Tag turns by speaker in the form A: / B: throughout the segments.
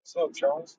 A: What's up, Charles?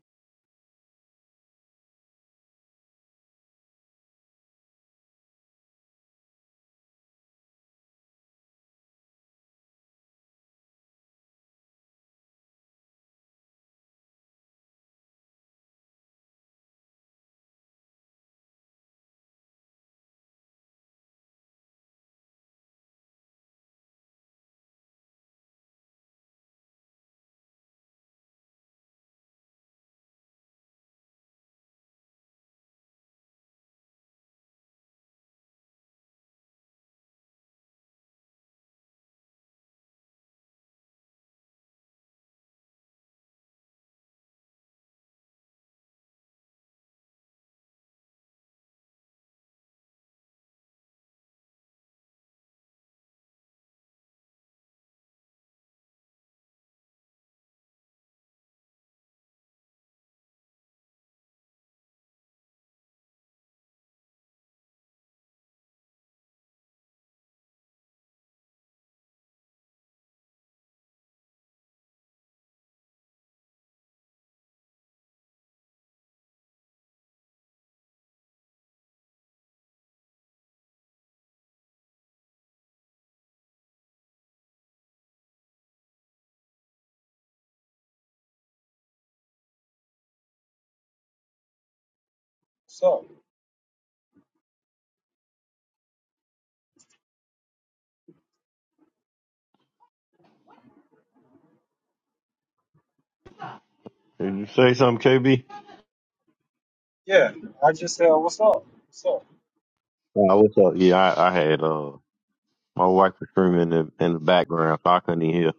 A: What's up?
B: Did you say something, KB?
A: Yeah, I just said, what's up? What's up?
B: Nah, what's up? Yeah, I, I had uh my wife was screaming in the, in the background, so I couldn't hear.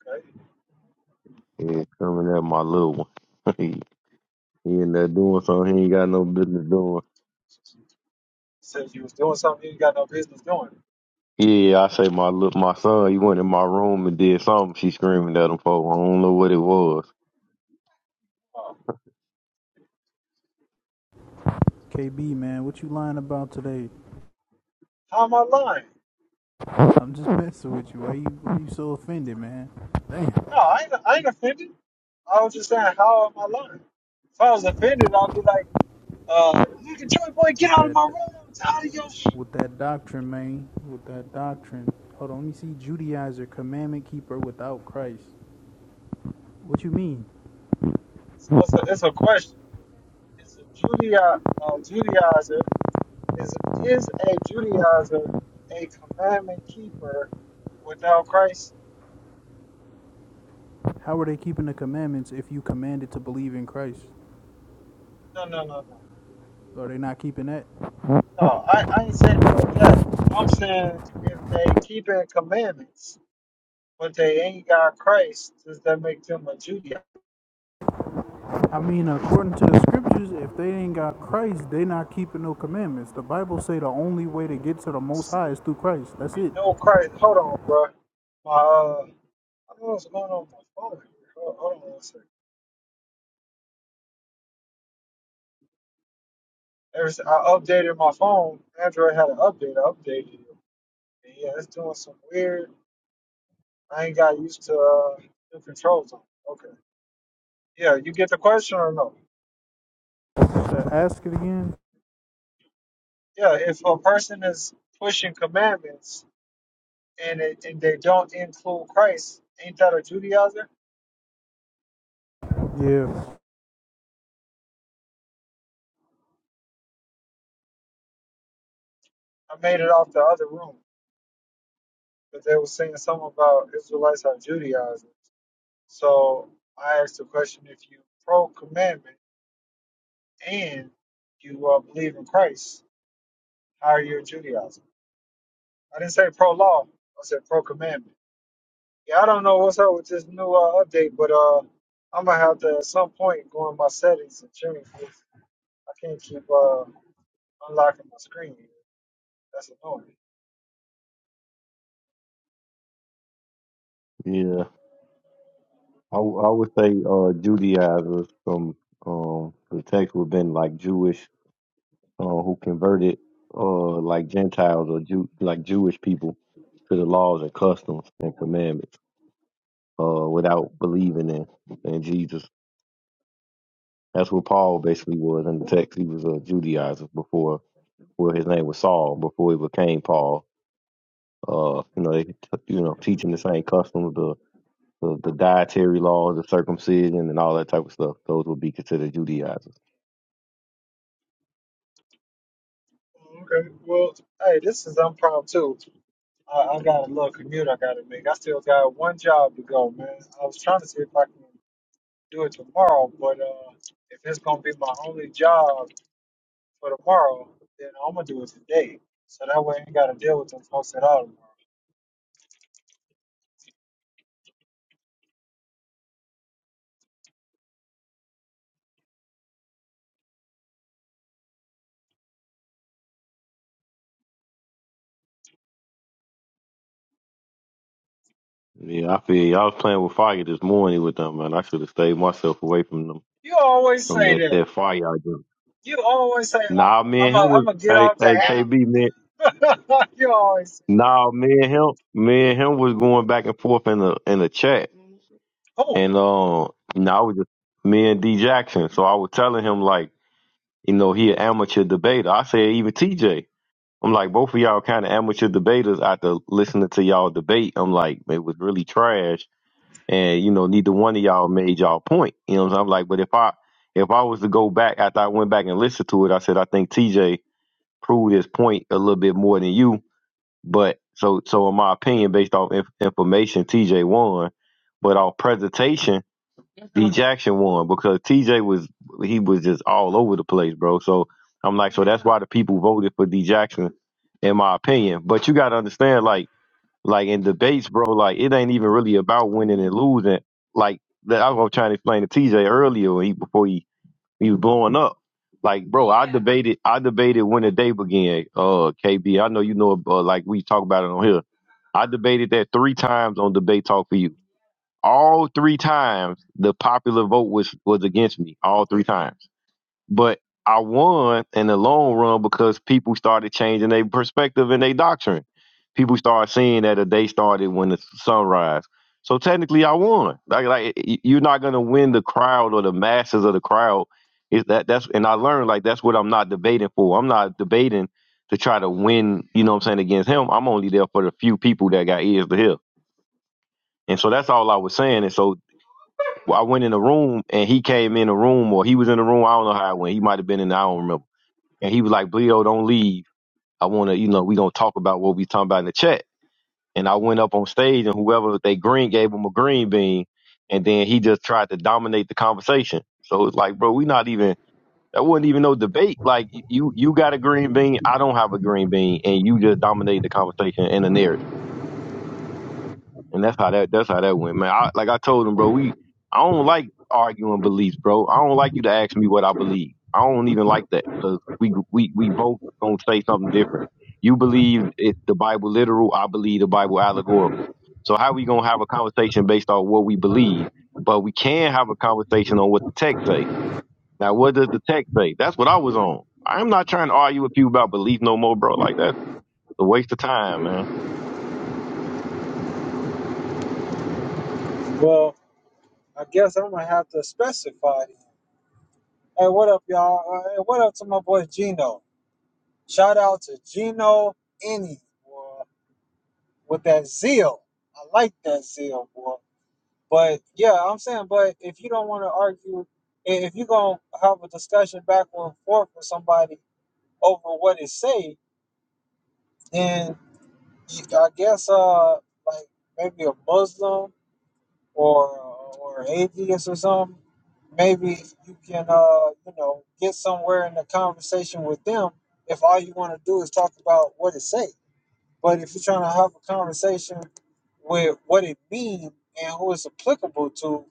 A: Okay.
B: Yeah, screaming at my little one. he, he in there doing something he ain't got no business doing.
A: said you was doing something you ain't got no business doing.
B: Yeah, I say my little my son, he went in my room and did something. She screaming at him for. I don't know what it was.
A: Uh, how am I lying? No, I ain't, I ain't offended. I was just saying, how am I lying? If I was offended, I'd be like, uh, nigga, Joy Boy, get out of my room. I'm tired of your shit. So it's a, it's a question. Is a Judaizer, uh, Judaizer is, is a Judaizer a commandment keeper without Christ? No, no, no, no. No, I, I ain't saying it like that. I'm saying if they keeping commandments, but they ain't got Christ, does that make them a Judaist? And no Christ, hold on, bro. My, uh, I don't know what's going on with my phone. here. Hold, hold on one second. Ever since I updated my phone, Android had an update. I updated it. And yeah, it's doing some weird. I ain't got used to uh, new controls on. it. Okay. Yeah, you get the question or no? Yeah, if a person is pushing commandments, and it, and they don't include Christ, ain't that a Judaizer? I made it off the other room, but they were saying something about Israelites are Judaizers. So I asked the question: If you pro commandment and you uh, believe in Christ, how are you a Judaizer? I didn't say pro law. I said pro commandment. Yeah, I don't know what's up with this new uh, update, but uh, I'm gonna have to at some point go in my settings and change this. I can't keep uh, unlocking my screen. That's annoying.
B: Yeah, I, w- I would say uh Judaizers from um the text would been like Jewish uh, who converted uh, like Gentiles or Jew- like Jewish people to the laws and customs and commandments uh, without believing in, in Jesus. That's what Paul basically was in the text. He was a Judaizer before, well, his name was Saul before he became Paul. Uh, you know, they, you know, teaching the same customs, So the dietary laws, the circumcision, and all that type of stuff, those would be considered Judaizers.
A: Okay. Well, hey, this is impromptu. I, I got a little commute I got to make. I still got one job to go, man. I was trying to see if I can do it tomorrow, but uh, if it's gonna be my only job for tomorrow, then I'm gonna do it today. So that way I ain't gotta deal with them folks at all tomorrow.
B: Yeah, I feel you. I was playing with fire this morning with them, man. I should have stayed myself away from them,
A: You always
B: from
A: say
B: that,
A: that.
B: that fire I do.
A: You always say "Oh,
B: Nah,
A: I'm
B: me
A: I'm
B: and him
A: gonna am
B: was,
A: gonna get
B: hey,
A: off the
B: hey, KB, man.
A: app. you always say,
B: Nah, me and him, me and him was going back and forth in the in the chat.
A: oh,
B: And uh, you know, I was just me and D Jackson. So I was telling him like, you know, he an amateur debater. I said even TJ. I'm like, both of y'all kind of amateur debaters after listening to y'all debate. I'm like, it was really trash. And, you know, neither one of y'all made y'all point. You know what I'm saying? I'm like, but if I if I was to go back after I went back and listened to it, I said I think TJ proved his point a little bit more than you. But so so in my opinion, based off inf- information, TJ won. But our presentation D Jackson won because TJ was he was just all over the place, bro. So I'm like, so that's why the people voted for D Jackson, in my opinion. But you gotta understand, like, like in debates, bro, like it ain't even really about winning and losing. Like that I was trying to explain to TJ earlier when he before he, he was blowing up. Like, bro, I debated I debated when the day began, uh KB. I know you know uh, like we talk about it on here. I debated that three times on debate talk for you all three times the popular vote was was against me all three times but i won in the long run because people started changing their perspective and their doctrine people started seeing that a day started when the sunrise so technically i won like, like y- you're not going to win the crowd or the masses of the crowd is that that's and i learned like that's what i'm not debating for i'm not debating to try to win you know what i'm saying against him i'm only there for the few people that got ears to hear and so that's all i was saying and so well, I went in a room and he came in a room or he was in the room. I don't know how it went. He might have been in. The, I don't remember. And he was like, "Bleedo, don't leave. I want to, you know, we gonna talk about what we talking about in the chat." And I went up on stage and whoever they green gave him a green bean, and then he just tried to dominate the conversation. So it's like, bro, we not even. That wasn't even no debate. Like you, you got a green bean. I don't have a green bean, and you just dominate the conversation and the narrative. And that's how that that's how that went, man. I, like I told him, bro, we I don't like arguing beliefs, bro. I don't like you to ask me what I believe. I don't even like that because we we we both gonna say something different. You believe it the Bible literal. I believe the Bible allegorical. So how we gonna have a conversation based on what we believe? But we can have a conversation on what the text say. Now, what does the text say? That's what I was on. I'm not trying to argue with you about belief no more, bro. Like that's a waste of time, man.
A: well, I guess I'm gonna have to specify. Hey, what up, y'all? Uh, hey, what up to my boy Gino? Shout out to Gino Any boy, with that zeal. I like that zeal, boy. But yeah, I'm saying, but if you don't want to argue, i- if you're gonna have a discussion back and forth with somebody over what it say, then you- I guess uh like maybe a Muslim or or atheist or something, maybe you can uh you know get somewhere in the conversation with them if all you want to do is talk about what it say. But if you're trying to have a conversation with what it means and who it's applicable to,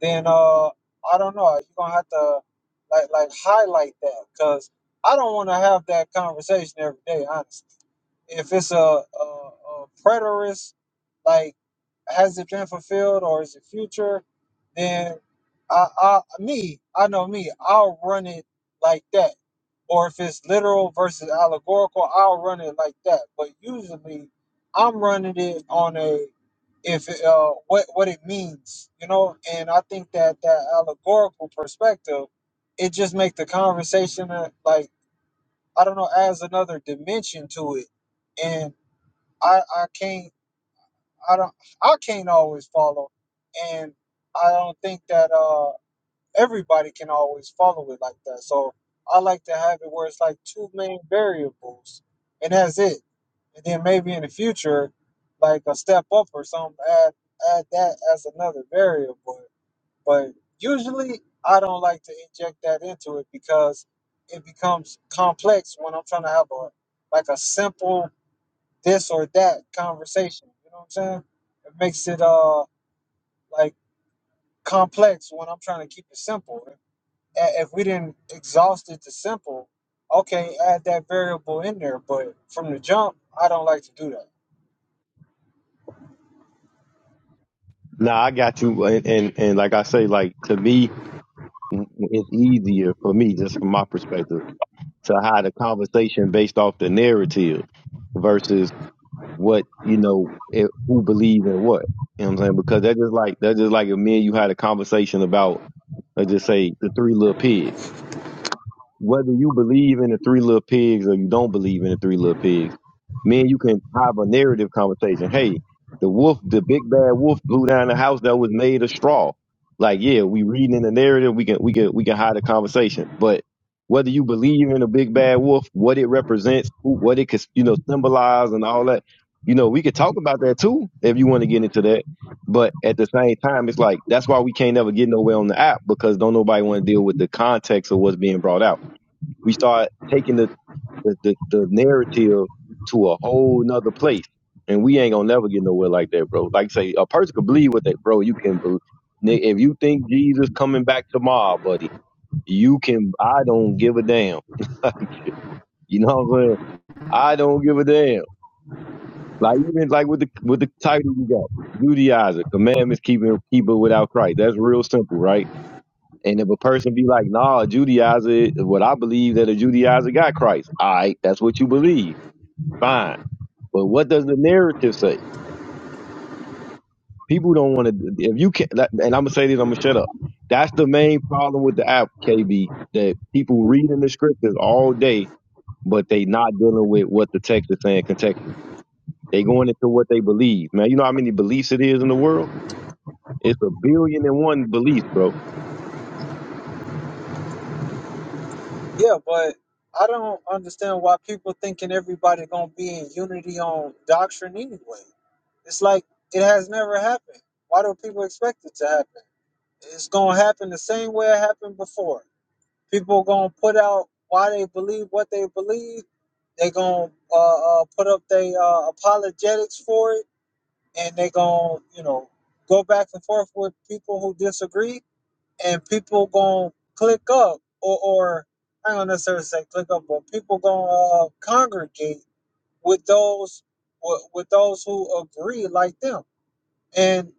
A: then uh I don't know you're gonna have to like like highlight that because I don't want to have that conversation every day, honestly if it's a, a, a preterist, like has it been fulfilled or is it future, then I, I me, I know me, I'll run it like that. Or if it's literal versus allegorical, I'll run it like that. But usually, I'm running it on a if it, uh what what it means, you know. And I think that that allegorical perspective, it just make the conversation uh, like I don't know, adds another dimension to it. and. I I can't I don't I can't always follow, and I don't think that uh everybody can always follow it like that. So I like to have it where it's like two main variables, and that's it. And then maybe in the future, like a step up or something, add add that as another variable. But usually I don't like to inject that into it because it becomes complex when I'm trying to have a like a simple this or that conversation. You know what I'm saying? It makes it uh like complex when I'm trying to keep it simple. If, if we didn't exhaust it to simple, okay, add that variable in there. But from the jump, I don't like to do that.
B: No, I got you, and, and and like I say, like to me, it's easier for me, just from my perspective, to hide a conversation based off the narrative versus what you know, it, who believe in what. You know what I'm saying? Because that's just like that's just like if me and you had a conversation about, let's just say, the Three Little Pigs whether you believe in the three little pigs or you don't believe in the three little pigs, me and you can have a narrative conversation. Hey, the wolf, the big bad wolf blew down the house that was made of straw. Like, yeah, we reading in the narrative, we can we can we can hide a conversation. But whether you believe in a big bad wolf, what it represents, who, what it could you know symbolize and all that, you know, we could talk about that too if you want to get into that. But at the same time, it's like that's why we can't never get nowhere on the app because don't nobody want to deal with the context of what's being brought out we start taking the, the, the, the narrative to a whole nother place. And we ain't gonna never get nowhere like that, bro. Like say, a person can believe what they, bro. You can believe. If you think Jesus coming back tomorrow, buddy, you can. I don't give a damn. like, you know what I'm saying? I don't give a damn. Like even like with the with the title you got, Judaizer, commandments keeping people without Christ. That's real simple, right? And if a person be like, nah, Judaizer, what I believe that a Judaizer got Christ. All right, that's what you believe fine. But what does the narrative say? People don't want to. If you can, not and I'm gonna say this, I'm gonna shut up. That's the main problem with the app, KB. That people reading the scriptures all day, but they not dealing with what the text is saying contextually. They going into what they believe, man. You know how many beliefs it is in the world? It's a billion and one beliefs, bro.
A: Yeah, but I don't understand why people thinking everybody gonna be in unity on doctrine anyway. It's like it has never happened. Why do people expect it to happen? It's gonna happen the same way it happened before. People gonna put out why they believe what they believe. They gonna uh, uh, put up their uh, apologetics for it, and they gonna you know go back and forth with people who disagree, and people gonna click up or or I don't necessarily say click up, but people gonna uh, congregate with those with, with those who agree like them, and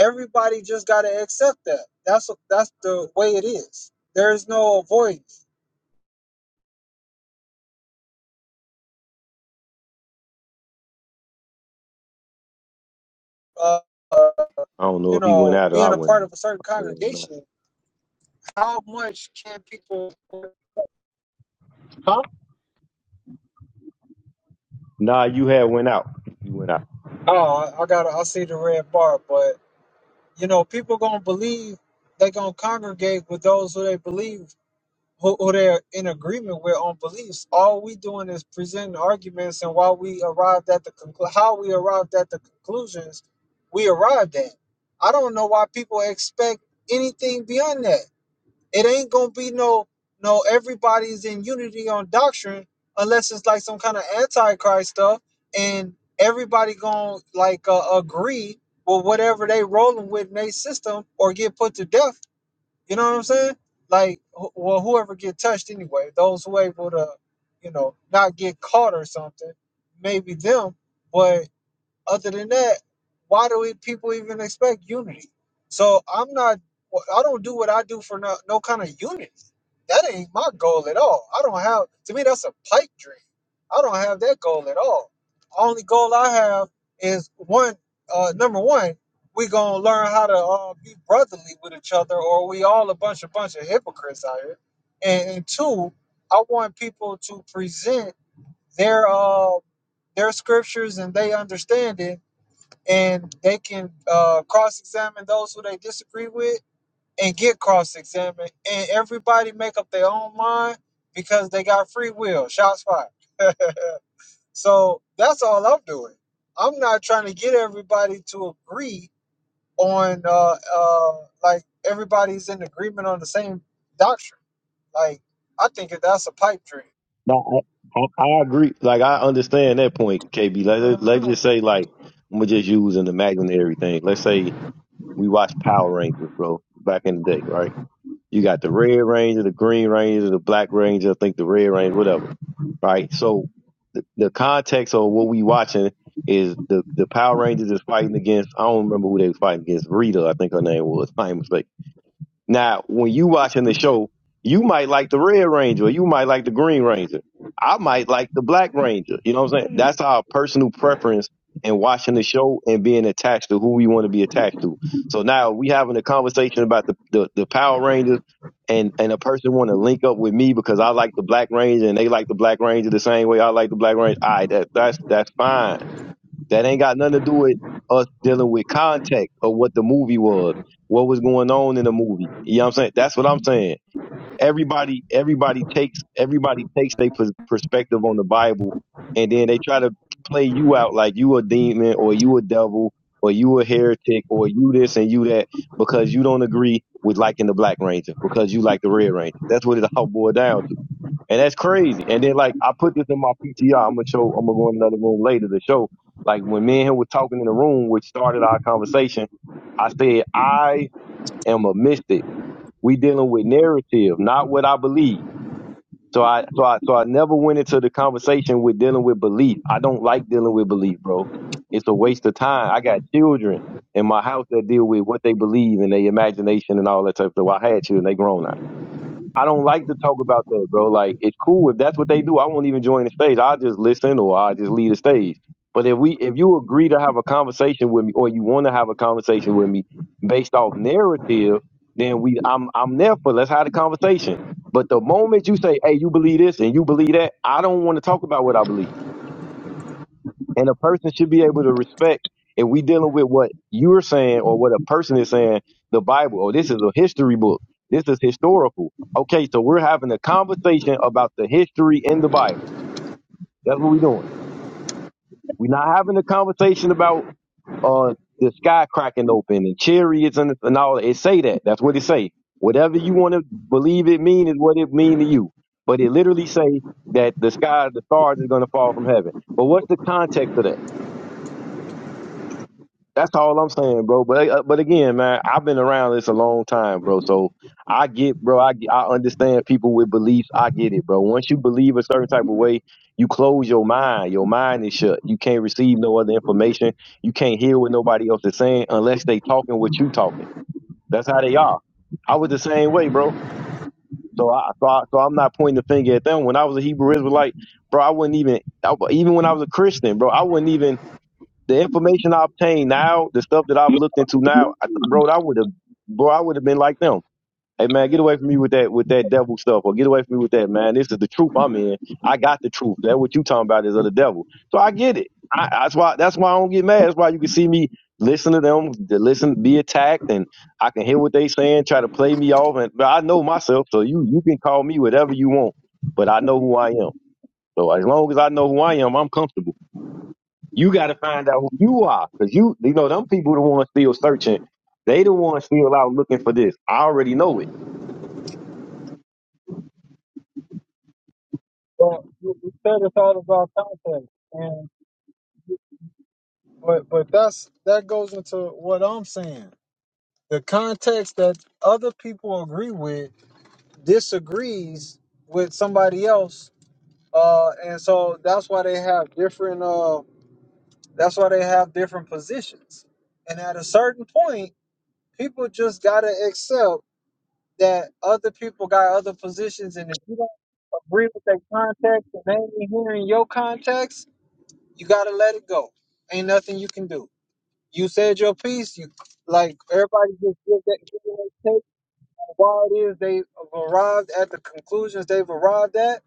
A: everybody just got to accept that. That's that's the way it is. There's no avoiding. it. Uh, uh,
B: I don't know
A: you
B: if he went
A: know,
B: out or I
A: being a
B: went.
A: part
B: Out.
A: of a certain
B: I don't know.
A: congregation, how much can people? Huh?
B: Nah, you had went out. You went out.
A: Oh, I got. I see the red bar, but you know, people gonna believe they gonna congregate with those who they believe who, who they're in agreement with on beliefs. All we doing is presenting arguments, and while we arrived at the conclu- how we arrived at the conclusions we arrived at. I don't know why people expect anything beyond that. It ain't gonna be no no everybody's in unity on doctrine unless it's like some kind of antichrist stuff and everybody gonna like uh, agree with whatever they rolling with in their system or get put to death. You know what I'm saying? Like wh- well whoever get touched anyway, those who able to, you know, not get caught or something, maybe them. but. Other than that, why do we people even expect unity? So I'm not. I don't do what I do for no, no kind of unity. That ain't my goal at all. I don't have. To me, that's a pipe dream. I don't have that goal at all. Only goal I have is one. Uh, number one, we gonna learn how to uh, be brotherly with each other, or we all a bunch a bunch of hypocrites out here. And, and two, I want people to present their uh, their scriptures and they understand it and they can uh, cross-examine those who they disagree with and get cross-examined and everybody make up their own mind because they got free will shots fired so that's all i'm doing i'm not trying to get everybody to agree on uh, uh, like everybody's in agreement on the same doctrine like i think that that's a pipe dream
B: No, I, I, I agree. Like I understand that point, KB. Let let- us just say like I'm gonna just use an imaginary thing. Let's say we watched Power Rangers, bro, back in the day, right? You got the Red Ranger, the Green Ranger, the Black Ranger. I think the Red Ranger, whatever, right? So the, the context of what we watching is the the Power Rangers is fighting against. I don't remember who they was fighting against. Rita, I think her name was. I ain't mistaken now, when you watching the show, you might like the Red Ranger, or you might like the Green Ranger. I might like the Black Ranger. You know what I'm saying? That's our personal preference in watching the show and being attached to who we want to be attached to. So now we having a conversation about the, the, the Power Rangers and, and a person want to link up with me because I like the Black Ranger and they like the Black Ranger the same way I like the Black Ranger. All right, that, that's that's fine that ain't got nothing to do with us dealing with context of what the movie was, what was going on in the movie. You know what I'm saying? That's what I'm saying. Everybody, everybody takes everybody takes their pers- perspective on the Bible, and then they try to play you out like you a demon or you a devil or you a heretic or you this and you that because you don't agree with liking the Black Ranger because you like the Red Ranger. That's what it all boiled down to. And that's crazy. And then like I put this in my PTR. I'm gonna show. I'm gonna go in another room later to show. Like when me and him were talking in the room, which started our conversation, I said I am a mystic. We dealing with narrative, not what I believe. So I so I so I never went into the conversation with dealing with belief. I don't like dealing with belief, bro. It's a waste of time. I got children in my house that deal with what they believe and their imagination and all that type of stuff. Well, I had children, they grown now. I don't like to talk about that, bro. Like it's cool if that's what they do. I won't even join the stage. I'll just listen or I'll just leave the stage. But if we if you agree to have a conversation with me or you want to have a conversation with me based off narrative, then we I'm I'm there for let's have the conversation. But the moment you say, Hey, you believe this and you believe that, I don't want to talk about what I believe. And a person should be able to respect if we dealing with what you're saying or what a person is saying, the Bible, or this is a history book. This is historical. Okay, so we're having a conversation about the history in the Bible. That's what we're doing. We're not having a conversation about uh the sky cracking open and chariots and, and all that. It say that. That's what it say. Whatever you want to believe it mean is what it mean to you. But it literally say that the sky, the stars is gonna fall from heaven. But what's the context of that? That's all I'm saying, bro. But uh, but again, man, I've been around this a long time, bro. So I get, bro. I get- I understand people with beliefs. I get it, bro. Once you believe a certain type of way, you close your mind. Your mind is shut. You can't receive no other information. You can't hear what nobody else is saying unless they talking what you talking. That's how they are. I was the same way, bro. So I so, I, so I'm not pointing the finger at them. When I was a Hebrew Israelite, bro, I wouldn't even I, even when I was a Christian, bro, I wouldn't even the information I obtained now, the stuff that I've looked into now, I, bro, I would have, bro, I would have been like them. Hey man, get away from me with that, with that devil stuff, or get away from me with that, man. This is the truth I'm in. I got the truth. That what you talking about is of the devil. So I get it. I, that's why. That's why I don't get mad. That's why you can see me listen to them, to listen, be attacked, and I can hear what they saying, try to play me off, and but I know myself. So you, you can call me whatever you want, but I know who I am. So as long as I know who I am, I'm comfortable. You got to find out who you are, cause you you know them people the ones still searching. They the ones still out looking for this. I already know it.
A: well we we said it's all about context and but but that's that goes into what i'm saying the context that other people agree with disagrees with somebody else uh and so that's why they have different uh that's why they have different positions and at a certain point people just gotta accept that other people got other positions and if you don't agree with their context and they ain't hearing your context you gotta let it go ain't nothing you can do you said your piece you like everybody just give that give Why it is they've arrived at the conclusions they've arrived at,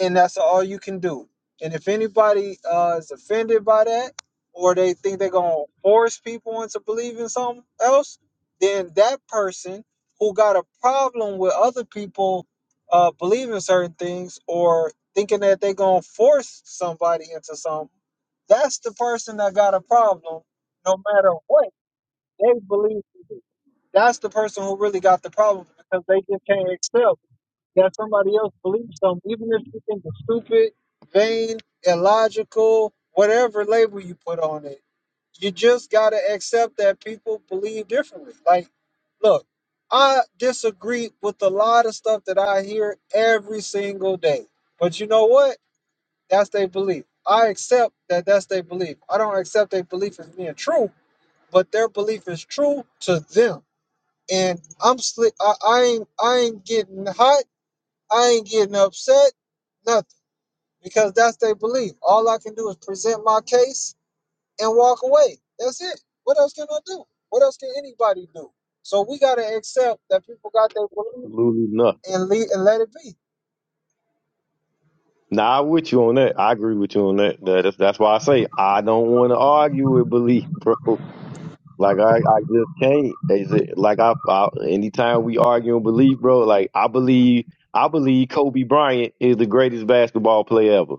A: and that's all you can do. And if anybody uh, is offended by that, or they think they're gonna force people into believing something else, then that person who got a problem with other people uh, believing certain things or thinking that they're gonna force somebody into something, that's the person that got a problem. No matter what they believe that's the person who really got the problem because they just can't accept that somebody else believes them, even if you think it's stupid, vain, illogical, whatever label you put on it. You just gotta accept that people believe differently. Like, look, I disagree with a lot of stuff that I hear every single day. But you know what? That's their belief. I accept that that's their belief. I don't accept their belief as being true, but their belief is true to them and I'm slick. I, I ain't I ain't getting hot. I ain't getting upset. Nothing because that's their belief. All I can do is present my case and walk away. That's it. What else can I do? What else can anybody do? So we gotta accept that people got their belief
B: Absolutely not.
A: and leave and let it be.
B: Nah, I'm with you on that. I agree with you on that. That- That's that's why I say I don't want to argue with belief, bro. Like I, I just can't. Is it like I, I anytime we argue on belief, bro? Like I believe I believe Kobe Bryant is the greatest basketball player ever.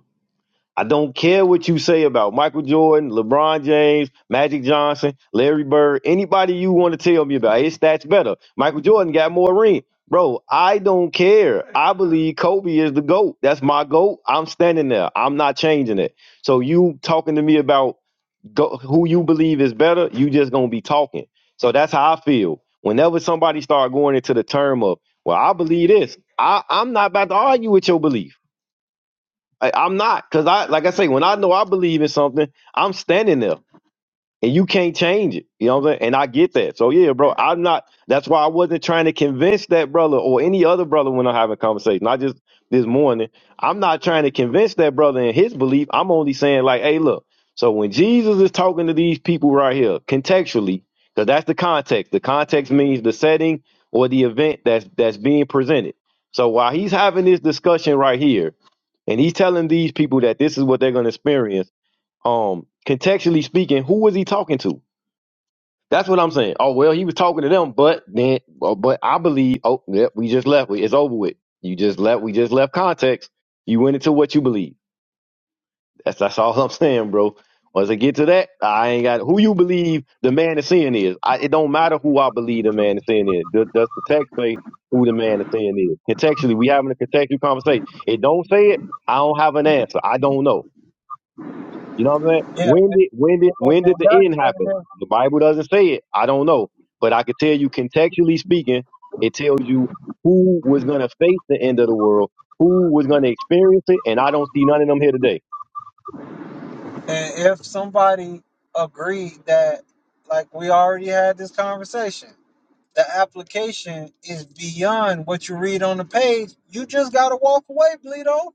B: I don't care what you say about Michael Jordan, LeBron James, Magic Johnson, Larry Bird, anybody you want to tell me about. His stats better. Michael Jordan got more ring. Bro, I don't care. I believe Kobe is the GOAT. That's my GOAT. I'm standing there. I'm not changing it. So you talking to me about go, who you believe is better, you just going to be talking. So that's how I feel. Whenever somebody start going into the term of, well, I believe this. I, I'm not about to argue with your belief. I, I'm not, cause I like I say, when I know I believe in something, I'm standing there and you can't change it. You know what I'm saying? And I get that. So yeah, bro, I'm not. That's why I wasn't trying to convince that brother or any other brother when I'm having a conversation. Not just this morning. I'm not trying to convince that brother in his belief. I'm only saying like, hey, look. So when Jesus is talking to these people right here, contextually, because that's the context. The context means the setting or the event that's that's being presented. So while he's having this discussion right here, and he's telling these people that this is what they're going to experience um contextually speaking, who was he talking to? That's what I'm saying. Oh well, he was talking to them, but then, well, but I believe. Oh, yep, we just left. We- It's over with. You just left. We just left context. You went into what you believe. That's that's all I'm saying, bro. Once I get to that, I ain't got who you believe the man is sin is. I, it don't matter who I believe the man is sin is. Does, does the text say who the man is sin is? Contextually, we having a contextual conversation. It don't say it. I don't have an answer. I don't know. You know what I'm saying?
A: Yeah,
B: When did when did when
A: and,
B: did the end happen? The Bible doesn't say it. I don't know, but I could tell you contextually speaking, it tells you who was going to face the end of the world, who was going to experience it, and I don't see none of them here today.
A: that's, and if somebody agreed that, like we already had this conversation the application is beyond what you read on the page, you just gotta walk away, Bleedo.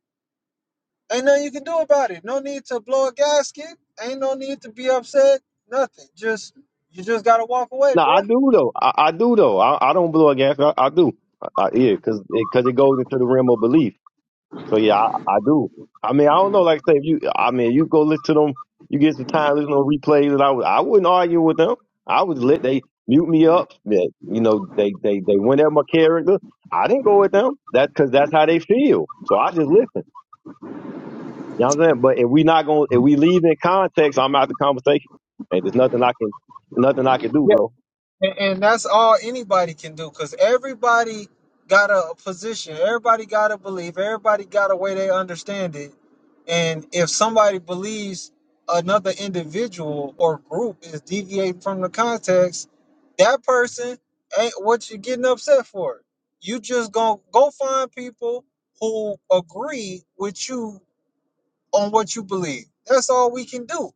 A: Ain't nothing you can do about it. No need to blow a gasket. Ain't no need to be upset. Nothing. Just you just gotta walk away,
B: Now I
A: bruh.
B: do though. I, I do though. I, I don't blow a gas. I, I do. I, I, yeah, because because it 'cause it goes into the realm of belief. So yeah, I, I do. I mean, I don't know. Like I say, if you, I mean, you go listen to them. You get some time listening to replays, and I, would- I wouldn't argue with them. I would let they mute me up. That you know, they they they went at my character. I didn't go with them. That's because that's how they feel. So I just listen. You know what I'm saying? But if we not going, to if we leave in context, I'm out the conversation, and there's nothing I can, nothing I can do, bro.
A: And, and that's all anybody can do because everybody got a position. Everybody got a belief. Everybody got a way they understand it. And if somebody believes another individual or group is deviating from the context, that person ain't what you're getting upset for. You just gonna go find people who agree with you on what you believe. That's all we can do.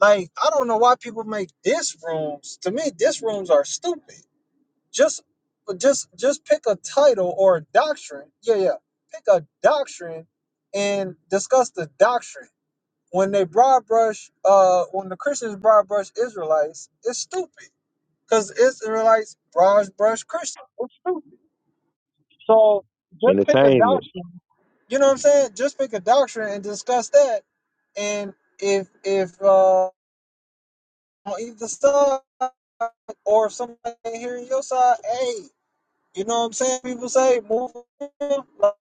A: Like, I don't know why people make this rooms. To me, this rooms are stupid just just just pick a title or a doctrine. Yeah, yeah. Pick a doctrine and discuss the doctrine. When they broad brush uh when the Christians broad brush Israelites, it's stupid. Because Israelites broad brush Christians. It's stupid. So just pick a
B: Entertainment,
A: doctrine. You know what I'm saying? Just pick a doctrine and discuss that. And if if uh on either side or if somebody ain't hearing your side, hey, You know what I'm saying? People say move on. Like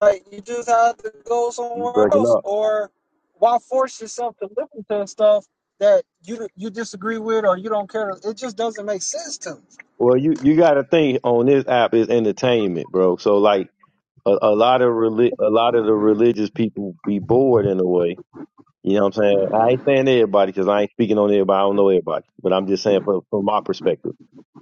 A: like, you just have to go
B: you
A: somewhere
B: breaking
A: else,
B: up.
A: or why force yourself to listen to stuff that you you disagree with or you don't care? It just doesn't make sense to. me.
B: Well, you you got to think on this app is entertainment, bro. So like. a, a lot of reli- a lot of the religious people be bored in a way. You know what I'm saying? I ain't saying everybody because I ain't speaking on everybody. I don't know everybody, but I'm just saying from, from my perspective.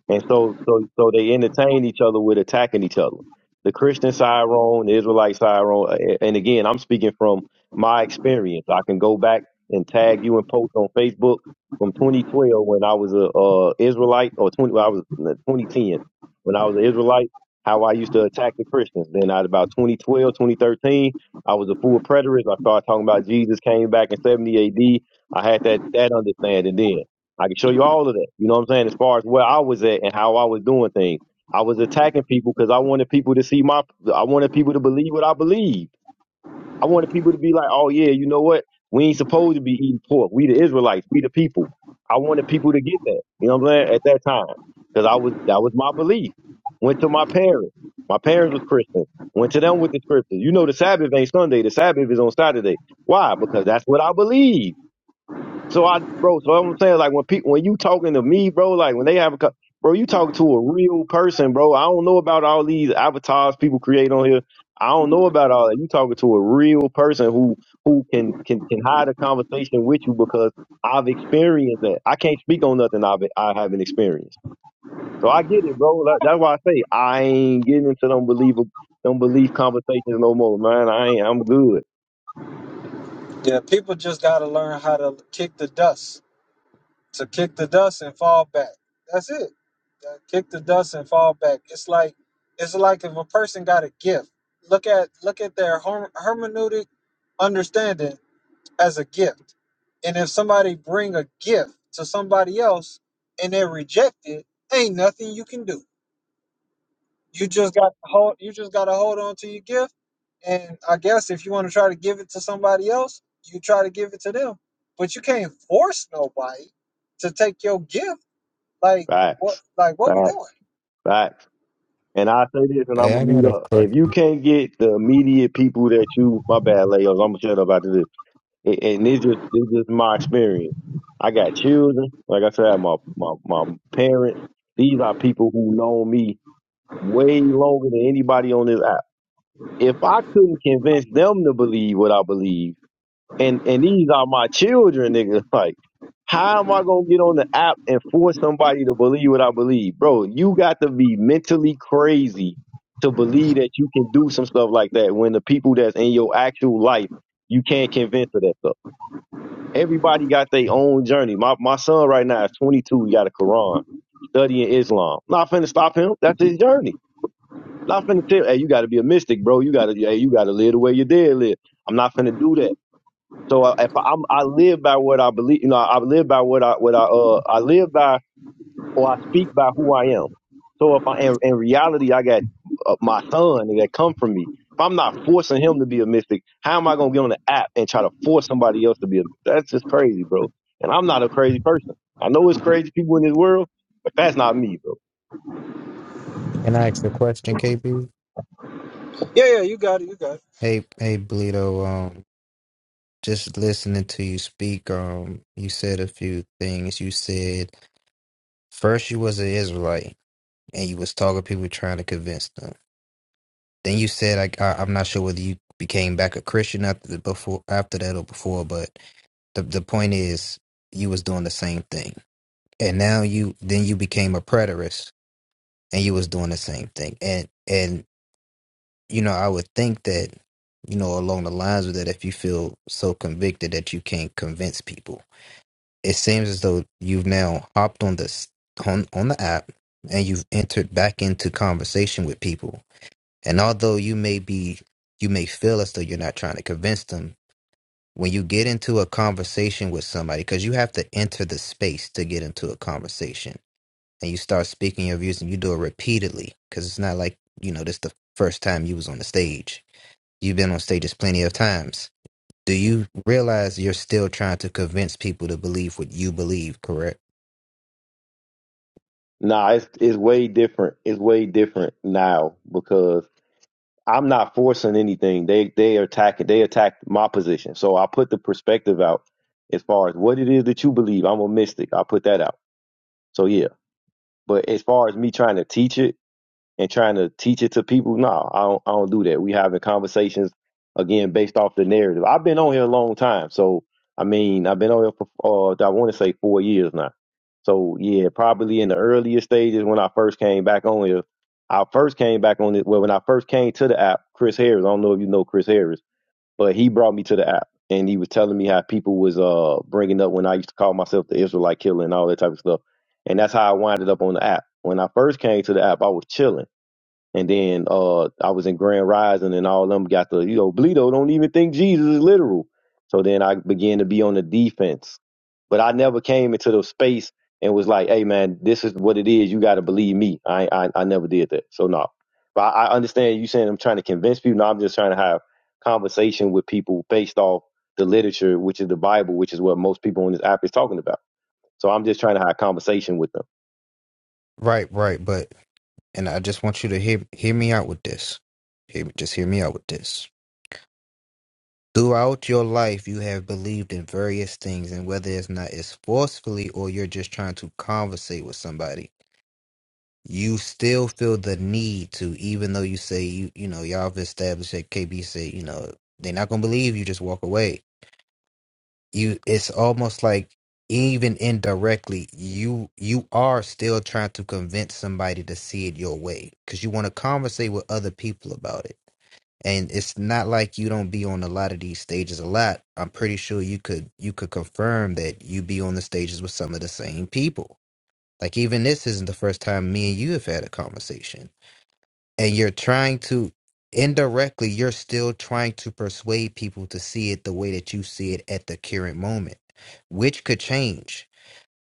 B: And so, so, so they entertain each other with attacking each other. The Christian side wrong, the Israelite side wrong. A- And again, I'm speaking from my experience. I can go back and tag you and post on Facebook from 2012 when I was a uh, Israelite, or 20, well, I was no, 2010 when I was an Israelite. How I used to attack the Christians. Then at about 2012, 2013, I was a full preterist. I started talking about Jesus came back in 70 AD. I had that that understanding then. I can show you all of that. You know what I'm saying? As far as where I was at and how I was doing things, I was attacking people because I wanted people to see my, I wanted people to believe what I believed. I wanted people to be like, oh yeah, you know what? We ain't supposed to be eating pork. We the Israelites. We the people. I wanted people to get that. You know what I'm saying? At that time, because I was that was my belief. Went to my parents. My parents was Christian. Went to them with the scriptures. You know, the Sabbath ain't Sunday. The Sabbath is on Saturday. Why? Because that's what I believe. So I, bro. So I'm saying, like, when people, when you talking to me, bro, like when they have a, co- bro, you talk to a real person, bro. I don't know about all these avatars people create on here. I don't know about all that. You talking to a real person who who can can can hide a conversation with you because I've experienced that. I can't speak on nothing I've I haven't experienced. So I get it, bro. That- That's why I say I ain't getting into them believe them belief conversations no more, man. I ain't. I'm good.
A: Yeah, people just got to learn how to kick the dust, to kick the dust and fall back. That's it. Uh, Kick the dust and fall back. It's like it's like if a person got a gift. Look at look at their herm- hermeneutic understanding as a gift. And if somebody bring a gift to somebody else and they reject it, ain't nothing you can do. You just got to hold you just gotta hold on to your gift. And I guess if you want to try to give it to somebody else, you try to give it to them. But you can't force nobody to take your gift. Like what
B: Facts.
A: like what we
B: Facts.
A: doing?
B: Facts. And I say this, and I'm
C: Hey,
B: gonna
C: I got
B: mute
C: a
B: up. If you
C: question.
B: can't get the immediate people that you, my bad, Leos, I'm gonna shut up after this. And, and it's just, it's just my experience. I got children, like I said, I have my my my parents. These are people who know me way longer than anybody on this app. If I couldn't convince them to believe what I believe and and these are my children, nigga. Like, how am I gonna get on the app and force somebody to believe what I believe, bro? You got to be mentally crazy to believe that you can do some stuff like that when the people that's in your actual life you can't convince of that stuff. Everybody got their own journey. My my son right now is 22. He got a Quran, studying Islam. Not finna stop him. That's his journey. Not finna tell. Hey, you got to be a mystic, bro. You got to. Hey, you got to live the way your dad live. I'm not finna do that. So uh, if I'm, I live by what I believe, you know, I live by what I, what I, uh, I live by, or I speak by who I am. So if I, in, in reality, I got uh, my son that come from me. If I'm not forcing him to be a mystic, how am I gonna get on the app and try to force somebody else to be a? mystic? That's just crazy, bro. And I'm not a crazy person. I know it's crazy people in this world, but that's not me, bro.
C: Can I ask a question, KB?
A: Yeah, yeah, you got it, you got it.
C: Hey, hey, Bleedo. Um, just listening to you speak, um, you said a few things. You said first you was an Israelite and you was talking to people trying to convince them. Then you said I, I I'm not sure whether you became back a Christian after the, before after that or before, but the the point is you was doing the same thing. And now you then you became a preterist and you was doing the same thing. And and. you know, I would think that, you know, along the lines of that, if you feel so convicted that you can't convince people, it seems as though you've now hopped on this on on the app and you've entered back into conversation with people. And although you may be, you may feel as though you're not trying to convince them. When you get into a conversation with somebody, because you have to enter the space to get into a conversation, and you start speaking your views, and you do it repeatedly, because it's not like you know this the first time you was on the stage You've been on stages plenty of times. Do you realize you're still trying to convince people to believe what you believe, correct?
B: Nah, it's it's way different. It's way different now because I'm not forcing anything. They they attack they attacked my position. So I put the perspective out as far as what it is that you believe. I'm a mystic. I put that out. So yeah. But as far as me trying to teach it, and trying to teach it to people. No, I don't, I don't do that. We having conversations again based off the narrative. I've been on here a long time, so I mean, I've been on here for uh, I want to say four years now. So yeah, probably in the earlier stages when I first came back on here, I first came back on it. Well, when I first came to the app, Chris Harris. I don't know if you know Chris Harris, but he brought me to the app. And he was telling me how people was uh bringing up when I used to call myself the Israelite killer and all that type of stuff, and that's how I winded up on the app. When I first came to the app, I was chilling. And then uh I was in Grand Rising and all of them got the, you know, Bleedo don't even think Jesus is literal. So then I began to be on the defense. But I never came into the space and was like, hey man, this is what it is. You gotta believe me. I I, I never did that. So no. But I, I understand you saying I'm trying to convince people. No, I'm just trying to have conversation with people based off the literature, which is the Bible, which is what most people on this app is talking about. So I'm just trying to have a conversation with them.
C: Right, right, but and I just want you to hear hear me out with this. Hear, just hear me out with this. Throughout your life, you have believed in various things, and whether it's not it's forcefully or you're just trying to conversate with somebody, you still feel the need to, even though you say you you know y'all have established that KB said you know they're not gonna believe you, just walk away you it's almost like even indirectly you you are still trying to convince somebody to see it your way because you want to conversate with other people about it and it's not like you don't be on a lot of these stages a lot i'm pretty sure you could you could confirm that you be on the stages with some of the same people like even this isn't the first time me and you have had a conversation and you're trying to indirectly you're still trying to persuade people to see it the way that you see it at the current moment which could change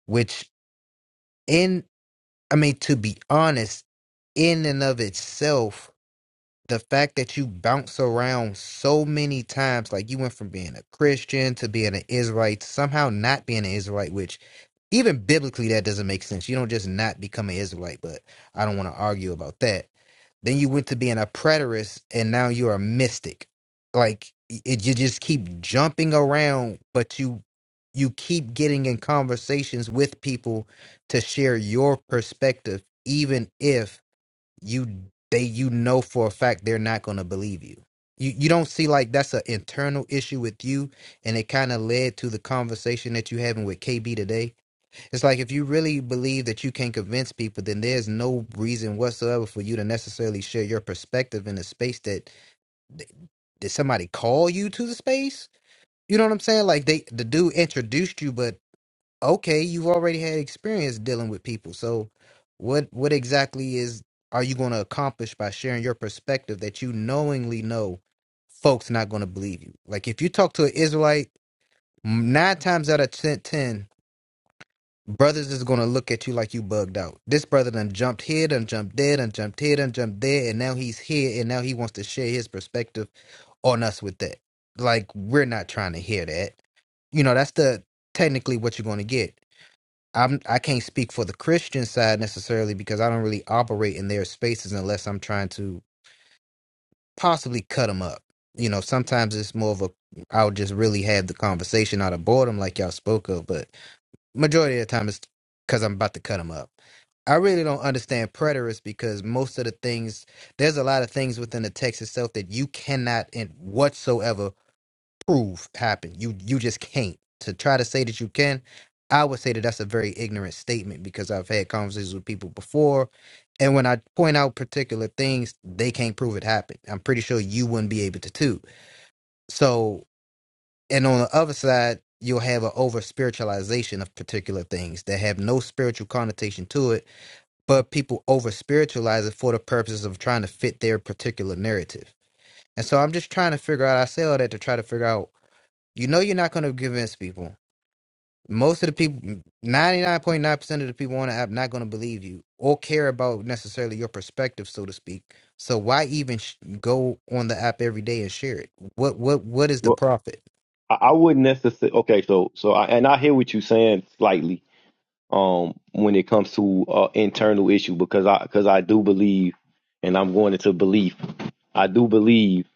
C: which in i mean to be honest in and of itself the fact that you bounce around so many times like you went from being a christian to being an israelite somehow not being an israelite which even biblically that doesn't make sense you don't just not become an israelite but i don't want to argue about that then you went to being a preterist, and now you're a mystic. Like it, you just keep jumping around, but you you keep getting in conversations with people to share your perspective, even if you they you know for a fact they're not going to believe you. You you don't see like that's an internal issue with you, and it kind of led to the conversation that you having with KB today it's like if you really believe that you can convince people, then there's no reason whatsoever for you to necessarily share your perspective in a space that did somebody call you to the space? You know what I'm saying? Like they the dude introduced you, but okay, you've already had experience dealing with people. So what what exactly is are you going to accomplish by sharing your perspective that you knowingly know folks not going to believe you? Like if you talk to an Israelite, nine times out of ten, 10 Brothers is gonna look at you like you bugged out. This brother done jumped here, done jumped there, done jumped here, done jumped there, and now he's here, and now he wants to share his perspective on us with that. Like we're not trying to hear that. You know, that's the technically what you're gonna get. I'm I can't speak for the Christian side necessarily because I don't really operate in their spaces unless I'm trying to possibly cut them up. You know, sometimes it's more of a I'll just really have the conversation out of boredom, like y'all spoke of, but Majority of the time, it's because I'm about to cut them up. I really don't understand preterists because most of the things there's a lot of things within the text itself that you cannot in whatsoever prove happened. You you just can't. To try to say that you can, I would say that that's a very ignorant statement because I've had conversations with people before, and when I point out particular things, they can't prove it happened. I'm pretty sure you wouldn't be able to too. So and on the other side you'll have an over spiritualization of particular things that have no spiritual connotation to it but people over spiritualize it for the purposes of trying to fit their particular narrative and so i'm just trying to figure out i say all that to try to figure out you know you're not going to convince people most of the people 99.9% of the people on the app not going to believe you or care about necessarily your perspective so to speak so why even sh- go on the app every day and share it what what what is
B: Well.
C: the profit
B: I, I wouldn't necessarily. Okay, so so I, and I hear what you're saying slightly. Um, when it comes to uh, internal issue, because I because I do believe, and I'm going into belief. I do believe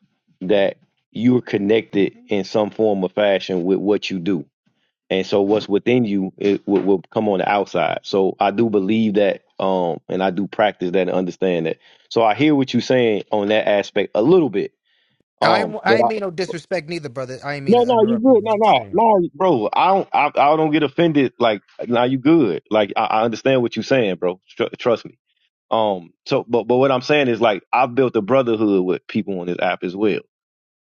B: that you're connected in some form or fashion with what you do, and so what's within you it will, will come on the outside. So I do believe that, um, and I do practice that and understand that. So I hear what you're saying on that aspect a little bit.
C: I
B: Um,
C: w-
B: but. I,
C: I ain't mean no disrespect neither, brother. I ain't mean
B: no,
C: to
B: no, you
C: interrupt you.
B: good. No,
C: Just
B: no,
C: saying.
B: no, bro. I don't, I, I don't get offended. Like, now you good. Like, I, I understand what you're saying, bro. Tr- trust me. Um, so, but, but what I'm saying is, like, I've built a brotherhood with people on this app as well,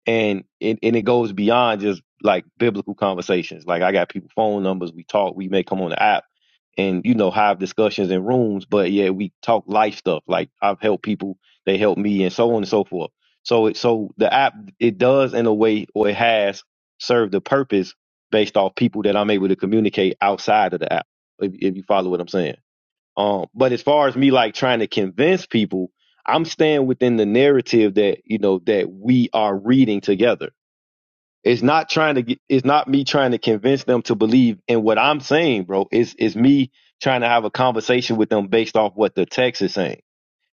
B: and it, and it goes beyond just like biblical conversations. Like, I got people phone numbers. We talk. We may come on the app and you know have discussions in rooms but yeah we talk life stuff like i've helped people they help me and so on and so forth so it so the app it does in a way or it has served the purpose based off people that i'm able to communicate outside of the app if, if you follow what i'm saying um but as far as me like trying to convince people i'm staying within the narrative that you know that we are reading together it's not trying to get, it's not me trying to convince them to believe in what I'm saying, bro. It's it's me trying to have a conversation with them based off what the text is saying.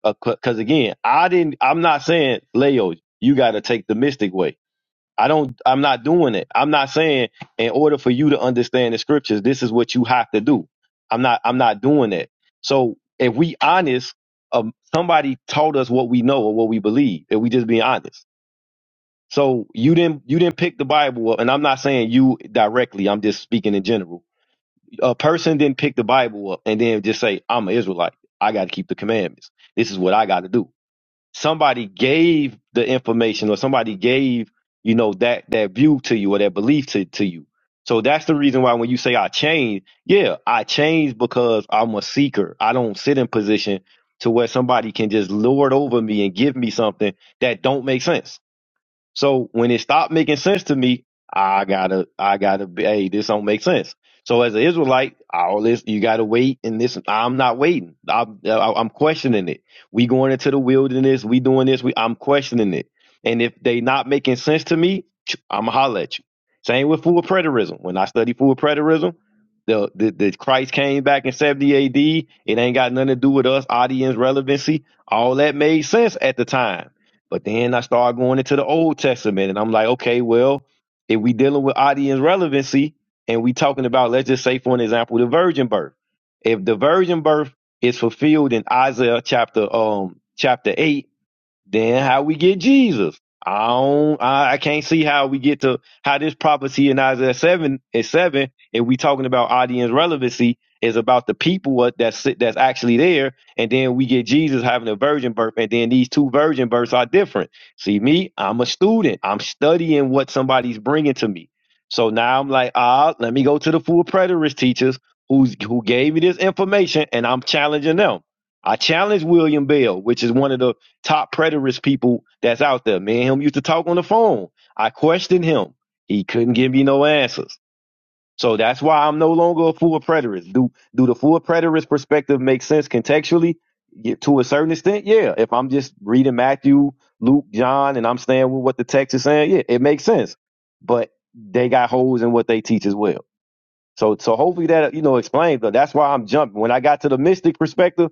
B: Because again, I didn't. I'm not saying Leo, you got to take the mystic way. I don't. I'm not doing it. I'm not saying in order for you to understand the scriptures, this is what you have to do. I'm not. I'm not doing that. So if we honest, um, somebody taught us what we know or what we believe. If we just be honest. So you didn't you didn't pick the Bible up, and I'm not saying you directly. I'm just speaking in general. A person didn't pick the Bible up and then just say, "I'm an Israelite. I got to keep the commandments. This is what I got to do." Somebody gave the information, or somebody gave you know that that view to you or that belief to to you. So that's the reason why when you say I changed, yeah, I changed because I'm a seeker. I don't sit in position to where somebody can just lord over me and give me something that don't make sense so when it stopped making sense to me, I gotta, I gotta be, hey, this don't make sense. So as an Israelite, all this, you gotta wait and this, I'm not waiting. I'm, I- I'm questioning it. We going into the wilderness. We doing this. We, I'm questioning it. And if they not making sense to me, I'm gonna holler at you. Same with full preterism. When I study full preterism, the, the, the Christ came back in 70 AD. It ain't got nothing to do with us, audience relevancy. All that made sense at the time but then I started going into the Old Testament, and I'm like, okay, well, if we dealing with audience relevancy, and we talking about, let's just say, for an example, the virgin birth. If the virgin birth is fulfilled in Isaiah chapter um chapter eight, then how we get Jesus? I don't. I, I can't see how we get to how this prophecy in Isaiah seven is seven. If we talking about audience relevancy, is about the people what that's sit- that's actually there, and then we get Jesus having a virgin birth, and then these two virgin births are different. See me? I'm a student. I'm studying what somebody's bringing to me. So now I'm like, ah, let me go to the full preterist teachers who's who gave me this information, and I'm challenging them. I challenged William Bell, which is one of the top preterist people that's out there. Me and him used to talk on the phone. I questioned him. He couldn't give me no answers. So that's why I'm no longer a full preterist. Do do the full preterist perspective make sense contextually? Yeah, to a certain extent, yeah. If I'm just reading Matthew, Luke, John, and I'm staying with what the text is saying, yeah, it makes sense. But they got holes in what they teach as well. So so hopefully that you know explains. But that's why I'm jumping. When I got to the mystic perspective,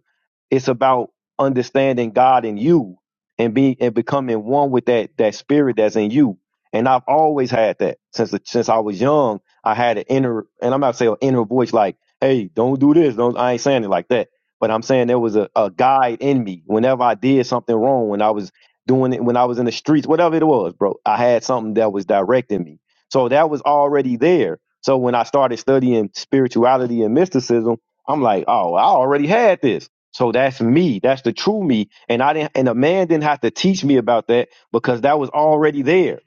B: it's about understanding God and you, and be and becoming one with that that spirit that's in you. And I've always had that since the, since I was young. I had an inner, and I'm not saying an inner voice like, "Hey, don't do this." Don't I ain't saying it like that. But I'm saying there was a, a guide in me. Whenever I did something wrong, when I was doing it, when I was in the streets, whatever it was, bro, I had something that was directing me so that was already there. So when I started studying spirituality and mysticism, I'm like, oh, I already had this. So that's me. That's the true me. And I didn't and a man didn't have to teach me about that because that was already there.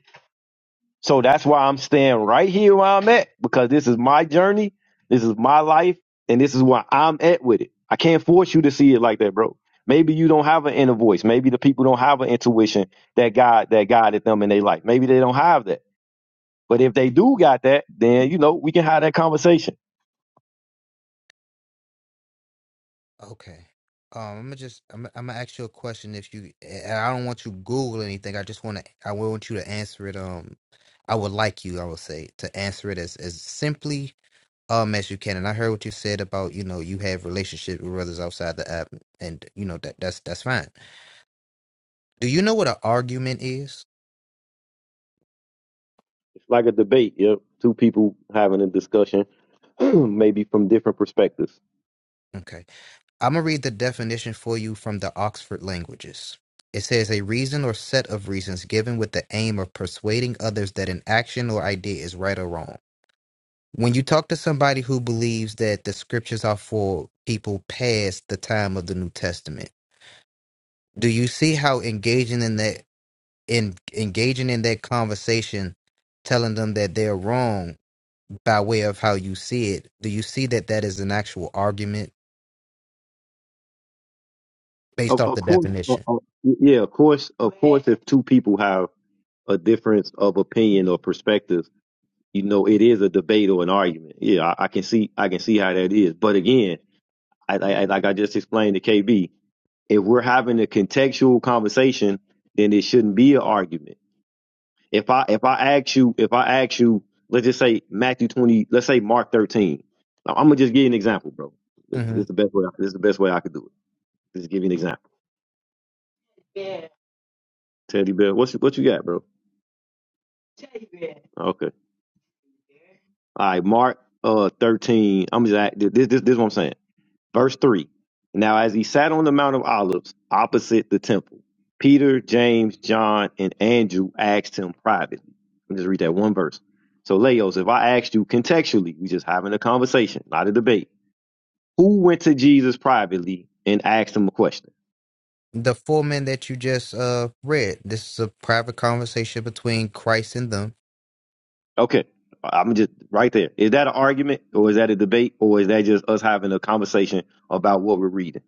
B: So that's why I'm staying right here where I'm at, because this is my journey, this is my life, and this is where I'm at with it. I can't force you to see it like that, bro. Maybe you don't have an inner voice. Maybe the people don't have an intuition that God that guided them in their life. Maybe they don't have that. But if they do got that, then you know we can have that conversation.
C: Okay. Um, I'm gonna just I'm, I'm gonna ask you a question. If you, and I don't want you to Google anything. I just want to. I want you to answer it. Um, I would like you. I would say to answer it as as simply um as you can. And I heard what you said about you know you have relationship with brothers outside the app, and you know that that's that's fine. Do you know what an argument is?
B: It's like a debate. Yep, two people having a discussion, maybe from different perspectives.
C: Okay. I'm going to read the definition for you from the Oxford Languages. It says a reason or set of reasons given with the aim of persuading others that an action or idea is right or wrong. When you talk to somebody who believes that the scriptures are for people past the time of the New Testament, do you see how engaging in that in engaging in that conversation telling them that they're wrong by way of how you see it, do you see that that is an actual argument based
B: Of,
C: off
B: of
C: the
B: course, uh,
C: definition?
B: uh, yeah, of course, of course. If two people have a difference of opinion or perspective, you know, it is a debate or an argument. Yeah, I, I can see, I can see how that is. But again, I, I- like I just explained to KB. If we're having a contextual conversation, then it shouldn't be an argument. If I if I ask you if I ask you, let's just say Matthew twenty, let's say Mark thirteen. Now, I'm gonna just give you an example, bro. This
C: Mm-hmm.
B: is the best way. this is the best way I could do it. Just give you an example. Teddy Bear, what's what you got, bro? Okay. All right, Mark uh thirteen. I'm just act- this this this is what I'm saying. Verse 3 Now, as he sat on the Mount of Olives opposite the temple, Peter, James, John, and Andrew asked him privately. Let me just read that one verse. So, Leos, if I asked you contextually, we just having a conversation, not a debate. Who went to Jesus privately and asked him a question?
C: the four men that you just uh read. This is a private conversation between Christ and them.
B: Okay, I'm just right there. Is that an argument or is that a debate or is that just us having a conversation about what we're reading?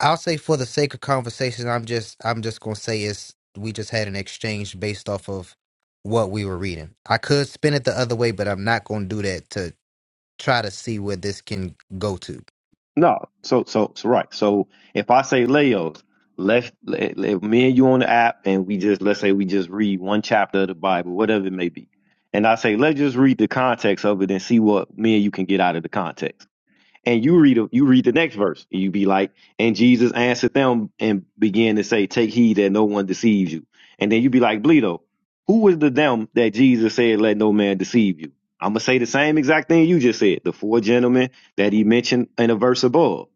C: I'll say for the sake of conversation, I'm just I'm just gonna say it's we just had an exchange based off of what we were reading. I could spin it the other way, but I'm not gonna do that to try to see where this can go to.
B: No, so so so right. So if I say Leos, let's let, let- me and you on the app, and we just let's say we just read one chapter of the Bible, whatever it may be, and I say let's just read the context of it and see what me and you can get out of the context. And you read a- you read the next verse, and you be like, and Jesus answered them and began to say, Take heed that no one deceives you. And then you be like, Bleedo, who is the them that Jesus said, Let no man deceive you? I'm gonna say the same exact thing you just said, the four gentlemen that he mentioned in a verse above.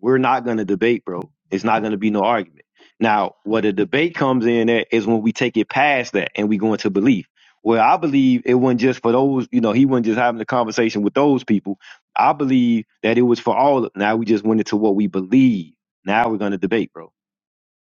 B: We're not going to debate, bro. It's not going to be no argument. Now, where the debate comes in at is when we take it past that and we go into belief. Where I believe it wasn't just for those, you know, he wasn't just having a conversation with those people. I believe that it was for all. Now we just went into what we believe. Now we're going to debate, bro.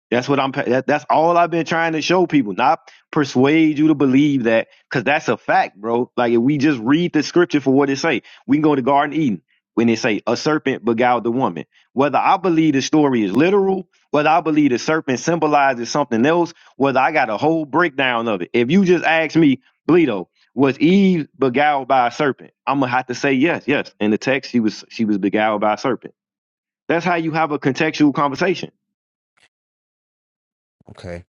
B: That's what I'm. That, that's all I've been trying to show people, not persuade you to believe that, because that's a fact, bro. Like if we just read the scripture for what it say, we can go to Garden of Eden when it say a serpent beguiled the woman. Whether I believe the story is literal, whether I believe the serpent symbolizes something else, whether I got a whole breakdown of it. If you just ask me, Bleedo, was Eve beguiled by a serpent? I'm gonna have to say yes, yes. In the text, she was she was beguiled by a serpent. That's how you have a contextual conversation.
C: Okay.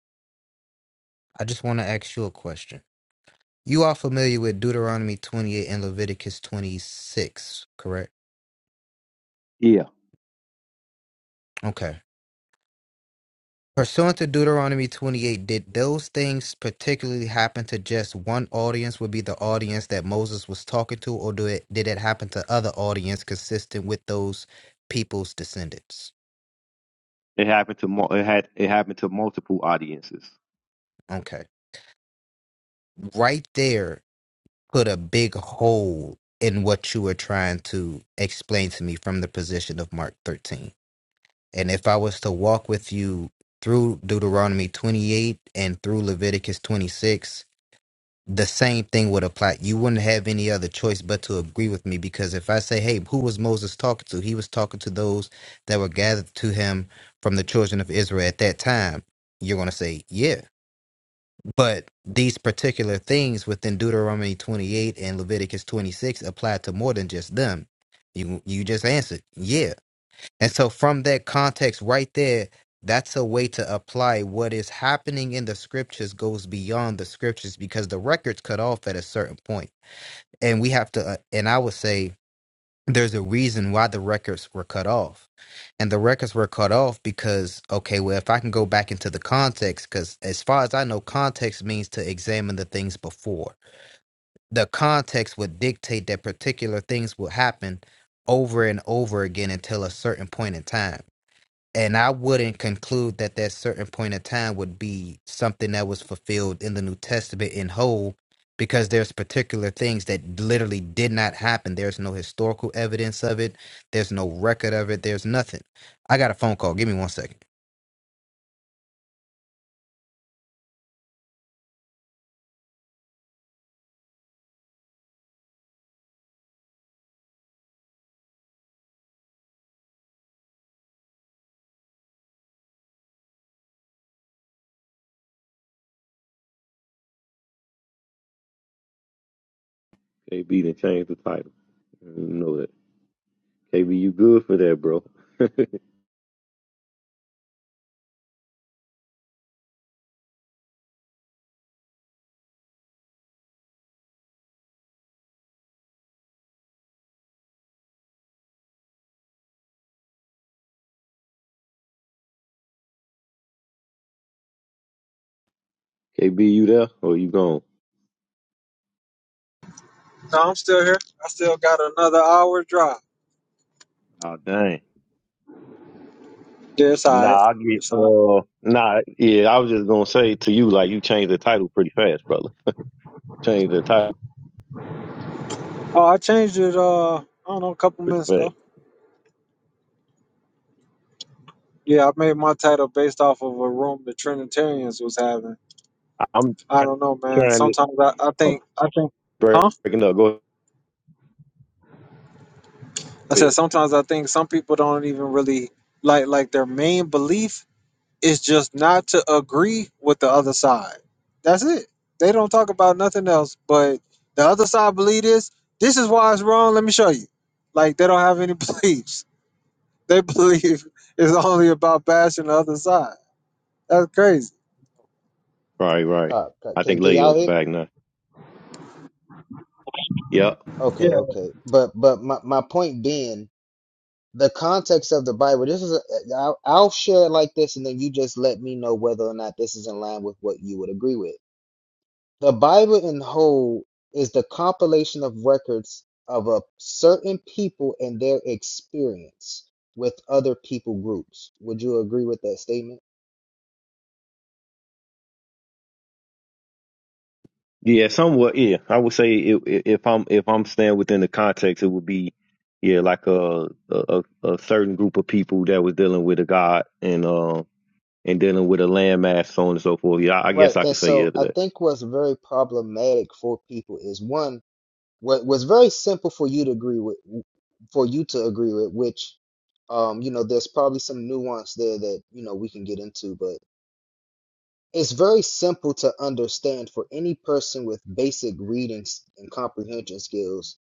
C: I just wanna ask you a question. You are familiar with Deuteronomy twenty eight and Leviticus twenty six, correct?
B: Yeah.
C: Okay. Pursuant to Deuteronomy 28, did those things particularly happen to just one audience, would be the audience that Moses was talking to, or do it, did it happen to other audience consistent with those people's descendants?
B: It happened to mul- it had it happened to multiple audiences.
C: Okay. Right there put a big hole in what you were trying to explain to me from the position of Mark 13. And if I was to walk with you through Deuteronomy 28 and through Leviticus 26, the same thing would apply. You wouldn't have any other choice but to agree with me because if I say, hey, who was Moses talking to? He was talking to those that were gathered to him from the children of Israel at that time. You're going to say, yeah. But these particular things within Deuteronomy 28 and Leviticus 26 apply to more than just them. You, you just answered, yeah. And so, from that context right there, that's a way to apply what is happening in the scriptures goes beyond the scriptures because the record's cut off at a certain point. And we have to, uh, and I would say there's a reason why the records were cut off. And the records were cut off because, okay, well, if I can go back into the context, because as far as I know, context means to examine the things before. The context would dictate that particular things will happen over and over again until a certain point in time and I wouldn't conclude that that certain point of time would be something that was fulfilled in the New Testament in whole, because there's particular things that literally did not happen. There's no historical evidence of it. There's no record of it. There's nothing. I got a phone call. Give me one second.
B: KB done changed the title. You know that. KB, you good for that, bro? KB, you there or you gone?
A: No, I'm still here. I still got another hour drive.
B: Oh dang.
A: Yeah, it's all right.
B: Nah, I get.
A: It's all right.
B: Uh, nah, yeah. I was just gonna say to you, like you changed the title pretty fast, brother. You changed the title
A: Oh, I changed it uh I don't know, a couple
B: pretty
A: minutes
B: fast.
A: ago. Yeah, I made my title based off of a room the Trinitarians was having.
B: I'm
A: I don't know, man.
B: trying
A: Sometimes I, I
B: to I'm
A: think I think huh?
B: breaking up. Go
A: I said
B: ahead.
A: sometimes I think some people don't even really like like their main belief is just not to agree with the other side. That's it. They don't talk about nothing else but the other side believe this. This is why it's wrong. Let me show you. Like they don't have any beliefs. They believe it's only about bashing the other side. That's crazy.
B: Right, right.
C: Cop, cop.
B: I
C: Can,
B: think
C: can y'all
B: Leo's
C: hear?
B: back now. Yep.
C: Okay,
A: Yeah.
C: okay. But but my, my point being, the context of the Bible. This is a, I'll, I'll share it like this, and then you just let me know whether or not this is in line with what you would agree with. The Bible in whole is the compilation of records of a certain people and their experience with other people groups. Would you agree with that statement?
B: Yeah, somewhat. Yeah, I would say it, i if I'm if I'm staying within the context, it would be yeah, like a a, a a certain group of people that was dealing with a god and um and dealing with a landmass, so on and so forth. Yeah, I, I
C: Right.
B: guess I could
C: And
B: say yeah
C: so
B: to
C: I
B: that.
C: think what's very problematic for people is one, what was very simple for you to agree with, for you to agree with, which, um, you know, there's probably some nuance there that, you know, we can get into, but. It's very simple to understand for any person with basic reading s- and comprehension skills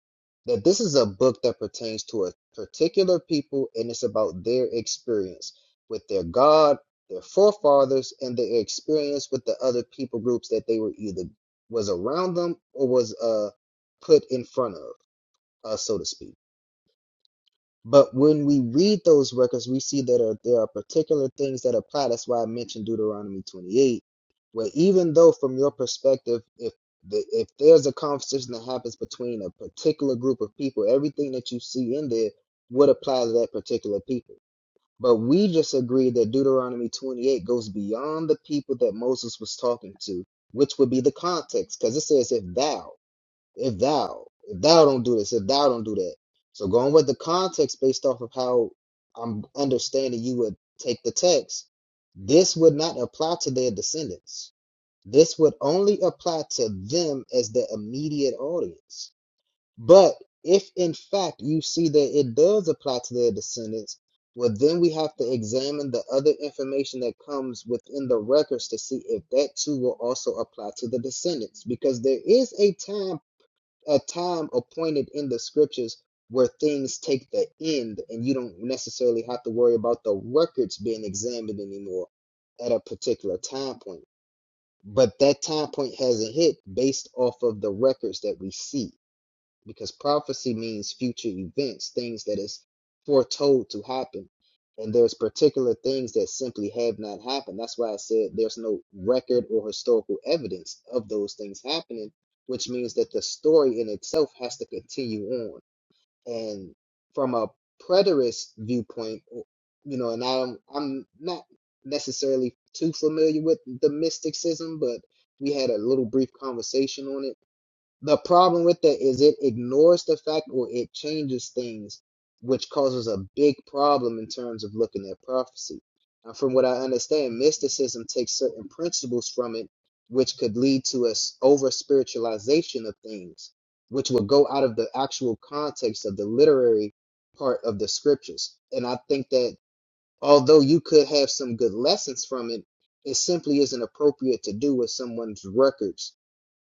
C: that this is a book that pertains to a particular people and it's about their experience with their God, their forefathers, and their experience with the other people groups that they were either was around them or was uh put in front of, uh, so to speak. But when we read those records, we see that are, there are particular things that apply. That's why I mentioned Deuteronomy 28, where even though from your perspective, if the, if there's a conversation that happens between a particular group of people, everything that you see in there would apply to that particular people. But we just agreed that Deuteronomy 28 goes beyond the people that Moses was talking to, which would be the context, because it says, if thou if thou, if thou don't do this, if thou don't do that. So going with the context based off of how I'm understanding you would take the text, this would not apply to their descendants. This would only apply to them as the immediate audience. But if in fact you see that it does apply to their descendants, well, then we have to examine the other information that comes within the records to see if that too will also apply to the descendants. Because there is a time a time appointed in the scriptures where things take the end and you don't necessarily have to worry about the records being examined anymore at a particular time point. But that time point hasn't hit based off of the records that we see because prophecy means future events, things that is foretold to happen. And there's particular things that simply have not happened. That's why I said there's no record or historical evidence of those things happening, which means that the story in itself has to continue on. And from a preterist viewpoint, you know, and I'm I'm not necessarily too familiar with the mysticism, but we had a little brief conversation on it the problem with that is it ignores the fact or it changes things, which causes a big problem in terms of looking at prophecy. Now, from what I understand, mysticism takes certain principles from it, which could lead to a s- over spiritualization of things, which will go out of the actual context of the literary part of the scriptures. And I think that although you could have some good lessons from it, it simply isn't appropriate to do with someone's records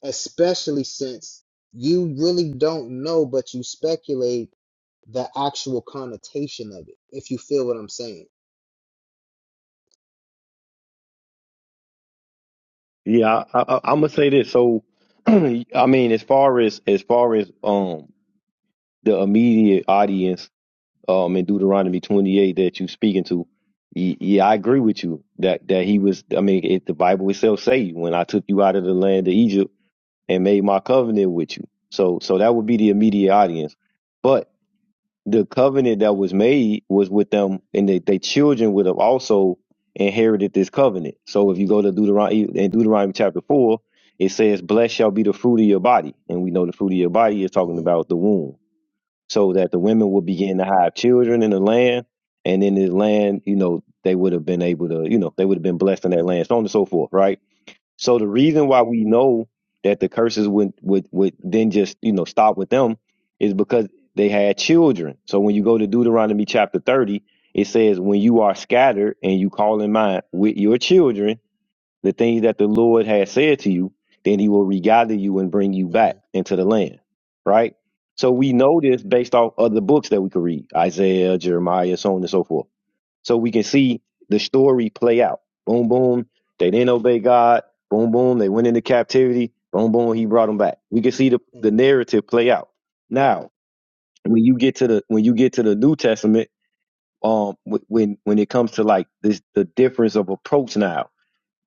C: especially since you really don't know, but you speculate the actual connotation of it, if you feel what I'm saying.
B: Yeah, I, I, I'm gonna say this. So, I mean, as far as as far as um the immediate audience um in Deuteronomy 28 that you speaking to, Y- Yeah, I agree with you that that he was. I mean, it, the Bible itself say when I took you out of the land of Egypt. and made my covenant with you. So so that would be the immediate audience. But the covenant that was made was with them, and they, they children would have also inherited this covenant. So if you go to Deuteronomy in Deuteronomy chapter four, it says, Blessed shall be the fruit of your body. And we know the fruit of your body is talking
C: Mhm,
B: about the womb. So that the women would begin to have children in the land, and in the land, you know, they would have been able to, you know, they would have been blessed in that
C: mhm,
B: land, so on and so forth, right? So the reason why we know that the curses would would would then just you know stop with them is because they had children. So when you go to Deuteronomy chapter thirty, it says, "When you are scattered and you call in mind with your children the things that the Lord has said to you, then He will regather you and bring you back
C: mhm,
B: into the land." Right. So we know this based off other books that we could read, Isaiah, Jeremiah, so on and so forth. So we can see the story play out. Boom, boom. They didn't obey God. Boom, boom. They went into captivity. Boom, boom. He brought them back. We can see the, the
C: mhm,
B: narrative play out. Now, when you get to the when you get to the New Testament, um, wh- when when it comes to like this, the difference of approach now,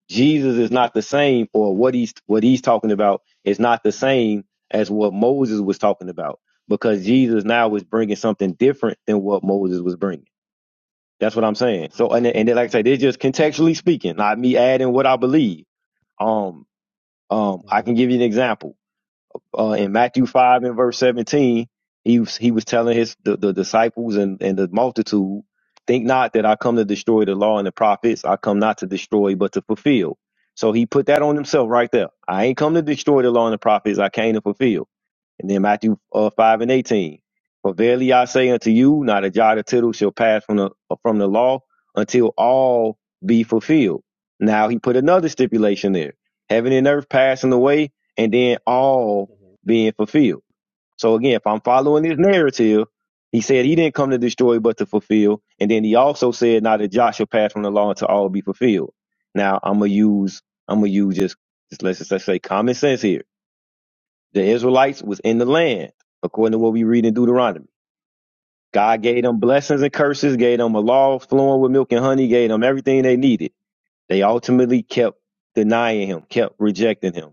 B: Jesus is not the same, or what he's what he's talking about is not the same as what Moses was talking about, because Jesus now is bringing something different than what Moses was bringing. That's what I'm saying. So and and then, like I say, they're just contextually speaking, not me adding what I believe. Um, um, I
C: mhm,
B: can give you an example uh, in Matthew five and verse seventeen, he was he was telling his the, the disciples and and the multitude, think not that I come to destroy the law and the prophets. I come not to destroy, but to fulfill. So he put that on himself right there. I ain't come to destroy the law and the prophets. I came to fulfill. And then Matthew uh, five and eighteen, for verily I say unto you, not a jot or tittle shall pass from the from the law until all be fulfilled. Now he put another stipulation there: heaven and earth passing away, and then all
C: mhm,
B: being fulfilled. So again, if I'm following this narrative, he said he didn't come to destroy but to fulfill. And then he also said, now that Joshua passed from the law unto all be fulfilled. Now I'm gonna use I'm gonna use just, just let's just let's say common sense here. The Israelites was in the land, according to
C: mhm,
B: what we read in Deuteronomy. God gave them blessings and curses, gave them a law flowing with milk and honey, gave them everything they needed. They ultimately kept denying him, kept rejecting him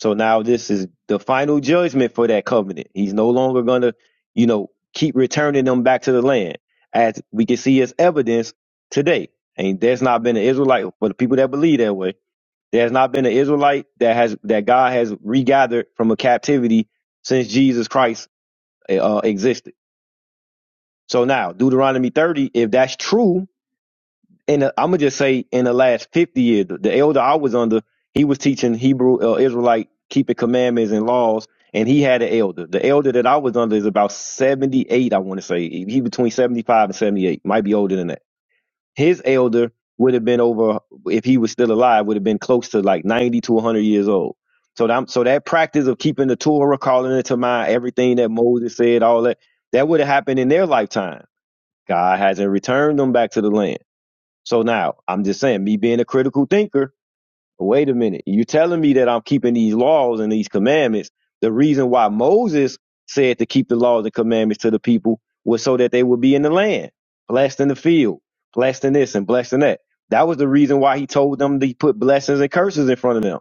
B: so now this is the final judgment for that covenant. He's no longer gonna, you know, keep returning them back to the land, as we can see as evidence today. And there's not been an Israelite for the people that believe that way. There's not been an Israelite that has that God has regathered from a captivity since Jesus Christ uh, existed. So now Deuteronomy 30, if that's true, in the, I'm gonna just say in the last 50 years, the the elder I was under, he was teaching Hebrew uh, Israelite keeping commandments and laws, and he had an elder. The elder that I was under is about 78, I want to say. He between 75 and 78, might be older than that. His elder would have been over if he was still alive, would have been close to like 90 to 100 years old. So that, so that practice of keeping the Torah, calling it to mind, everything that Moses said, all that, that would have happened in their lifetime. God hasn't returned them back to the land. So now I'm just saying, me being a critical thinker, wait a minute. You're telling me that I'm keeping these laws and these commandments. The reason why Moses said to keep the laws and commandments to the people was so that they would be in the land, blessed in the field, blessed in this and blessed in that. That was the reason why he told them to put blessings
C: mhm.
B: and curses in front of them.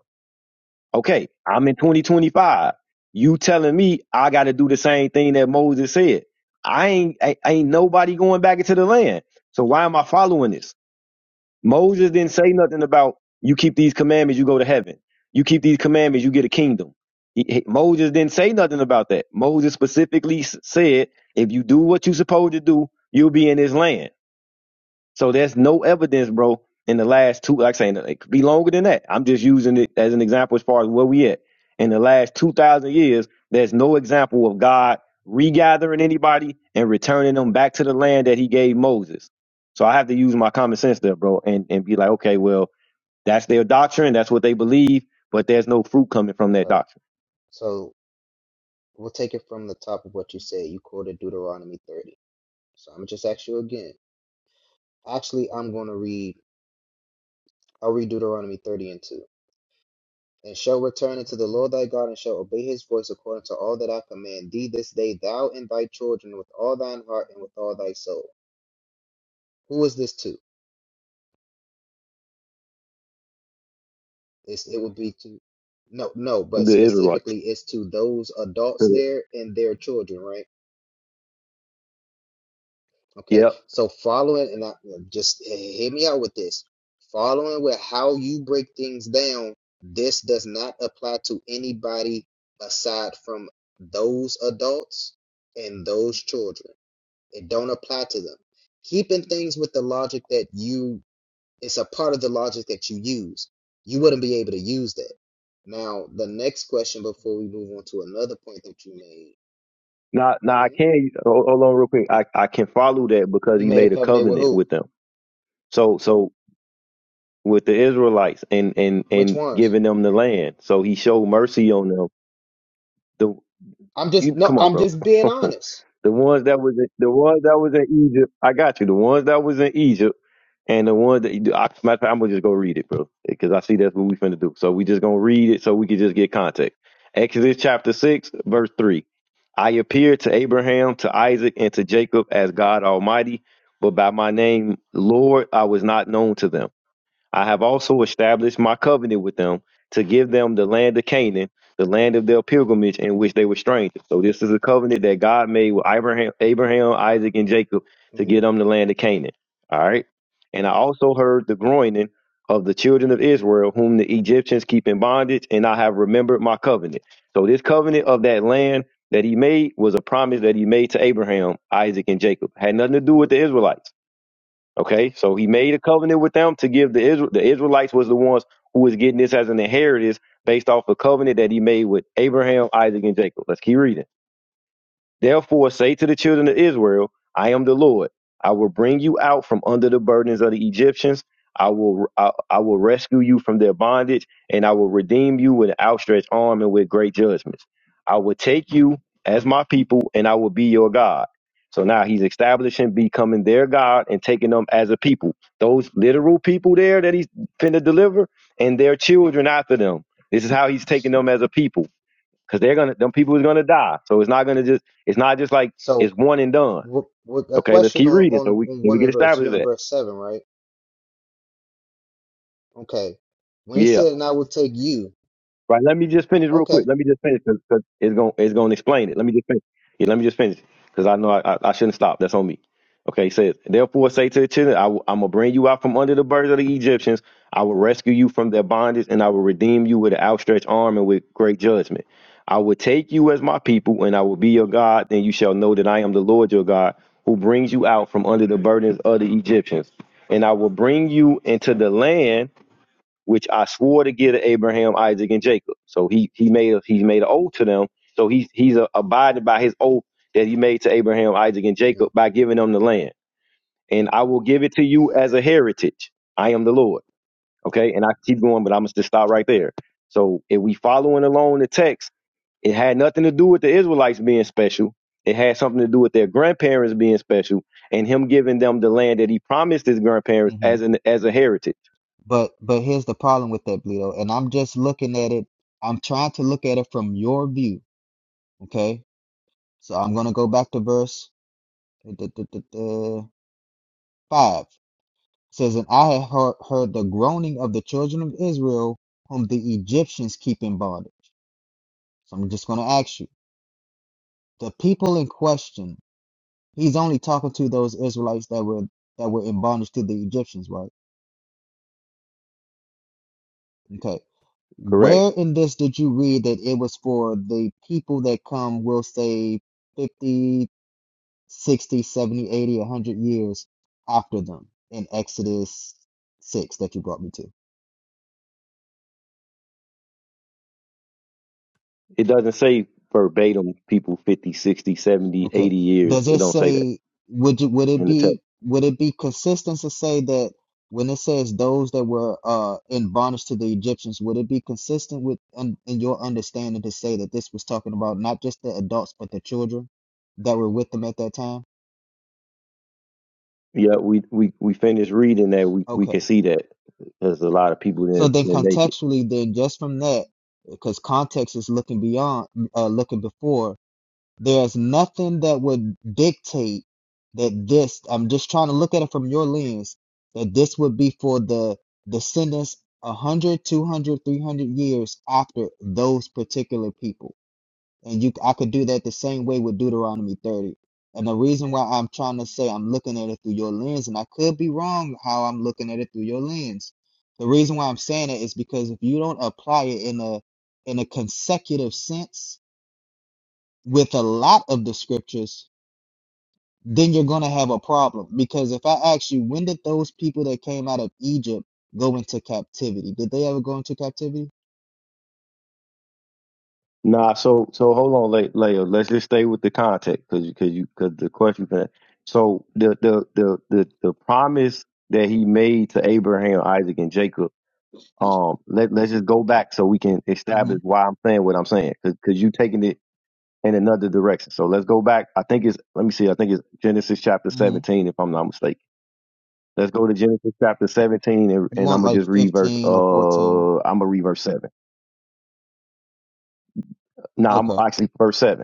B: Okay, I'm in 2025. You telling me I got to do the same thing that Moses said. I ain't, I, ain't nobody going back into the land. So why am I following this? Moses didn't say nothing about you keep these commandments, you go to heaven. You keep these commandments, you get a kingdom. He- he- Moses didn't say nothing about that. Moses specifically s- said, if you do what you're supposed to do, you'll be in this land. So there's no evidence, bro, in the last two, like I'm saying, it could be longer than that. I'm just using it as an example as far as where we at. In the last 2,000 years, there's no example of God regathering anybody and returning them back to the land that he gave Moses. So I have to use my common sense there, bro, and, and be like, okay, well, that's their doctrine. That's what they believe, but there's no fruit coming from that
C: Okay.
B: doctrine.
C: So we'll take it from the top of what you said. You quoted Deuteronomy 30. So I'm gonna just ask you again. Actually, I'm gonna read. I'll read Deuteronomy 30 and 2. And shall return unto the Lord thy God, and shall obey his voice according to all that I command thee this day, thou and thy children, with all thine heart and with all thy soul. Who is this to? It's, it would be to, no, no, but
B: The Israelites.
C: specifically it's to those adults there and their children, right? Okay,
B: Yep.
C: so following, and I just eh, hear me out with this. Following with how you break things down, this does not apply to anybody aside from those adults and those children. It don't apply to them. Keeping things with the logic that you, it's a part of the logic that you use. You wouldn't be able to use that. Now, the next question before we move on to another point that you made.
B: Now, now I
C: hmm
B: can, hold, hold on real quick. I, I can follow that because
C: He
B: he
C: made a
B: made a
C: covenant with
B: covenant
C: who?
B: with them. So, so with the Israelites and and
C: Which
B: and
C: ones?
B: giving them the land. So he showed mercy on them. The
C: I'm just
B: you
C: no,
B: come on,
C: I'm
B: bro.
C: just being honest.
B: the ones that was in, the ones that was in Egypt. I got you. The ones that was in Egypt and the ones that I, matter of fact, I'm gonna just go read it, bro, because I see that's what we finna do. So we just gonna read it so we can just get context. Exodus chapter six, verse three. I appeared to Abraham, to Isaac, and to Jacob as God Almighty, but by my name, Lord, I was not known to them. I have also established my covenant with them to give them the land of Canaan, the land of their pilgrimage in which they were strangers. So this is a covenant that God made with Abraham, Abraham, Isaac, and Jacob to
C: hmm
B: give them the land of Canaan. All right. And I also heard the groaning of the children of Israel, whom the Egyptians keep in bondage, and I have remembered my covenant. So this covenant of that land that he made was a promise that he made to Abraham, Isaac, and Jacob. Had nothing to do
C: hmm
B: with the Israelites Okay, so he made a covenant with them to give the Israel. The Israelites was the ones who was getting this as an inheritance based off a covenant that he made with Abraham, Isaac, and Jacob. Let's keep reading. Therefore, say to the children of Israel, I am the Lord. I will bring you out from under the burdens of the Egyptians. I will I, I will rescue you from their bondage, and I will redeem you with an outstretched arm and with great judgments. I will take you as my people, and I will be your God. So now he's establishing becoming their God and taking them as a people. Those literal people there that he's finna deliver, and their children after them. This is how he's taking them as a people because they're gonna them people is gonna die. So it's not gonna just it's not just like
C: So,
B: it's one and done.
C: w- w- a
B: Okay, let's
C: question
B: keep
C: on,
B: reading so
C: on
B: we
C: on
B: so
C: one
B: we
C: of
B: can
C: the verse.
B: establish
C: You're in
B: that.
C: verse seven, right? Okay. When he
B: Yeah.
C: said, "And I will take you,"
B: Right. Let me just finish real
C: okay.
B: quick. Let me just finish because it's going to it's going to explain it. Let me just finish. Yeah, let me just finish because I know I, I, I shouldn't stop. That's on me. Okay. He says, therefore say to the children, I, am going to bring you out from under the burdens of the Egyptians. I will rescue you from their bondage and I will redeem you with an outstretched arm and with great judgment. I will take you as my people and I will be your God. Then you shall know that I am the Lord your God who brings you out from under the burdens of the Egyptians. And I will bring you into the land which I swore to give to Abraham, Isaac, and Jacob. So he he made a, he made an oath to them. So he he's uh abided by his oath that he made to Abraham, Isaac, and
C: hmm
B: Jacob by giving them the land. And I will give it to you as a heritage. I am the Lord. Okay, and I keep going, but I'm gonna just stop right there. So if we following along the text, it had nothing to do with the Israelites being special. It had something to do with their grandparents being special and him giving them the land that he promised his grandparents
C: hmm
B: as an as a heritage.
C: But but here's the problem with that, Bleedo. And I'm just looking at it. I'm trying to look at it from your view. Okay. So I'm gonna go back to verse uh, d- d- d- d- five. It says, "And I have heard, heard the groaning of the children of Israel, whom the Egyptians keep in bondage." So I'm just gonna ask you. The people in question, he's only talking to those Israelites that were that were in bondage to the Egyptians, right? Okay.
B: Correct.
C: Where in this did you read that it was for the people that come, we'll say 50, 60, 100 years after them in Exodus 6 that you brought me to?
B: It doesn't say verbatim people 50 60 seventy
C: Okay.
B: 80 years.
C: Does
B: It
C: it
B: don't say that
C: say would you would it
B: in the text.
C: be would it be consistent to say that when it says those that were uh in bondage to the Egyptians, would it be consistent with un in your understanding to say that this was talking about not just the adults but the children that were with them at that time?
B: Yeah, we we, we finished reading that. We we
C: Okay.
B: can see that because a lot of people
C: So
B: didn't,
C: then
B: didn't make it.
C: contextually then just from that because context is looking beyond uh looking before There's nothing that would dictate that this, I'm just trying to look at it from your lens, that this would be for the descendants 100, 200, years after those particular people. And you, I could do that the same way with Deuteronomy 30. And the reason why I'm trying to say I'm looking at it through your lens, and I could be wrong how I'm looking at it through your lens. The reason why I'm saying it is because if you don't apply it in a in a consecutive sense with a lot of the scriptures, then you're going to have a problem. Because if I ask you, when did those people that came out of Egypt go into captivity? Did they ever go into captivity?
B: Nah, so so hold on, Le- Leo. Let's just stay with the context because because you because the question. So the, the the the the promise that he made to Abraham, Isaac, and Jacob. Um, let let's just go back so we can
C: hmm
B: establish why I'm saying what I'm saying because you taking it in another direction. So let's go back. I think it's let me see. I think it's Genesis chapter
C: hmm
B: 17, if I'm not mistaken. Let's go to Genesis chapter 17, and,
C: You
B: and I'm
C: want
B: gonna
C: like
B: just read verse.
C: 15 or 14.
B: Uh, I'm gonna read verse seven. No, I'm
C: Okay.
B: actually verse seven.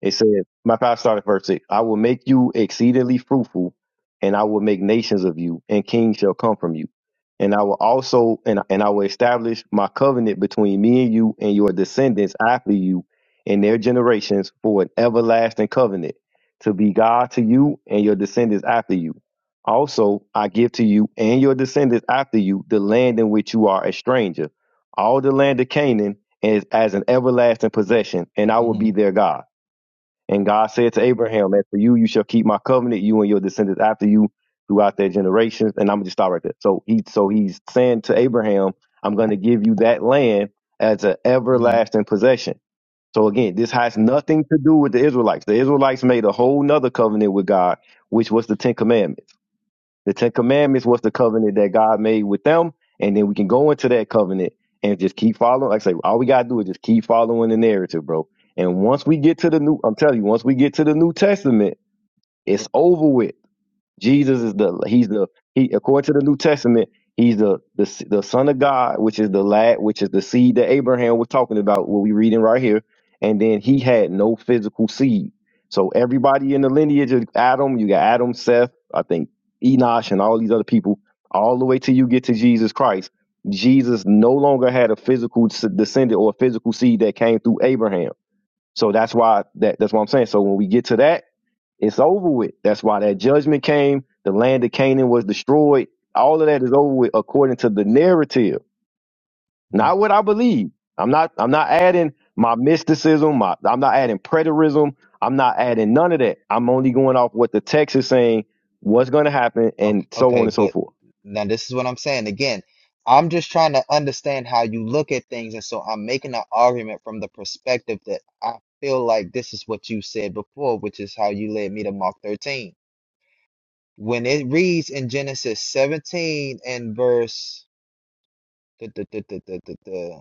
B: It says, my five started verse six. I will make you exceedingly fruitful, and I will make nations of you, and kings shall come from you. And I will also and and I will establish my covenant between me and you and your descendants after you and their generations for an everlasting covenant to be God to you and your descendants after you. Also, I give to you and your descendants after you the land in which you are a stranger, all the land of Canaan, as, as an everlasting possession, and I will
C: hmm
B: be their God. And God said to Abraham, "Man, for you, you shall keep my covenant, you and your descendants after you, throughout their generations." And I'm gonna just stop right there. So he, so he's saying to Abraham, "I'm gonna give you that land as an
C: hmm
B: everlasting possession." So again, this has nothing to do with the Israelites. The Israelites made a whole nother covenant with God, which was the Ten Commandments. The Ten Commandments was the covenant that God made with them, and then we can go into that covenant and just keep following. Like I say, all we gotta do is just keep following the narrative, bro. And once we get to the new, I'm telling you, once we get to the New Testament, it's
C: But,
B: over with Jesus is the he's the he according to the New Testament he's the the the son of God, which is the lad, which is the seed that Abraham was talking about. What we reading right here, and then he had no physical seed. So everybody in the lineage of Adam, you got Adam, Seth, I think Enosh, and all these other people, all the way till you get to Jesus Christ. Jesus no longer had a physical s- descendant or a physical seed that came through Abraham. So that's why that that's what I'm saying. So when we get to that it's over with. That's why that judgment came. The land of Canaan was destroyed. All of that is over with according to the narrative,
C: mhm.
B: not what I believe. I'm not. I'm not adding my mysticism. My, I'm not adding preterism. I'm not adding none of that. I'm only going off what the text is saying, what's going to happen, and
C: okay,
B: so
C: okay,
B: on and so
C: but
B: forth.
C: now this is what I'm saying. Again, I'm just trying to understand how you look at things. And so I'm making an argument from the perspective that I feel like this is what you said before, which is how you led me to Mark 13. When it reads in Genesis 17 and verse, duh, duh, duh, duh, duh, duh, duh,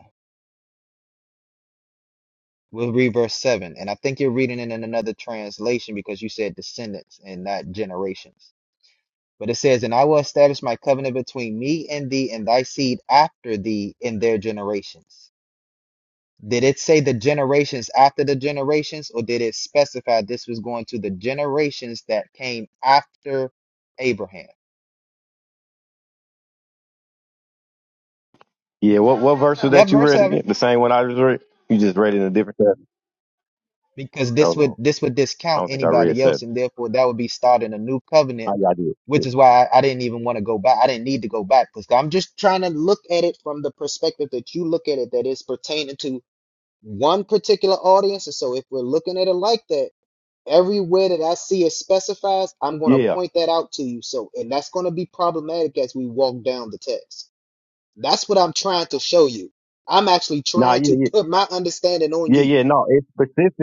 C: we'll read verse 7. And I think you're reading it in another translation because you said descendants and not generations. But it says, And I will establish my covenant between me and thee and thy seed after thee in their generations. Did it say the generations after the generations, or did it specify this was going to the generations that came after Abraham?
B: Yeah. What what verse was
C: Yep,
B: that you
C: verse
B: read
C: 7.
B: again? The same one I just read. You just read it in a different chapter.
C: because this
B: Hold
C: would
B: on.
C: this would
B: I
C: discount
B: don't think I read
C: anybody else
B: seven.
C: and therefore that would be starting a new
B: Oh,
C: covenant
B: yeah, I did. Yeah.
C: which is why I, I didn't even want to go back i didn't need to go back because i'm just trying to look at it from the perspective that you look at it that it's pertaining to one particular audience and so if we're looking at it like that everywhere that i see it specifies i'm going to
B: Yeah.
C: point that out to you so and that's going to be problematic as we walk down the text that's what i'm trying to show you i'm actually
B: Nah.
C: trying
B: Yeah.
C: to
B: Yeah.
C: put my understanding on
B: Yeah.
C: you
B: Yeah. No. It's specific.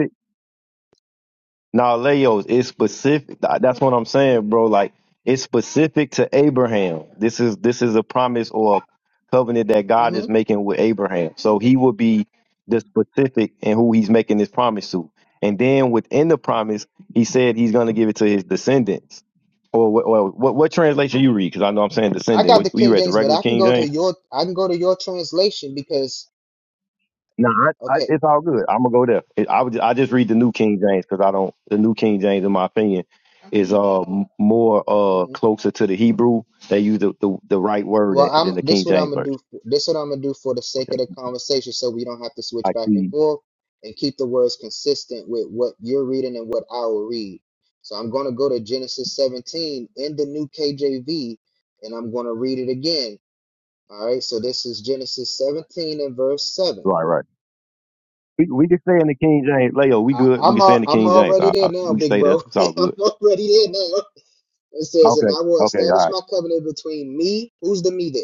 B: Now, Leos, it's specific. That's what I'm saying, bro. Like it's specific to Abraham. This is this is a promise or a covenant that God is making with Abraham. So he will be the specific in who he's making this promise to. And then within the promise, he said he's going to give it to his descendants. Or what? What, what, what translation you read? Because I know I'm saying
C: I
B: descendant.
C: got
B: What
C: the
B: you
C: King
B: read? The
C: James, but
B: regular
C: I can
B: King
C: go
B: James.
C: to your I can go to your translation because
B: No, I, I,
C: okay.
B: it's all good. I'm gonna go there. It, I would, I just read the New King James because I don't. The New King James, in my opinion, is uh m- more uh
C: hmm
B: closer to the Hebrew. They use the the, the right word
C: Well,
B: in-
C: I'm
B: than the King
C: this what I'm
B: James
C: gonna do.
B: version.
C: This what I'm gonna do for the sake
B: Okay,
C: of the conversation, so we don't have to switch
B: I
C: back and
B: see.
C: forth and keep the words consistent with what you're reading and what I will read. So I'm gonna go to Genesis 17 in the New KJV, and I'm gonna read it again. All right. So this is Genesis 17 and verse seven.
B: Right, right. We, we can stay in the King James. Leo, we
C: I,
B: good. We
C: I'm
B: can stay
C: i
B: in the
C: I'm
B: King James.
C: already
B: I, I,
C: there now,
B: we can
C: big
B: stay there.
C: bro.
B: It's all
C: I'm
B: good.
C: already there now. It says, and
B: Okay.
C: I will
B: Okay. All
C: establish
B: right.
C: my covenant between me. Who's the me there?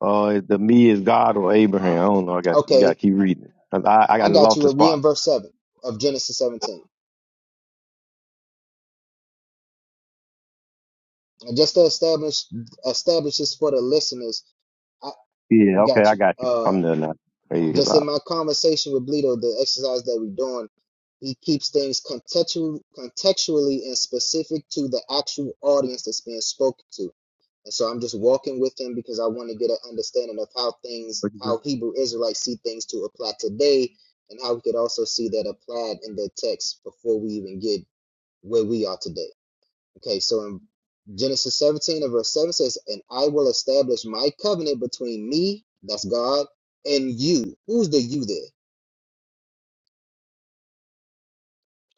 B: Uh, the me is God or Abraham. I don't know. I got. You got to
C: Okay,
B: keep reading. 'Cause I I got
C: I got
B: lost the
C: you. We're
B: spot.
C: in verse 7 of Genesis 17. And just to establish, establish this for the listeners, I
B: Yeah. Okay.
C: got
B: I
C: you.
B: got you.
C: Uh,
B: I'm there now. Hey, it's
C: just in
B: out.
C: my conversation with Bleedo, the exercise that we're doing, he keeps things contextual, contextually and specific to the actual audience that's being spoken to. And so I'm just walking with him because I want to get an understanding of how things,
B: What you
C: how
B: say?
C: Hebrew Israelites see things to apply today, and how we could also see that applied in the text before we even get where we are today. Okay, so in Genesis 17 and verse 7 says, And I will establish my covenant between me, that's God, and you. Who's the you there?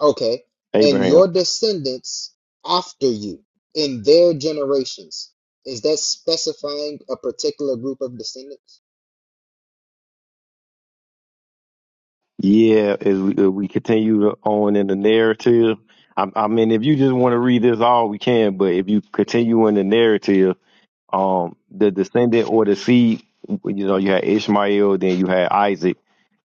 C: Okay, and
B: Abraham.
C: your descendants after you in their generations. Is that specifying a particular group of descendants?
B: Yeah, as we, uh, we continue to- on in the narrative, I, I mean, if you just want to read this all, we can. But if you
C: Mhm.
B: continue in the narrative, um the descendant or the seed you know you had ishmael then you had isaac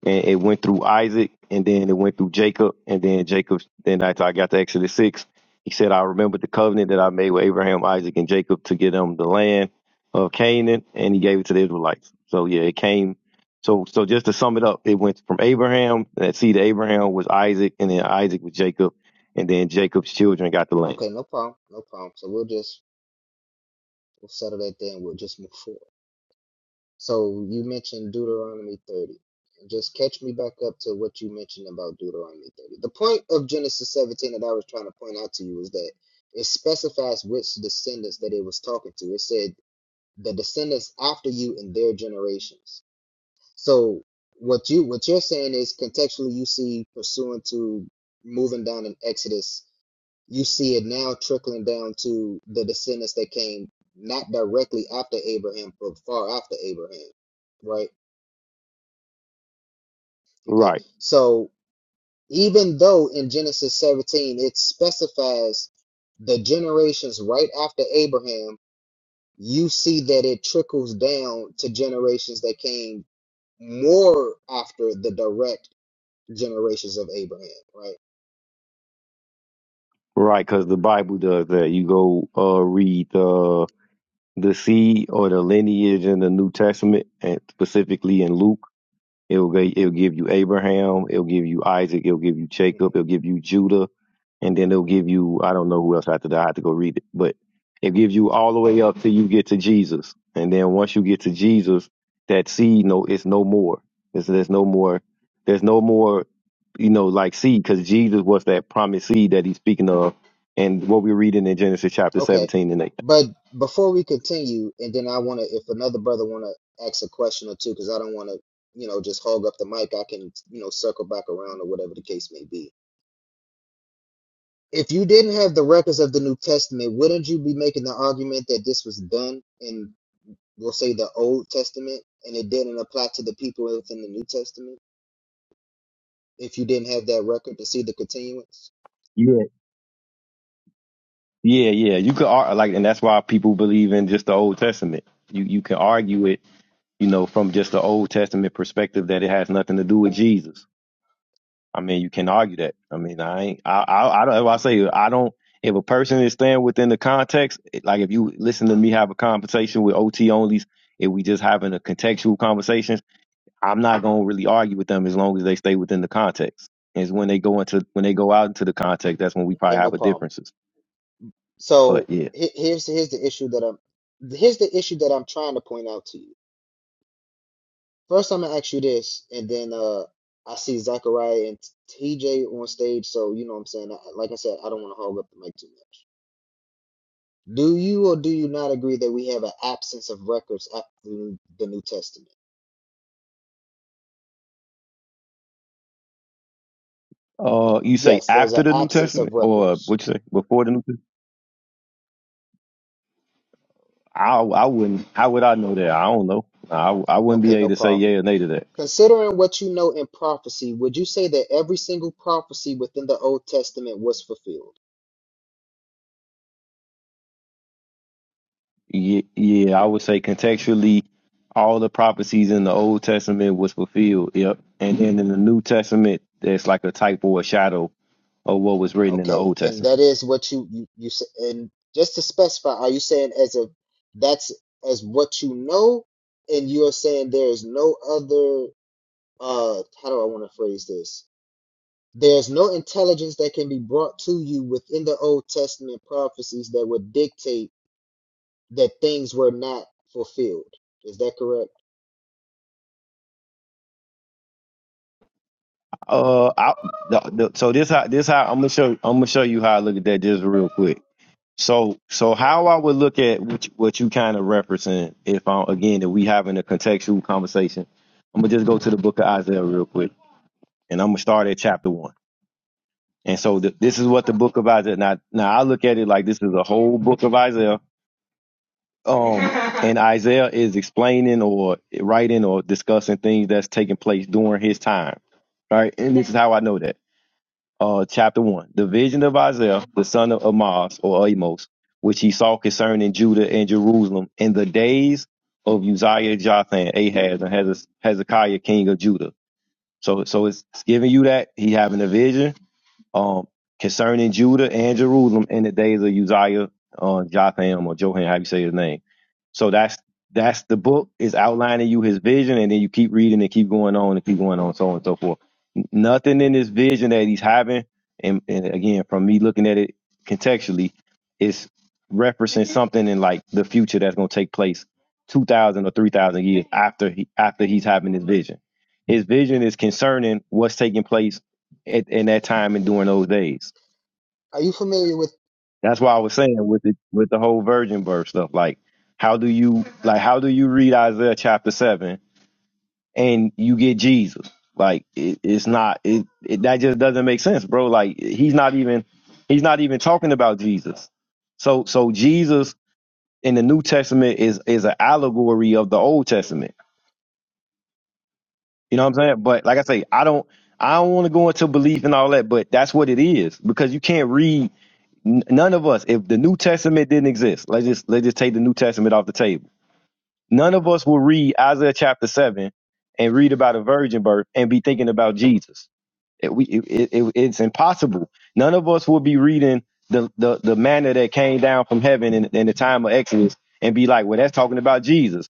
B: and it went through isaac and then it went through jacob and then jacob then after
C: Mhm.
B: i got to exodus 6 he said i remembered the covenant that i made with abraham isaac and jacob to give them the land of canaan and he gave it to the israelites so yeah it came so so just to sum it up it went from abraham that seed of abraham was isaac and then isaac was jacob and then jacob's children got the land
C: Okay, no problem, no problem. So we'll just we'll settle that there and we'll just move forward. So you mentioned Deuteronomy 30. And Just catch me back up to what you mentioned about Deuteronomy 30. The point of Genesis 17 that I was trying to point out to you is that it specifies which descendants that it was talking to. It said the descendants after you and their generations. So what you what you're saying is contextually you see pursuant to moving down in Exodus you see it now trickling down to the descendants that came not directly after Abraham, but far after Abraham, right? Okay,
B: right
C: so even though in Genesis 17 it specifies the generations right after Abraham, you see that it trickles down to generations that came more after the direct generations of Abraham, right?
B: Right, because the Bible does that. You go uh, read the the seed or the lineage in the New Testament, and specifically in Luke, it'll ga- it'll give you Abraham, it'll give you Isaac, it'll give you
C: hmm
B: Jacob, it'll give you Judah, and then it'll give you I don't know who else after that. I have to go read it, but it gives you all the way up till you get to Jesus, and then once you get to Jesus, that seed no, it's no more. There's, there's no more. There's no more. You know, like seed because Jesus was that promised seed that he's speaking of, and what we're reading in Genesis chapter
C: Okay,
B: 17 and 8.
C: but before we continue, and then I want to, if another brother want to ask a question or two, because I don't want to, you know, just hog up the mic. I can, you know, circle back around or whatever the case may be. If you didn't have the records of the New Testament, wouldn't you be making the argument that this was done in, we'll say, the Old Testament, and it didn't apply to the people within the New Testament? If you didn't have that record to see the continuance,
B: Yeah, yeah, yeah. You could ar- like, and that's why people believe in just the Old Testament. You you can argue it, you know, from just the Old Testament perspective that it has nothing to do with Jesus I mean, you can argue that. I mean, I ain't, I, I, I don't, I say, I don't, if a person is staying within the context, like if you listen to me have a conversation with OT onlys, if we just having a contextual conversation, I'm not going to really argue with them as long as they stay within the context. It's when they go into, when they go out into the context, that's when we probably
C: okay, no
B: have a
C: problem.
B: differences. But
C: So
B: yeah.
C: he- here's here's the issue that I'm here's the issue that I'm trying to point out to you First, I'm gonna ask you this, and then uh, I see Zachariah and TJ on stage, so you know what I'm saying. I, like I said, I don't want to hog up the mic too much. Do you or do you not agree that we have an absence of records after the New the New Testament?
B: Uh, you say
C: Yes, there's
B: after
C: an
B: the New
C: absence
B: Testament
C: of
B: or
C: records.
B: what you say before the New Testament? I, I wouldn't, how would I know that? I don't know. I, I wouldn't be
C: Okay,
B: able
C: no
B: to say
C: problem.
B: yeah or nay to that.
C: Considering what you know in prophecy, would you say that every single prophecy within the Old Testament was fulfilled?
B: Yeah, yeah, I would say contextually, all the prophecies in the Old Testament was fulfilled. Yep, and then in the New Testament, there's like a type or a shadow of what was written in the
C: Okay,
B: Old
C: and
B: Testament.
C: that is what you you you s- and just to specify, are you saying as a that's as what you know, and you are saying there is no other uh how do I want to phrase this? There's no intelligence that can be brought to you within the Old Testament prophecies that would dictate that things were not fulfilled. Is that correct?
B: Uh, I, the, the, so this how this how I'm gonna show I'm gonna show you how I look at that just real quick. So so how I would look at what you, what you kind of referencing if I again if we having a contextual conversation, I'm gonna just go to the Book of Isaiah real quick, and I'm gonna start at chapter one. And so th- this is what the book of Isaiah. Now, now I look at it like this is a whole book of Isaiah. Um, and Isaiah is explaining or writing or discussing things that's taking place during his time. Right. And this is how I know that. Uh, chapter one, the vision of Isaiah, the son of Amos or Amos, which he saw concerning Judah and Jerusalem in the days of Uzziah, Jotham, Ahaz, and Heze- Hezekiah, king of Judah. So, so it's, it's giving you that he having a vision um, concerning Judah and Jerusalem in the days of Uzziah, uh, Jotham or Johan, how you say his name. So that's that's the book is outlining you his vision, and then you keep reading and keep going on and keep going on, so on and so forth. N- Nothing in this vision that he's having, and, and again, from me looking at it contextually, is referencing something in like the future that's going to take place two thousand or three thousand years after he after he's having this vision. His vision is concerning what's taking place at, in that time and
C: hmm
B: during those days.
C: Are you familiar with?
B: That's why I was saying with the with the whole virgin birth stuff. Like, how do you like how do you read Isaiah chapter seven and you get Jesus? Like, it, it's not it, it that just doesn't make sense, bro. Like, he's not even he's not even talking
C: Mhm,
B: about Jesus. So so Jesus in the New Testament is is an allegory of the Old
C: mhm,
B: Testament. You know what I'm saying? But like I say, I don't I don't want to go into belief and all that, but that's what it is because you can't read. N- none of us, if the New Testament didn't exist, let's just let's just take the New Testament off the table. None of us will read Isaiah chapter seven and read about a virgin birth and be thinking about Jesus. It, we, it, it, it's impossible. None of us will be reading the the the manna that came down from heaven in, in the time of Exodus and be like, well, that's talking about Jesus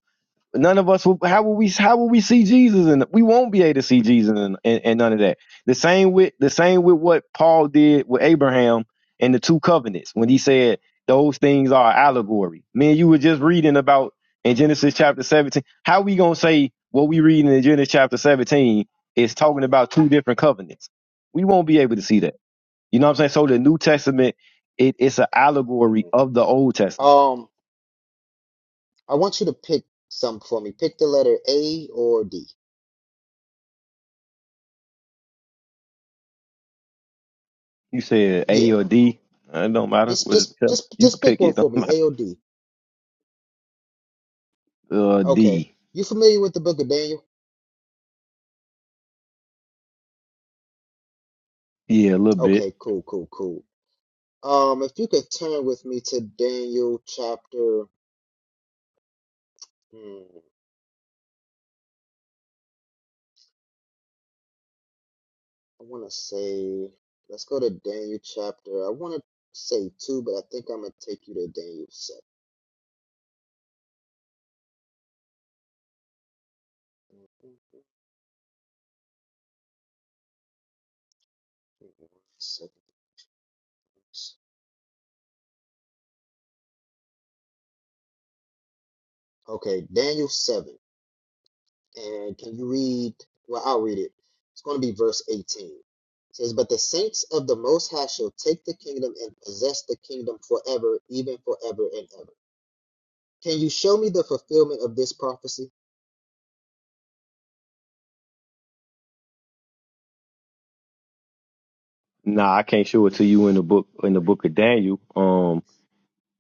B: None of us will. How will we? How will we see Jesus? And we won't be able to see Jesus and, and, and none of that. The same with the same with what Paul did with Abraham and the two covenants when he said those things are allegory. Man, you were just reading about in Genesis chapter seventeen. How we gonna say what we reading in Genesis chapter seventeen is talking
C: mhm.
B: about two different covenants? We won't be able to see that. You know what I'm saying? So the New Testament, it, it's an allegory
C: mhm.
B: of the Old Testament.
C: Um, I want you to pick some for me. Pick the letter A or D.
B: You said
C: Yeah.
B: A or D. Uh, It don't matter.
C: Just
B: What it
C: just
B: tell-
C: just
B: you can
C: just pick
B: pick
C: one
B: it.
C: for
B: Don't
C: me.
B: matter.
C: AOD.
B: Uh,
C: Okay.
B: D.
C: You familiar with the book of Daniel?
B: Yeah, a little bit.
C: Okay, cool, cool, cool. Um, if you could turn with me to Daniel chapter, hmm, I want to say, let's go to Daniel chapter. I want to say two, but I think I'm gonna take you to Daniel seven. Mhm. Give me one second. Okay, Daniel seven. And can you read? Well, I'll read it. It's going to be verse 18. It says, But the saints of the Most High shall take the kingdom and possess the kingdom forever, even forever and ever. Can you show me the fulfillment of this prophecy?
B: Nah, I can't show it to you in the book in the book of Daniel. Um,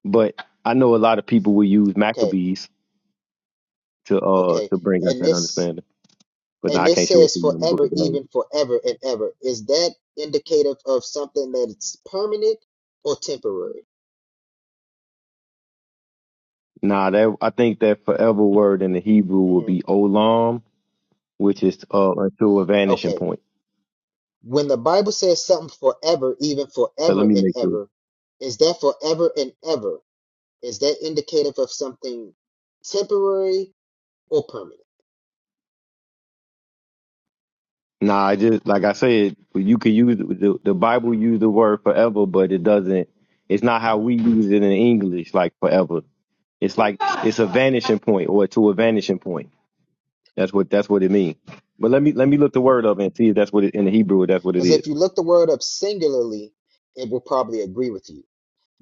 B: but I know a lot of people will use
C: Okay,
B: Maccabees to uh
C: okay.
B: to bring out
C: And
B: that
C: this
B: understanding. But nah,
C: and
B: I
C: this
B: can't show it
C: says
B: to you in the book
C: forever,
B: of Daniel.
C: even forever and ever. Is that indicative of something that's permanent or temporary?
B: Nah, that I think that forever word in the Hebrew will
C: hmm
B: be olam, which is uh until a vanishing
C: Okay.
B: point.
C: When the Bible says something forever, even
B: But let
C: forever
B: me
C: and
B: make sure.
C: ever, is that forever and ever? Is that indicative of something temporary or permanent?
B: Nah, I just like I said, you could use the, the Bible use the word forever, but it doesn't. It's not how we use it in English, like forever. It's like it's a vanishing point or to a vanishing point. That's what that's what it means. But let me let me look the word up and see if that's what it in the Hebrew. If that's what it
C: Because mm-hmm. if
B: is.
C: you look the word up singularly, it will probably agree with you.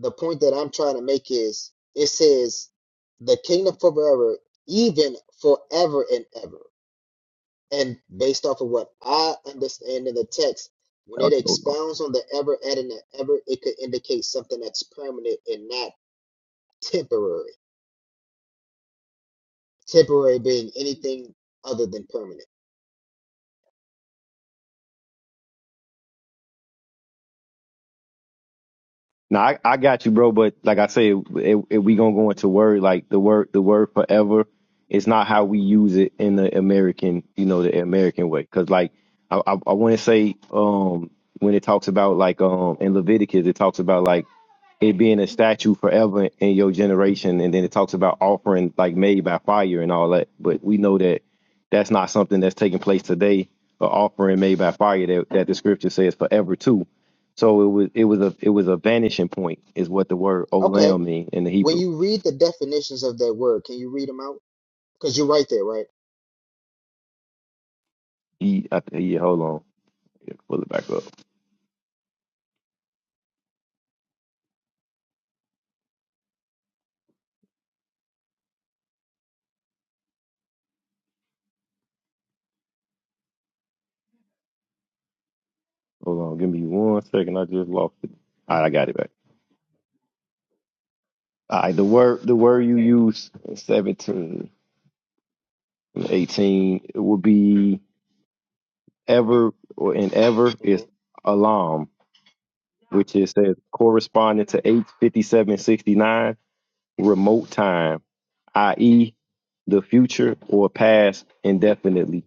C: The point that I'm trying to make is it says the kingdom forever, even forever and ever. And based off of what I understand in the text, when it
B: Okay, hold on.
C: expounds on the ever, adding the ever, it could indicate something that's permanent and not temporary. Temporary being anything other than permanent.
B: Now I, I got you, bro. But like I say, it, it, it- we gonna go into word like the word the word forever. It's not how we use it in the American, you know, the American way. Cause like I I, I want to say um when it talks about like um in Leviticus it talks about like it being a statue forever in your generation, and then it talks about offering like made by fire and all that. But we know that that's not something that's taking place today. An offering made by fire that that the scripture says forever too. So it was it was a it was a vanishing point is what the word
C: Okay,
B: olam mean in the
C: When
B: Hebrew.
C: you read the definitions of that word, can you read them out? Because you're right there, right?
B: He, I, he hold on, Yeah, pull it back up. Hold on, give me one second. I just lost it. All right, I got it back. All right, the word the word you use in 17, it would be ever or in ever
C: hmm
B: is alarm, which is says corresponding to eight fifty seven sixty nine remote time, i.e. the future or past indefinitely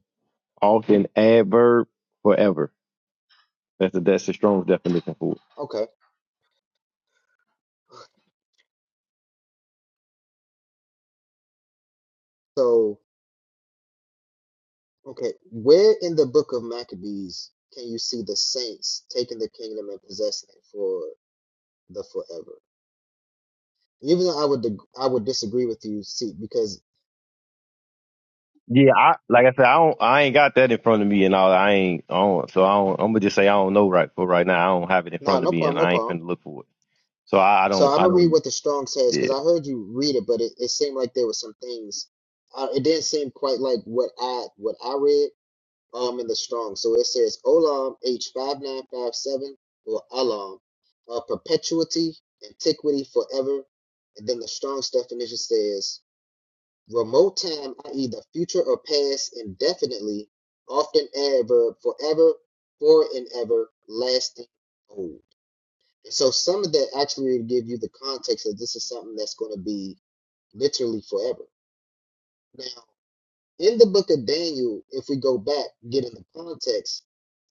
B: often adverb forever. That's the that's the strongest definition for it.
C: Okay. So, okay, where in the book of Maccabees can you see the saints taking the kingdom and possessing it for the forever? Even though I would dig- I would disagree with you, see, because
B: Yeah, I like I said, I don't I ain't got that in front of me and all I ain't I don't so I don't I'm gonna just say I don't know right for right now. I don't have it in
C: no,
B: front of
C: no
B: me
C: problem,
B: and
C: no
B: I ain't
C: problem.
B: finna look for it. So I, I
C: So
B: don't
C: I'm
B: I
C: gonna
B: don't
C: read what the Strong says because
B: Yeah.
C: I heard you read it, but it, it seemed like there were some things. Uh, it didn't seem quite like what I what I read. um in the strong. So it says Olam H five nine five seven or Alam, uh, perpetuity, antiquity, forever. And then the strong's definition says remote time, i.e., the future or past, indefinitely, often adverb forever, for and ever, lasting, old. And so some of that actually will give you the context that this is something that's going to be literally forever. now in the book of Daniel, if we go back, get in the context,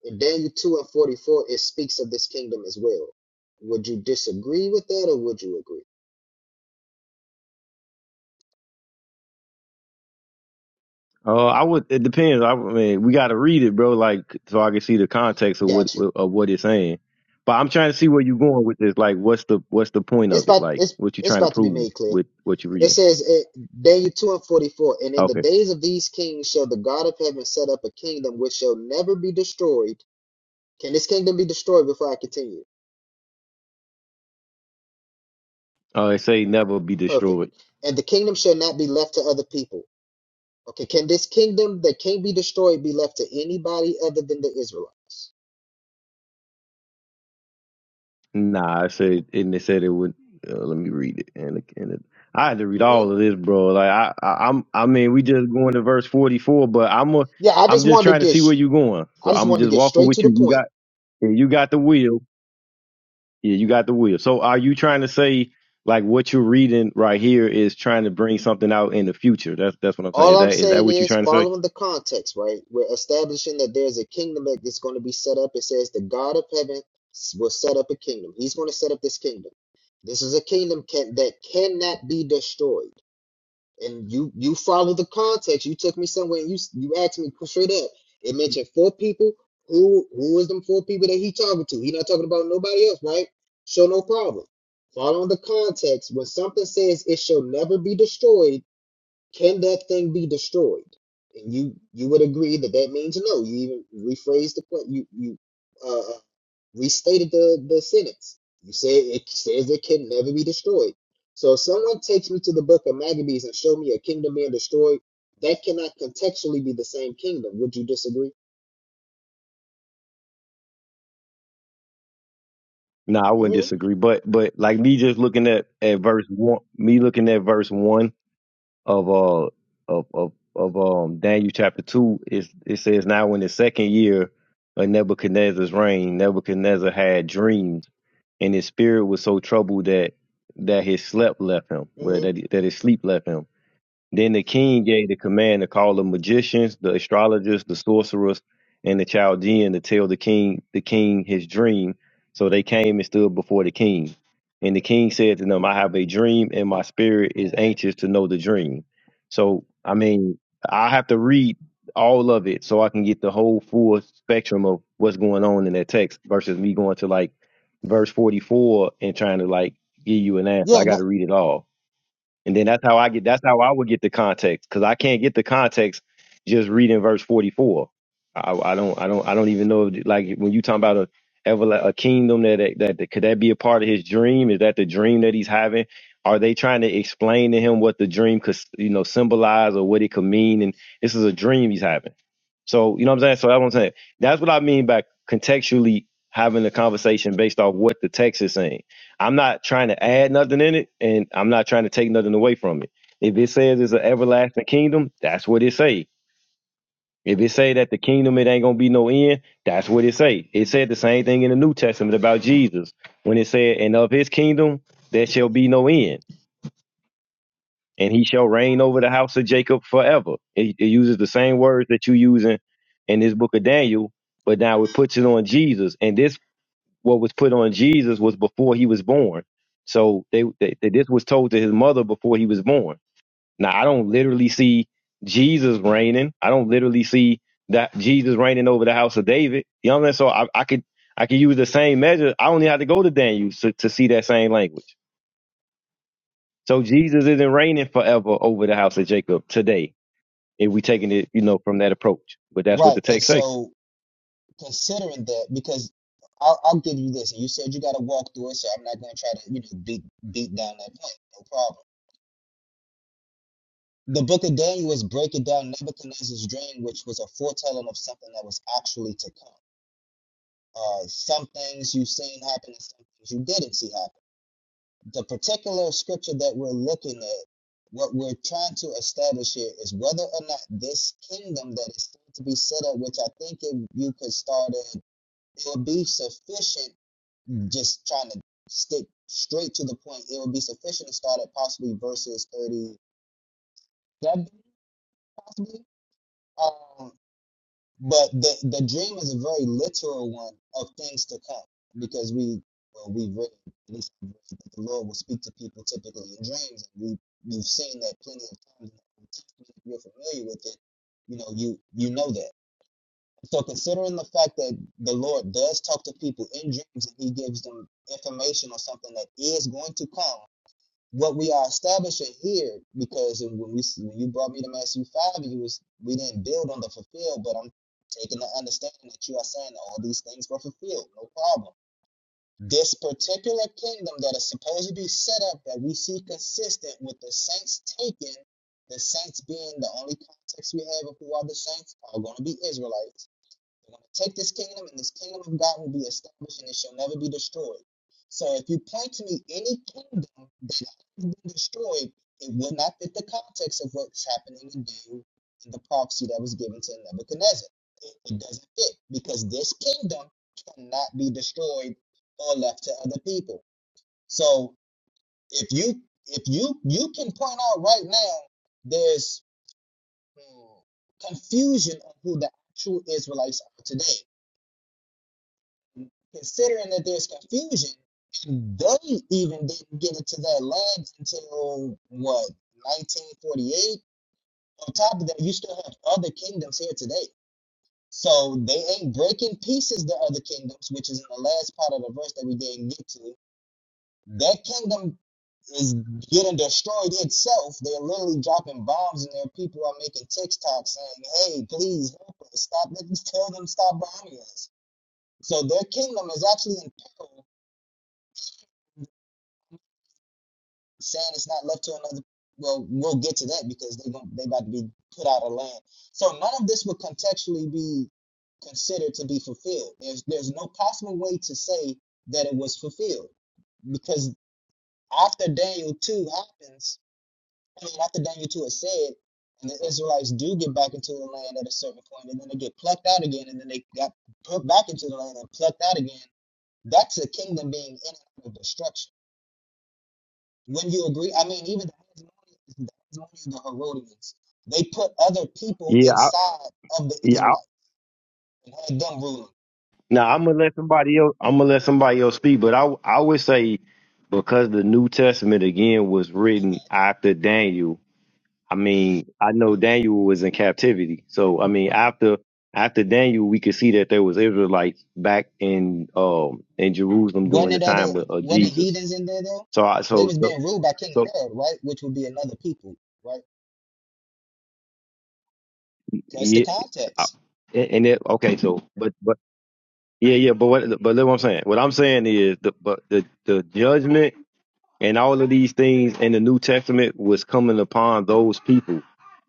C: in Daniel 2 and 44, it speaks of this kingdom as well. Would you disagree with that or would you agree?
B: Uh I would it depends. I mean we gotta read it, bro, like so I can see the context of what
C: Gotcha.
B: of what it's saying. But I'm trying to see where you going with this. Like what's the what's the point
C: It's
B: of it?
C: about
B: Like
C: it's
B: what you
C: it's
B: trying to
C: about to be
B: prove
C: made clear.
B: with what you're
C: It
B: reading.
C: says eh, Daniel 2 and 44, and in the
B: Okay.
C: days of these kings shall the God of heaven set up a kingdom which shall never be destroyed. Can this kingdom be destroyed before I continue?
B: Uh it say never be
C: Perfect.
B: destroyed.
C: And the kingdom shall not be left to other people Okay, can this kingdom that can't be destroyed be left to anybody other than the Israelites?
B: Nah, I said, and they said it would. Uh, let me read it, and it- and it, I had to read
C: hmm
B: all of this, bro. Like I, I, I'm, I mean, we just going to verse 44, but I'm, a,
C: Yeah, I
B: I'm
C: just
B: just
C: wanted to
B: trying to
C: get,
B: see where
C: sh-
B: you going.
C: I
B: So
C: just
B: I'm
C: wanted to
B: just
C: get
B: walking
C: straight to
B: with
C: the
B: you. You
C: point.
B: got, yeah, you got the wheel. Yeah, you got the wheel. So are you trying to say like what you're reading right here is trying to bring something out in the future? That's that's what I'm saying.
C: All
B: Is
C: I'm
B: that is that
C: saying
B: what you're
C: is,
B: trying to say?
C: following the context, right? We're establishing that there's a kingdom that is going to be set up. It says the God of heaven s- will set up a kingdom. He's going to set up this kingdom. This is a kingdom can, that cannot be destroyed. and you you follow the context. You took me somewhere and you you asked me straight up. It mentioned four people. Who who is them four people that he talking to? He not talking about nobody else, right? So no problem. Following the context, when something says it shall never be destroyed, can that thing be destroyed? And you you would agree that that means no. You even rephrase the point. You you uh restated the, the sentence. You say it says it can never be destroyed. So if someone takes me to the book of Maccabees and show me a kingdom being destroyed, that cannot contextually be the same kingdom. Would you disagree?
B: No, I wouldn't
C: hmm
B: disagree, but but like me just looking at at verse one, me looking at verse one of uh of of, of um Daniel chapter two is it says now in the second year of Nebuchadnezzar's reign, Nebuchadnezzar had dreams, and his spirit was so troubled that that his sleep left him, where
C: hmm
B: that that his sleep left him then the king gave the command to call the magicians, the astrologers, the sorcerers, and the Chaldean to tell the king the king his dream. So they came and stood before the king. And the king said to them, I have a dream, and my spirit is
C: Mhm.
B: anxious to know the dream. So I mean, I have to read all of it so I can get the whole full spectrum of what's going on in that text versus me going to like verse 44 and trying to like give you an answer. I
C: Yeah,
B: got
C: no,
B: to read it all. And then that's how I get that's how I would get the context because I can't get the context just reading verse 44. I, I don't I don't I don't even know if, like when you talking about a everla- a kingdom that, that that could that be a part of his dream? Is that the dream that he's having? Are they trying to explain to him what the dream could you know symbolize or what it could mean? And this is a dream he's having. So you know what I'm saying. So that's what I'm saying. That's what I mean by contextually having a conversation based off what the text is saying I'm not trying to add nothing in it, and I'm not trying to take nothing away from it. If it says it's an everlasting kingdom, that's what it say. If it say that the kingdom it ain't gonna be no end, that's what it say. It said the same thing in the New Testament about Jesus when it said, "And of his kingdom there shall be no end, and he shall reign over the house of Jacob forever." It, it uses the same words that you using in this book of Daniel, but now it puts it on Jesus, and this what was put on Jesus was before he was born. So they, they, they this was told to his mother before he was born. Now I don't literally see Jesus reigning. I don't literally see that Jesus reigning over the house of David. You know what I mean? So I, I could I could use the same measure. I only had to go to Daniel to, to see that same language. So Jesus isn't reigning forever over the house of Jacob today. If we taking it, you know, from that approach, but that's what
C: right.
B: the
C: And
B: text say.
C: so considering that, because I'll, I'll give you this, and you said you got to walk through it, so I'm not going to try to, you know, beat beat down that point. No problem. The book of Daniel is breaking down Nebuchadnezzar's dream, which was a foretelling of something that was actually to come. Uh, some things you seen happen and some things you didn't see happen. The particular scripture that we're looking at, what we're trying to establish here is whether or not this kingdom that is going to be set up, which I think if you could start at, it would be sufficient just trying to stick straight to the point. It would be sufficient to start at possibly verses 37, possibly. Um, But the the dream is a very literal one of things to come because we well we've written at least I've written that the Lord will speak to people typically in dreams and we you've seen that plenty of times in the Old Testament. If you're familiar with it, you know you you know that. So considering the fact that the Lord does talk to people in dreams and He gives them information or something that is going to come what we are establishing here, because when we when you brought me to Matthew five, you was we didn't build on the fulfilled, but I'm taking the understanding that you are saying that all these things were fulfilled, no problem. This particular kingdom that is supposed to be set up that we see consistent with the saints taken, the saints being the only context we have of who are the saints are going to be Israelites they're going to take this kingdom, and this kingdom of God will be established, and it shall never be destroyed. So if you point to me any kingdom that has been destroyed, it will not fit the context of what's happening today in Daniel and the prophecy that was given to Nebuchadnezzar. It, it doesn't fit because this kingdom cannot be destroyed or left to other people. So if you if you you can point out right now there's hmm, confusion of who the actual Israelites are today considering that there's confusion, and they even didn't get it to their lands until what 1948. On top of that, you still have other kingdoms here today. So they ain't breaking pieces the other kingdoms, which is in the last part of the verse that we didn't get to. That kingdom is getting destroyed itself. They're literally dropping bombs, and their people are making TikToks saying, "Hey, please help us! Stop! Let's tell them stop bombing us." So their kingdom is actually in peril saying it's not left to another. Well, we'll get to that because they're going they about to be put out of land. So none of this would contextually be considered to be fulfilled. There's there's no possible way to say that it was fulfilled because after Daniel two happens, I mean after Daniel two is said, and the Israelites do get back into the land at a certain point, and then they get plucked out again, and then they got put back into the land and plucked out again. That's a kingdom being in and out of destruction wouldn't you agree? I mean, even the Hasmoneans, the Hasmoneans, the Herodians, they put other people
B: Yeah, I,
C: inside of the
B: yeah.
C: Israelites and had them ruling.
B: Now I'm gonna let somebody else. I'm gonna let somebody else speak, but I I would say because the New Testament again was written
C: Mm-hmm,
B: after Daniel. I mean, I know
C: hmm
B: Daniel was in captivity, so I mean after after Daniel, we could see that there was Israelites back in um in Jerusalem during
C: Wasn't
B: the
C: it other,
B: time of, of
C: wasn't
B: Jesus.
C: heathens in there though?
B: So I
C: They
B: so
C: was
B: so,
C: being ruled by King
B: so
C: Herod, right? Which would be another people, right? That's the
B: yeah, I-
C: context.
B: and it okay. So but but yeah yeah. But what but look what I'm saying. What I'm saying is the but the the judgment and all of these things in the New Testament was coming upon those people.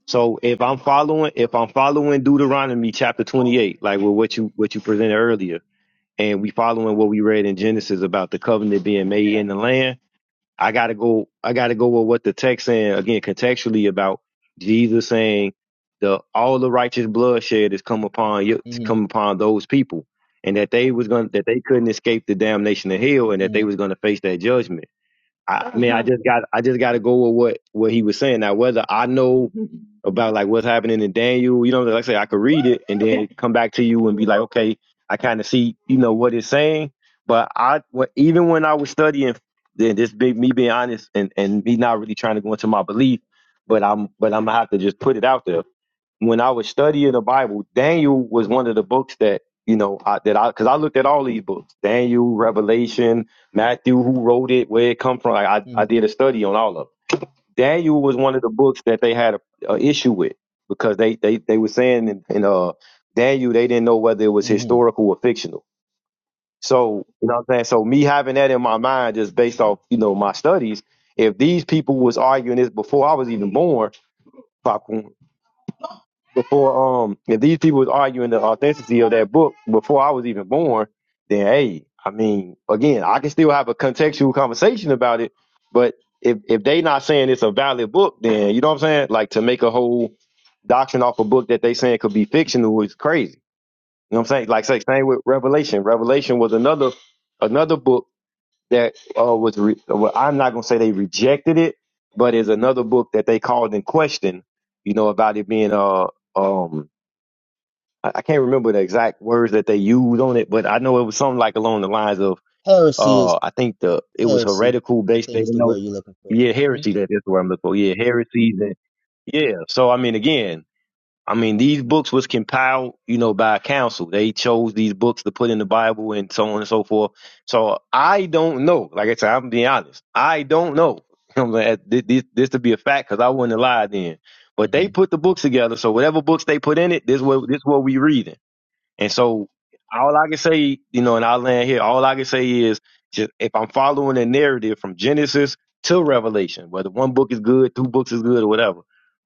B: So if I'm following, if I'm following Deuteronomy chapter 28, like with what you what you presented earlier, and we following what we read in Genesis about the covenant being made in the land, I gotta go. I gotta go with what the text saying again contextually about Jesus saying the all the righteous bloodshed is come upon you,
C: Mm-hmm,
B: come upon those people, and that they was going to that they couldn't escape the damnation of hell, and that they was
C: mm-hmm,
B: gonna face that judgment. I I mean, I just got I just got to go with what what he was saying. Now, whether I know about like what's happening in Daniel, you know, like I say, I could read it and then come back to you and be like, okay, I kind of see, you know, what it's saying. But I, even when I was studying, then this big me being honest and and me not really trying to go into my belief, but I'm but I'm gonna have to just put it out there when I was studying the Bible, Daniel was one of the books that you know I, that I because I looked at all these books: Daniel, Revelation, Matthew, who wrote it, where it come from. Like I, I did
C: mm-hmm,
B: a study on all of. Them. Daniel was one of the books that they had a, a issue with because they they they were saying in, in uh Daniel they didn't know whether it was
C: mm-hmm.
B: historical or fictional. So you know what I'm saying. So me having that in my mind just based off you know my studies, if these people was arguing this before I was even born, before um if these people was arguing the authenticity of that book before I was even born, then hey, I mean, again, I can still have a contextual conversation about it, but if if they not saying it's a valid book, then you know what I'm saying? Like to make a whole doctrine off a book that they saying could be fictional is crazy. You know what I'm saying? Like say same with Revelation. Revelation was another another book that uh was re- well, I'm not gonna say they rejected it, but is another book that they called in question. You know about it being uh um I, I can't remember the exact words that they used on it, but I know it was something like along the lines of,
C: Heresy
B: uh,
C: is
B: I think the it was
C: heresy.
B: heretical
C: I
B: based. They
C: think is
B: didn't
C: the
B: know,
C: word you're looking for.
B: yeah, heresy.
C: Mm-hmm,
B: That, that's the I'm looking for. Yeah, heresies and yeah. So I mean, again, I mean, these books was compiled, you know, by a council. They chose these books to put in the Bible and so on and so forth. So I don't know. Like I said, I'm being honest. I don't know. I'm like, this, this, this to be a fact because I wouldn't have lied then. But they
C: mm-hmm,
B: put the books together, so whatever books they put in it, this what this what we reading. And so all I can say, you know, and I'll land here, all I can say is just if I'm following a narrative from Genesis to Revelation, whether one book is good, two books is good, or whatever,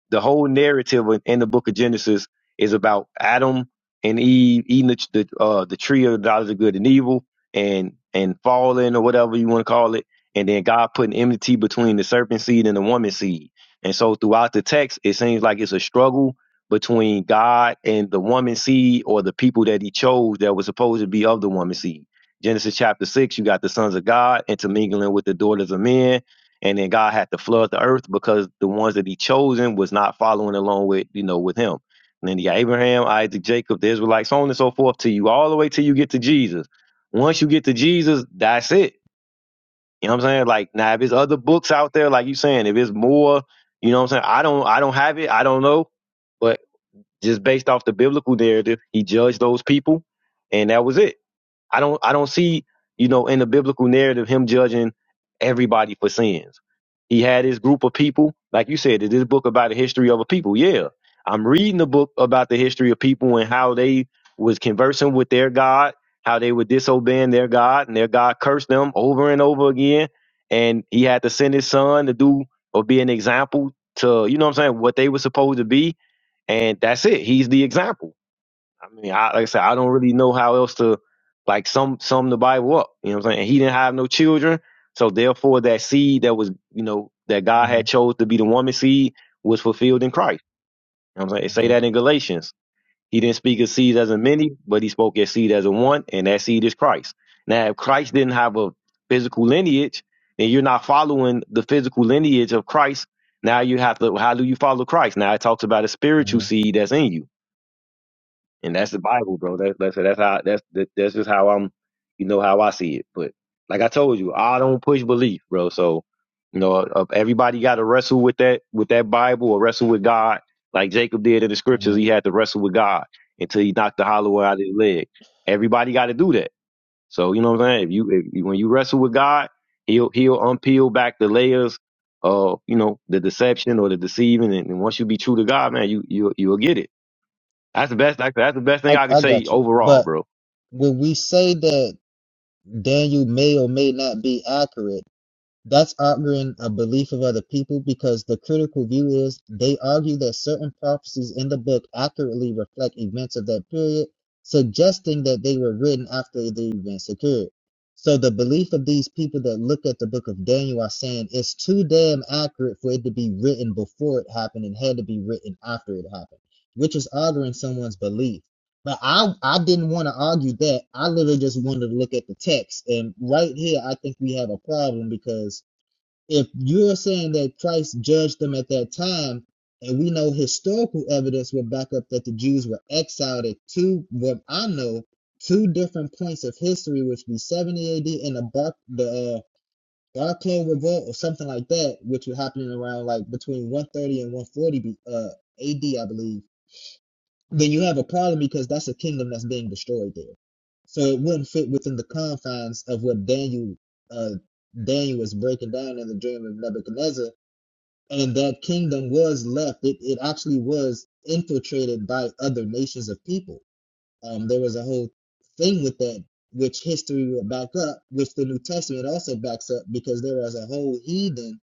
B: the whole narrative in in the book of Genesis is about Adam and Eve eating the the, uh, the tree of the knowledge of good and evil and and falling or whatever you want to call it, and then God putting enmity between the serpent seed and the woman seed. And so throughout the text, it seems like it's a struggle between God and the woman seed or the people that he chose that was supposed to be of the woman seed. Genesis chapter 6, you got the sons of God intermingling with the daughters of men. And then God had to flood the earth because the ones that he chosen was not following along with, you know, with him. And then you got Abraham, Isaac, Jacob, the Israelites, so on and so forth to you, all the way till you get to Jesus. Once you get to Jesus, that's it. You know what I'm saying? Like now if there's other books out there, like you saying, if it's more, you know what I'm saying, I don't I don't have it, I don't know. Just based off the biblical narrative, he judged those people, and that was it. I don't I don't see you know in the biblical narrative him judging everybody for sins. He had his group of people, like you said, is this book about the history of a people. Yeah, I'm reading the book about the history of people and how they was conversing with their God, how they were disobeying their God, and their God cursed them over and over again. And he had to send his son to do or be an example to, you know what I'm saying, what they were supposed to be and that's it. He's the example. I mean, I, like I said, I don't really know how else to like sum sum the Bible up. You know what I'm saying? And He didn't have no children, so therefore that seed that was you know that God had chose to be the woman seed was fulfilled in Christ. You know what I'm saying? It say
C: mm-hmm,
B: that in Galatians. He didn't speak of seed as a many, but he spoke as seed as a one, and that seed is Christ. Now, if Christ didn't have a physical lineage, then you're not following the physical lineage of Christ. Now you have to. How do you follow Christ? Now it talks about a spiritual
C: mm-hmm,
B: seed that's in you and that's the Bible, bro. That, that's that's how that's that, that's just how I'm, you know, how I see it. But like I told you, I don't push belief, bro. So you know, uh, everybody got to wrestle with that with that Bible or wrestle with God, like Jacob did in the scriptures.
C: mm-hmm.
B: He had to wrestle with God until he knocked the hollow out of his leg. Everybody got to do that. So you know what I'm saying? If you if, you- when you wrestle with God, he'll he'll unpeel back the layers of you know the deception or the deceiving, and, and once you be true to God, man, you you you'll you'll get it. That's the best. That's, that's the best thing
C: I,
B: I can
C: I
B: say
C: got you.
B: overall,
C: But
B: bro.
C: when we say that. Daniel may or may not be accurate. That's arguing a belief of other people because the critical view is they argue that certain prophecies in the book accurately reflect events of that period, suggesting that they were written after the events occurred. So the belief of these people that look at the book of Daniel are saying it's too damn accurate for it to be written before it happened and had to be written after it happened, which is arguing someone's belief. But I I didn't want to argue that. I literally just wanted to look at the text. And right here, I think we have a problem because if you're saying that Christ judged them at that time, and we know historical evidence will back up that the Jews were exiled at two, what I know, two different points of history, which would be 70 AD and the Bar the uh, Barclay Revolt or something like that, which would happen around like between 130 and 140 B, uh, AD, I believe then you have a problem because that's a kingdom that's being destroyed there. So it wouldn't fit within the confines of what Daniel uh, Daniel was breaking down in the dream of Nebuchadnezzar, and that kingdom was left. It it actually was infiltrated by other nations of people um, there was a whole thing with that, which history will back up, which the New Testament also backs up, because there was a whole heathen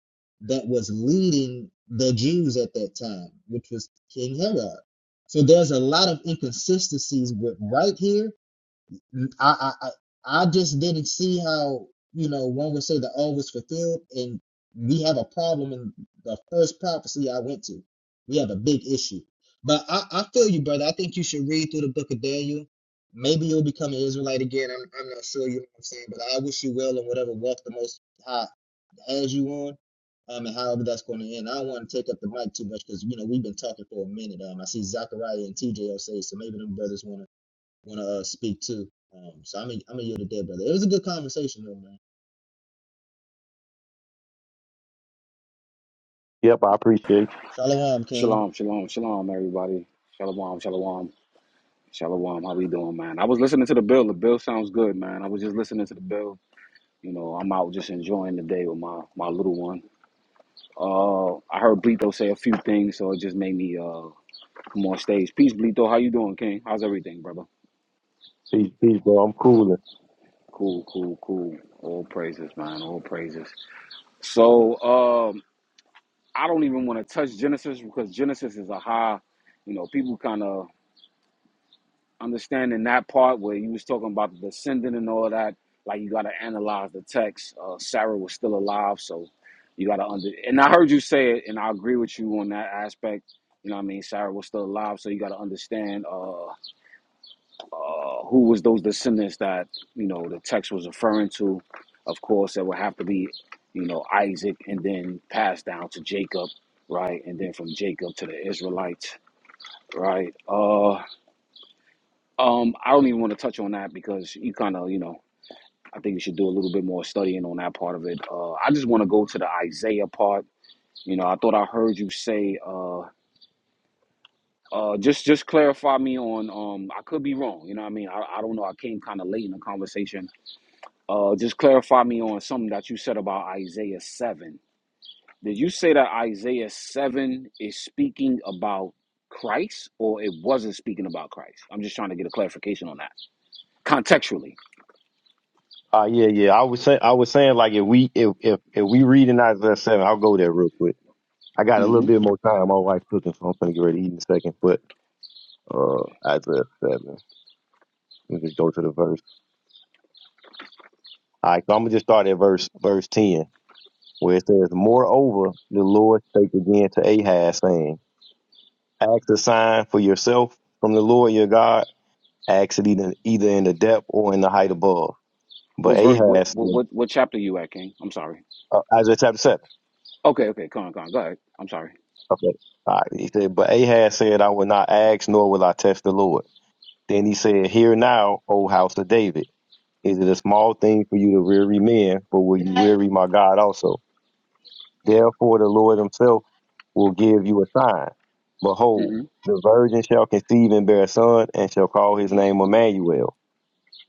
C: that was leading the Jews at that time, which was King Herod. So there's a lot of inconsistencies with right here I, I I I just didn't see how you know one would say the all was fulfilled, and we have a problem in the first prophecy I went to. We have a big issue. But I, I feel you, brother. I think you should read through the book of Daniel. Maybe you'll become an Israelite again. I'm I'm not sure. You know what I'm saying, but I wish you well in whatever walk the Most High has you on. Um, and however that's going to end, I don't want to take up the mic too much because you know we've been talking for a minute. Um, I see Zachariah and TJ say so. Maybe them brothers want to want to uh, speak to. Um, so I'm gonna I'm gonna yield it there, brother. It was a good conversation, though, man.
B: Yep, I appreciate you.
C: Shalom, King.
D: Shalom, shalom, shalom, everybody. Shalom, shalom, shalom. How we doing, man? I was listening to the bill. The bill sounds good, man. I was just listening to the bill. You know, I'm out just enjoying the day with my my little one. Uh, I heard Blito say a few things, so it just made me uh come on stage. Peace, Blito. How you doing, King? How's everything, brother?
B: Peace, peace, bro. I'm cooling.
D: Cool, cool, cool. All praises, man. All praises. So, um, I don't even want to touch Genesis because Genesis is a high. You know, people kind of understanding that part where you was talking about the descendant and all that. Like you got to analyze the text. Uh, Sarah was still alive, so you got to under. And I heard you say it, and I agree with you on that aspect. You know, what I mean, Sarah was still alive, so you got to understand uh, uh, who was those descendants that you know the text was referring to. Of course, it would have to be, you know, Isaac, and then passed down to Jacob, right, and then from Jacob to the Israelites, right. Uh, um, I don't even want to touch on that because you kind of, you know, I think you should do a little bit more studying on that part of it. Uh, I just want to go to the Isaiah part. You know, I thought I heard you say, uh, uh, just just clarify me on. Um, I could be wrong. You know, what I mean, I, I don't know. I came kind of late in the conversation. Uh, just clarify me on something that you said about Isaiah seven. Did you say that Isaiah seven is speaking about Christ, or it wasn't speaking about Christ? I'm just trying to get a clarification on that contextually.
B: Uh yeah, yeah. I was saying, I was saying, like if we if if if we read in Isaiah seven, I'll go there real quick. I got a
D: Mm-hmm.
B: little bit more time. My wife's cooking, so I'm gonna get ready to eat in a second. But uh, Isaiah seven, let me just go to the verse. All right, so I'm gonna just start at verse verse ten, where it says, "Moreover, the Lord spake again to Ahaz, saying, Ask a sign for yourself from the Lord your God. Ask it either, either in the depth or in the height above." But
D: What verse? What
B: Ahaz,
D: what
B: said-
D: what, what chapter you at, King? I'm sorry.
B: uh, Isaiah chapter 7.
D: Okay, okay, come on, come on, go ahead. I'm sorry.
B: Okay. All right. He said, But Ahaz said, I will not ask, nor will I test the Lord. Then he said, Hear now, O house of David. Is it a small thing for you to weary men, but will you weary my God also? Therefore, the Lord himself will give you a sign. Behold,
D: hmm
B: the virgin shall conceive and bear a son, and shall call his name Emmanuel.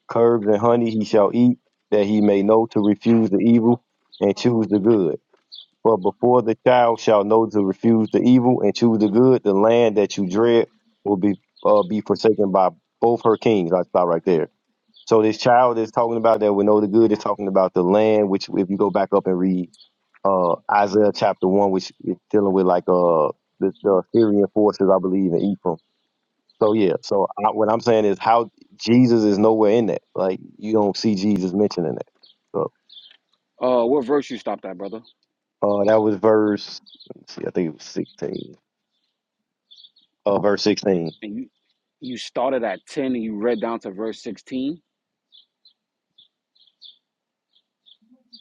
B: Curbs and honey he shall eat, that he may know to refuse the evil and choose the good For before the child shall know to refuse the evil and choose the good, the land that you dread will be uh, be forsaken by both her kings. I stop right there. So this child is talking about that will know the good is talking about the land, which if you go back up and read uh, Isaiah chapter one, which is dealing with like uh, the, the Syrian forces, I believe, in Ephraim. So yeah, so I, what I'm saying is how Jesus is nowhere in that. Like you don't see Jesus mentioning that. So
D: Uh, what verse you stopped at, brother?
B: uh, that was verse. Let's see, I think it was 16. Oh, verse 16.
D: And you you started at ten and you read down to verse sixteen.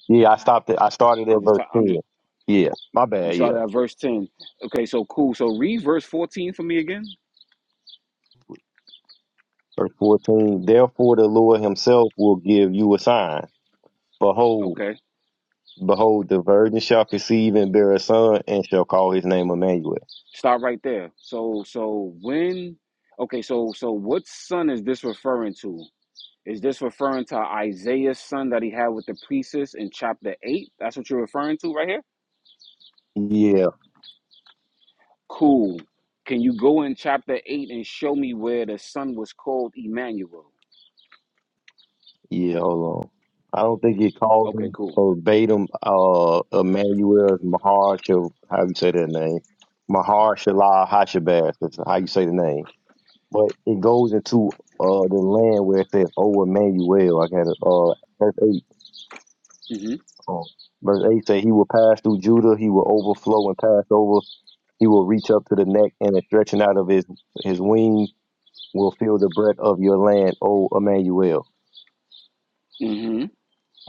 B: Yeah, I stopped it. I started
D: I'm
B: at
D: just
B: verse
D: try- I'm
B: 10.
D: just
B: Yeah, my
D: you
B: bad. Yeah.
D: started at verse ten. Okay, so cool. So read verse fourteen for me again.
B: Verse 14. Therefore, the Lord himself will give you a sign. Behold,
D: Okay,
B: behold, the virgin shall conceive and bear a son and shall call his name Emmanuel.
D: stop right there. So so when okay so so what son is this referring to? Is this referring to Isaiah's son that he had with the priestess in chapter eight? That's what you're referring to right here.
B: Yeah,
D: Cool. Can you go in chapter 8 and show me where the son was called Emmanuel?
B: yeah, hold on. I don't think it calls
D: Okay,
B: him
D: cool.
B: verbatim, uh, Emmanuel Mahar, Shal- how you say that name? Mahar Shalah Hashabaz. That's how you say the name But it goes into uh the land where it says, "Oh Emmanuel." I got it. Uh, verse eight.
D: Mm-hmm.
B: Um, verse eight say, "He will pass through Judah. He will overflow and pass over. He will reach up to the neck, and the stretching out of his his wings will fill the breadth of your land, O Emmanuel."
D: Mm-hmm.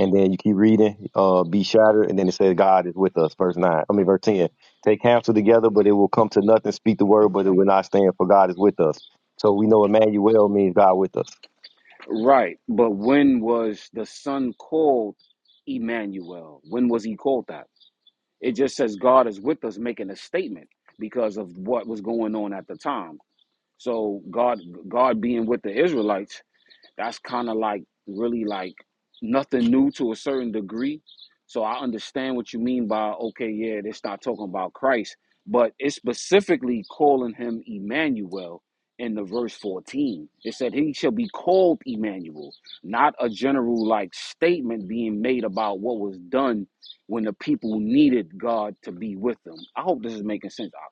B: And then you keep reading. Uh, be shattered, and then it says, "God is with us." Verse nine. I mean, verse ten. Take counsel together, but it will come to nothing. Speak the word, but it will not stand, for God is with us. So we know Emmanuel means God with us.
D: Right. But when was the son called Emmanuel? When was he called that? It just says God is with us making a statement because of what was going on at the time. So God God being with the Israelites that's kind of like really like nothing new to a certain degree. So I understand what you mean by okay, yeah, they start talking about Christ, but it's specifically calling him Emmanuel in the verse 14. It said he shall be called Emmanuel, not a general like statement being made about what was done when the people needed God to be with them. I hope this is making sense. I,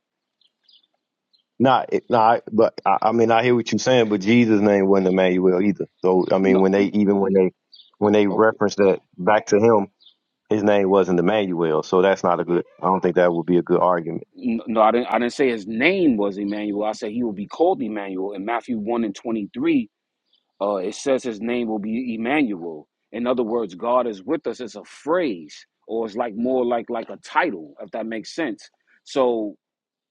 B: Not, not, but I, I mean, I hear what you're saying, but Jesus' name wasn't Emmanuel either. So, I mean,
D: no,
B: when they, even when they, when they
D: no,
B: reference that back to him, his name wasn't Emmanuel. So that's not a good, I don't think that would be a good argument.
D: No, I didn't. I didn't say his name was Emmanuel. I said he will be called Emmanuel. In Matthew one and twenty three, uh, it says his name will be Emmanuel. In other words, God is with us. It's a phrase, or it's like more like like a title, if that makes sense. So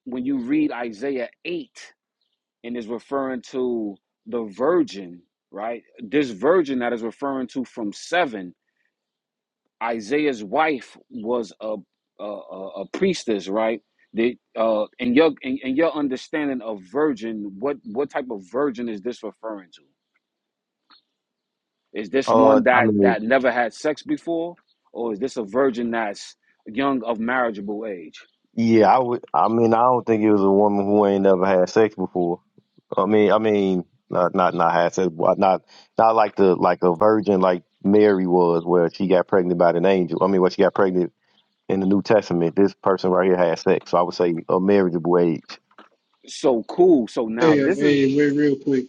D: when you read Isaiah eight, and is referring to the virgin, right? This virgin that is referring to from seven Isaiah's wife was a a, a, a priestess, right? The uh, in your in, in your understanding of virgin, what what type of virgin is this referring to? Is this
B: Uh,
D: one
B: I
D: that
B: mean,
D: that never had sex before, or is this a virgin that's young of marriageable age?
B: yeah, I would, I mean, I don't think it was a woman who ain't never had sex before. I mean, I mean, not, not, not had sex, but not, not like the, like a virgin like Mary was, where she got pregnant by an angel. I mean, where she got pregnant in the New Testament, this person right here had sex. So I would say a marriageable age.
D: So cool. So now
E: Hey, uh,
D: this is
E: hey, wait, real quick,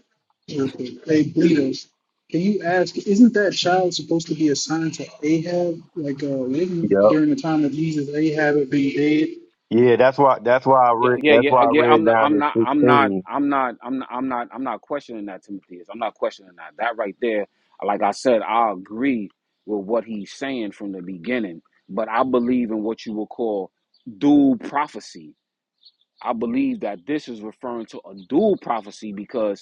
E: real quick. Hey, Bleedos, can you ask? Isn't that child supposed to be assigned to Ahab? Like, uh, wouldn't
B: Yep.
E: during the time of Jesus, Ahab had been dead?
B: Yeah, that's why that's why I
D: Yeah,
B: read
D: yeah,
B: that's
D: yeah, uh,
B: why I
D: yeah. I'm
B: read
D: not,
B: down
D: I'm
B: to
D: not, I'm not,
B: sixteen.
D: I'm not, I'm not, I'm not, I'm not questioning that, Timothy. is. I'm not questioning that. That right there, like I said, I agree with what he's saying from the beginning. But I believe in what you would call dual prophecy. I believe that this is referring to a dual prophecy because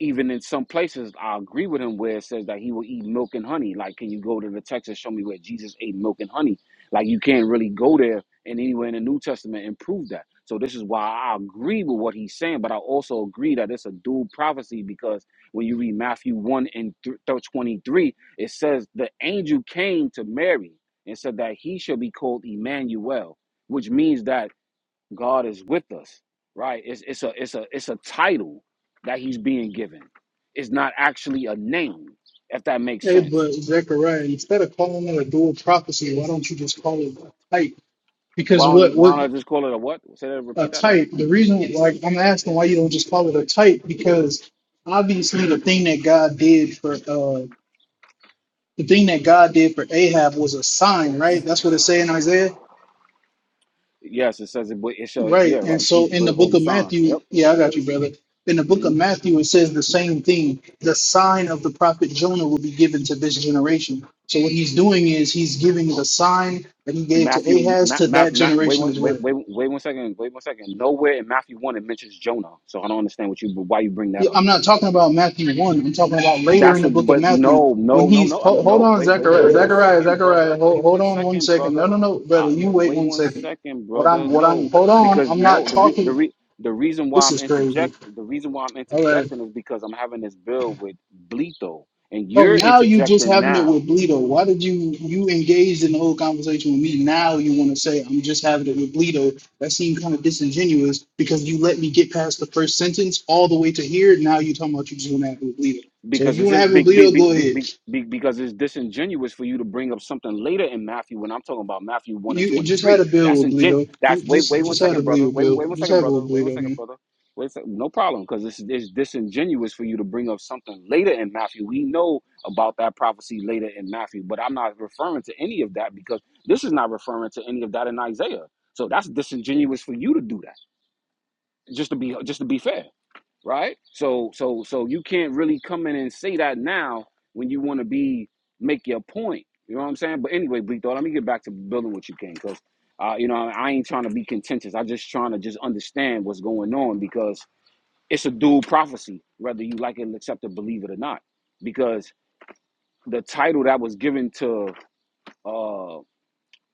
D: even in some places, I agree with him where it says that he will eat milk and honey. Like, can you go to the text and show me where Jesus ate milk and honey? Like, you can't really go there and anywhere in the New Testament and prove that. So this is why I agree with what he's saying, but I also agree that it's a dual prophecy because when you read Matthew one and th- th- twenty-three, it says the angel came to Mary and said that he shall be called Emmanuel, which means that God is with us, right? It's it's a it's a it's a title that he's being given. It's not actually a name, if that makes
E: Hey,
D: sense.
E: but Zechariah, instead of calling it a dual prophecy, why don't you just call it a type? Because
D: Why
E: what
D: don't why
E: what
D: don't I just call it a what? Say that
E: a
D: repeat that. Um,
E: type? The reason, like, I'm asking why you don't just call it a type because obviously the thing that God did for uh the thing that God did for Ahab was a sign, right? That's what it say in Isaiah.
D: Yes, it says it. but It's a yeah,
E: Right. And
D: right.
E: so
D: He's
E: in the
D: will call
E: book
D: the
E: of
D: sign.
E: Matthew,
D: Yep.
E: yeah, I got you, brother. In the book
D: hmm
E: of Matthew, it says the same thing. The sign of the prophet Jonah will be given to this generation. So what he's doing is he's giving the sign that he gave to
D: Matthew,
E: Ahaz
D: ma,
E: to
D: ma,
E: that
D: ma, wait,
E: generation
D: one,
E: as
D: wait,
E: well.
D: wait, wait one second. Wait one second. Nowhere in Matthew one it mentions Jonah, so I don't understand what you why you bring that
E: Yeah,
D: up.
E: I'm not talking about Matthew 1. I'm talking about later
D: That's
E: in the
D: what,
E: book of
D: but
E: Matthew.
D: no,
E: When
D: no, no,
E: he's,
D: no.
E: hold,
D: I'm
E: hold
D: no.
E: on,
D: Wait, wait,
E: Zechariah,
D: wait one
E: Zechariah,
D: second, brother.
E: Zechariah, hold,
D: Wait
E: hold
D: one
E: on one
D: second,
E: second. No, no,
D: brother.
E: no,
D: I,
E: brother, you wait
D: wait
E: one
D: one
E: second.
D: second,
E: What
D: brother.
E: I'm, what I'm,
D: No,
E: hold on.
D: because
E: I'm not
D: no, the re, the
E: talking.
D: re, the reason why
E: This
D: I'm
E: is crazy.
D: interject, the reason why I'm
E: All right.
D: interjecting is because I'm having this bill with Bleto, and
E: Oh,
D: you're
E: now you just
D: interjecting
E: having it
D: now.
E: with Bleedo. Why did you you engaged in the whole conversation with me? Now you want to say I'm just having it with Bleedo. That seemed kind of disingenuous because you let me get past the first sentence all the way to here. Now you talking about you just want to have it with Bleedo. So if
D: because
E: you
D: it's
E: want to have it
D: be,
E: with
D: be,
E: Bleedo,
D: be,
E: go
D: be,
E: ahead.
D: be, because it's disingenuous for you to bring up something later in Matthew when I'm talking about Matthew one and
E: You
D: twenty
E: just had
D: three.
E: a bill
D: That's
E: with
D: ingen-
E: Bleedo. Just
D: That's wait wait
E: just
D: one
E: just had a
D: second, brother.
E: Bleedo
D: Wait
E: bill.
D: wait one
E: Just
D: second,
E: have it
D: brother.
E: with
D: Wait one
E: Bleedo,
D: second,
E: man.
D: brother. Wait a sec- no problem because it's, it's disingenuous for you to bring up something later in Matthew. We know about that prophecy later in Matthew, but I'm not referring to any of that because this is not referring to any of that in Isaiah. So that's disingenuous for you to do that. Just to be just to be fair right? So so so you can't really come in and say that now when you want to be make your point. You know what I'm saying? But anyway, Bleak thought let me get back to building what you can because uh, you know I ain't trying to be contentious. I just trying to just understand what's going on because it's a dual prophecy, whether you like it, accept it, believe it or not. Because the title that was given to uh,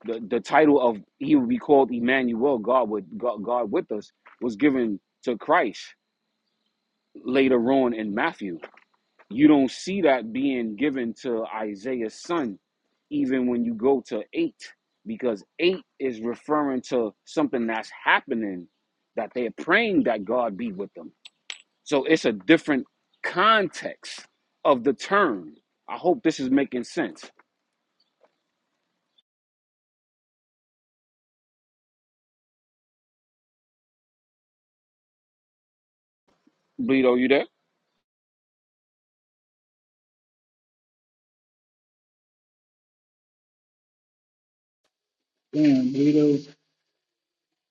D: the the title of he would be called Emmanuel, God with God, God with us, was given to Christ later on in Matthew You don't see that being given to Isaiah's son, even when you go to eight, because eight is referring to something that's happening that they're praying that God be with them. So it's a different context of the term. I hope this is making sense. Bleedo, you there?
E: Damn, Bleedo.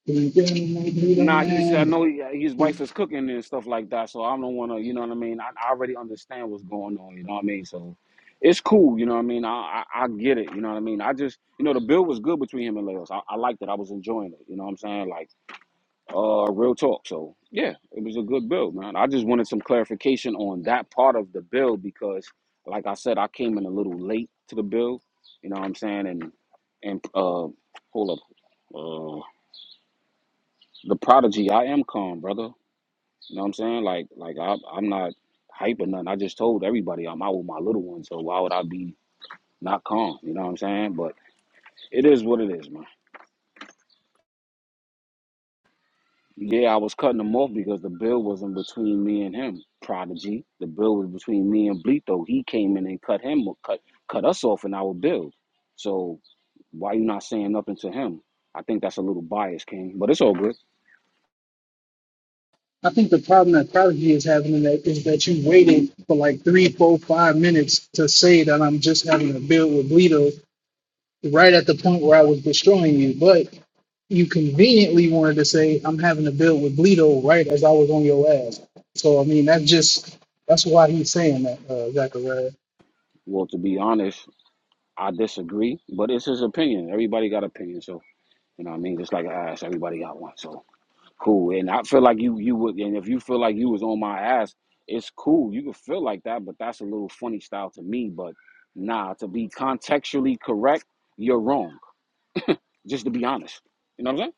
E: Damn, Bleedo,
D: Nah, he's. I
E: man.
D: know he, his wife is cooking and stuff like that. So I don't want to. You know what I mean. I, I already understand what's going on. You know what I mean. So it's cool. You know what I mean. I, I I get it. You know what I mean. I just you know the build was good between him and Leos. I, I liked it. I was enjoying it. You know what I'm saying. Like uh, real talk. So yeah, it was a good build, man. I just wanted some clarification on that part of the build because, like I said, I came in a little late to the build. You know what I'm saying. And and uh, hold up, uh, the prodigy. I am calm, brother. You know what I'm saying? Like, like I, I'm not hype or nothing. I just told everybody I'm out with my little one, so why would I be not calm? You know what I'm saying? But it is what it is, man. Yeah, I was cutting him off because the bill wasn't between me and him, Prodigy. The bill was between me and Bleeto. He came in and cut him, cut cut us off in our bill. So why you not saying nothing to him? I think that's a little biased, King. But it's all good.
E: I think the problem that Prodigy is having in that is that you waited for like three, four, five minutes to say that I'm just having a build with Bleedo right at the point where I was destroying you. But you conveniently wanted to say I'm having a build with Bleedo right as I was on your ass. So I mean that's just that's why he's saying that, uh, Zachariah.
D: Well, to be honest, I disagree. But it's his opinion. Everybody got opinion, so you know what I mean? Just like I asked, everybody got one. So Cool. And I feel like you you would and if you feel like you was on my ass, it's cool. You can feel like that, but that's a little funny style to me. But nah, to be contextually correct, you're wrong. Just to be honest. You know what I'm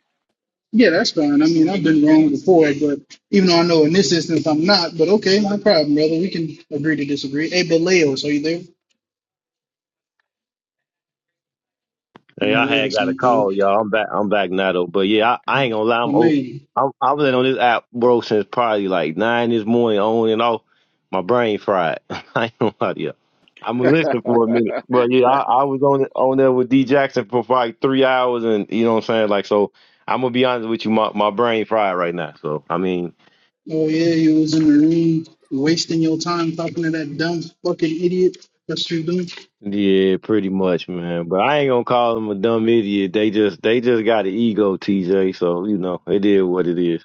E: Yeah, that's fine. I mean I've been wrong before, but even though I know in this instance I'm not, but okay, no problem, brother. We can agree to disagree. Hey, but Leos, are you there?
B: Hey,
E: No,
B: I had
E: Leos
B: got a
E: ain't through.
B: call, y'all. I'm back I'm back now though. But yeah, I, I ain't gonna lie, I'm old.
E: Amazing.
B: I'm I've been on this app, bro, since probably like nine this morning on and off. My brain fried. I ain't gonna lie to you. I'm gonna listen for a minute. But yeah, I, I was on on there with D Jackson for like three hours and you know what I'm saying? Like so I'm gonna be honest with you, my, my brain fried right now. So I mean
E: Oh yeah, you was in the room wasting your time talking to that dumb fucking idiot. That's what you doing.
B: Yeah, pretty much, man. But I ain't gonna call them a dumb idiot. They just they just got an ego, TJ. So you know, it is what it is.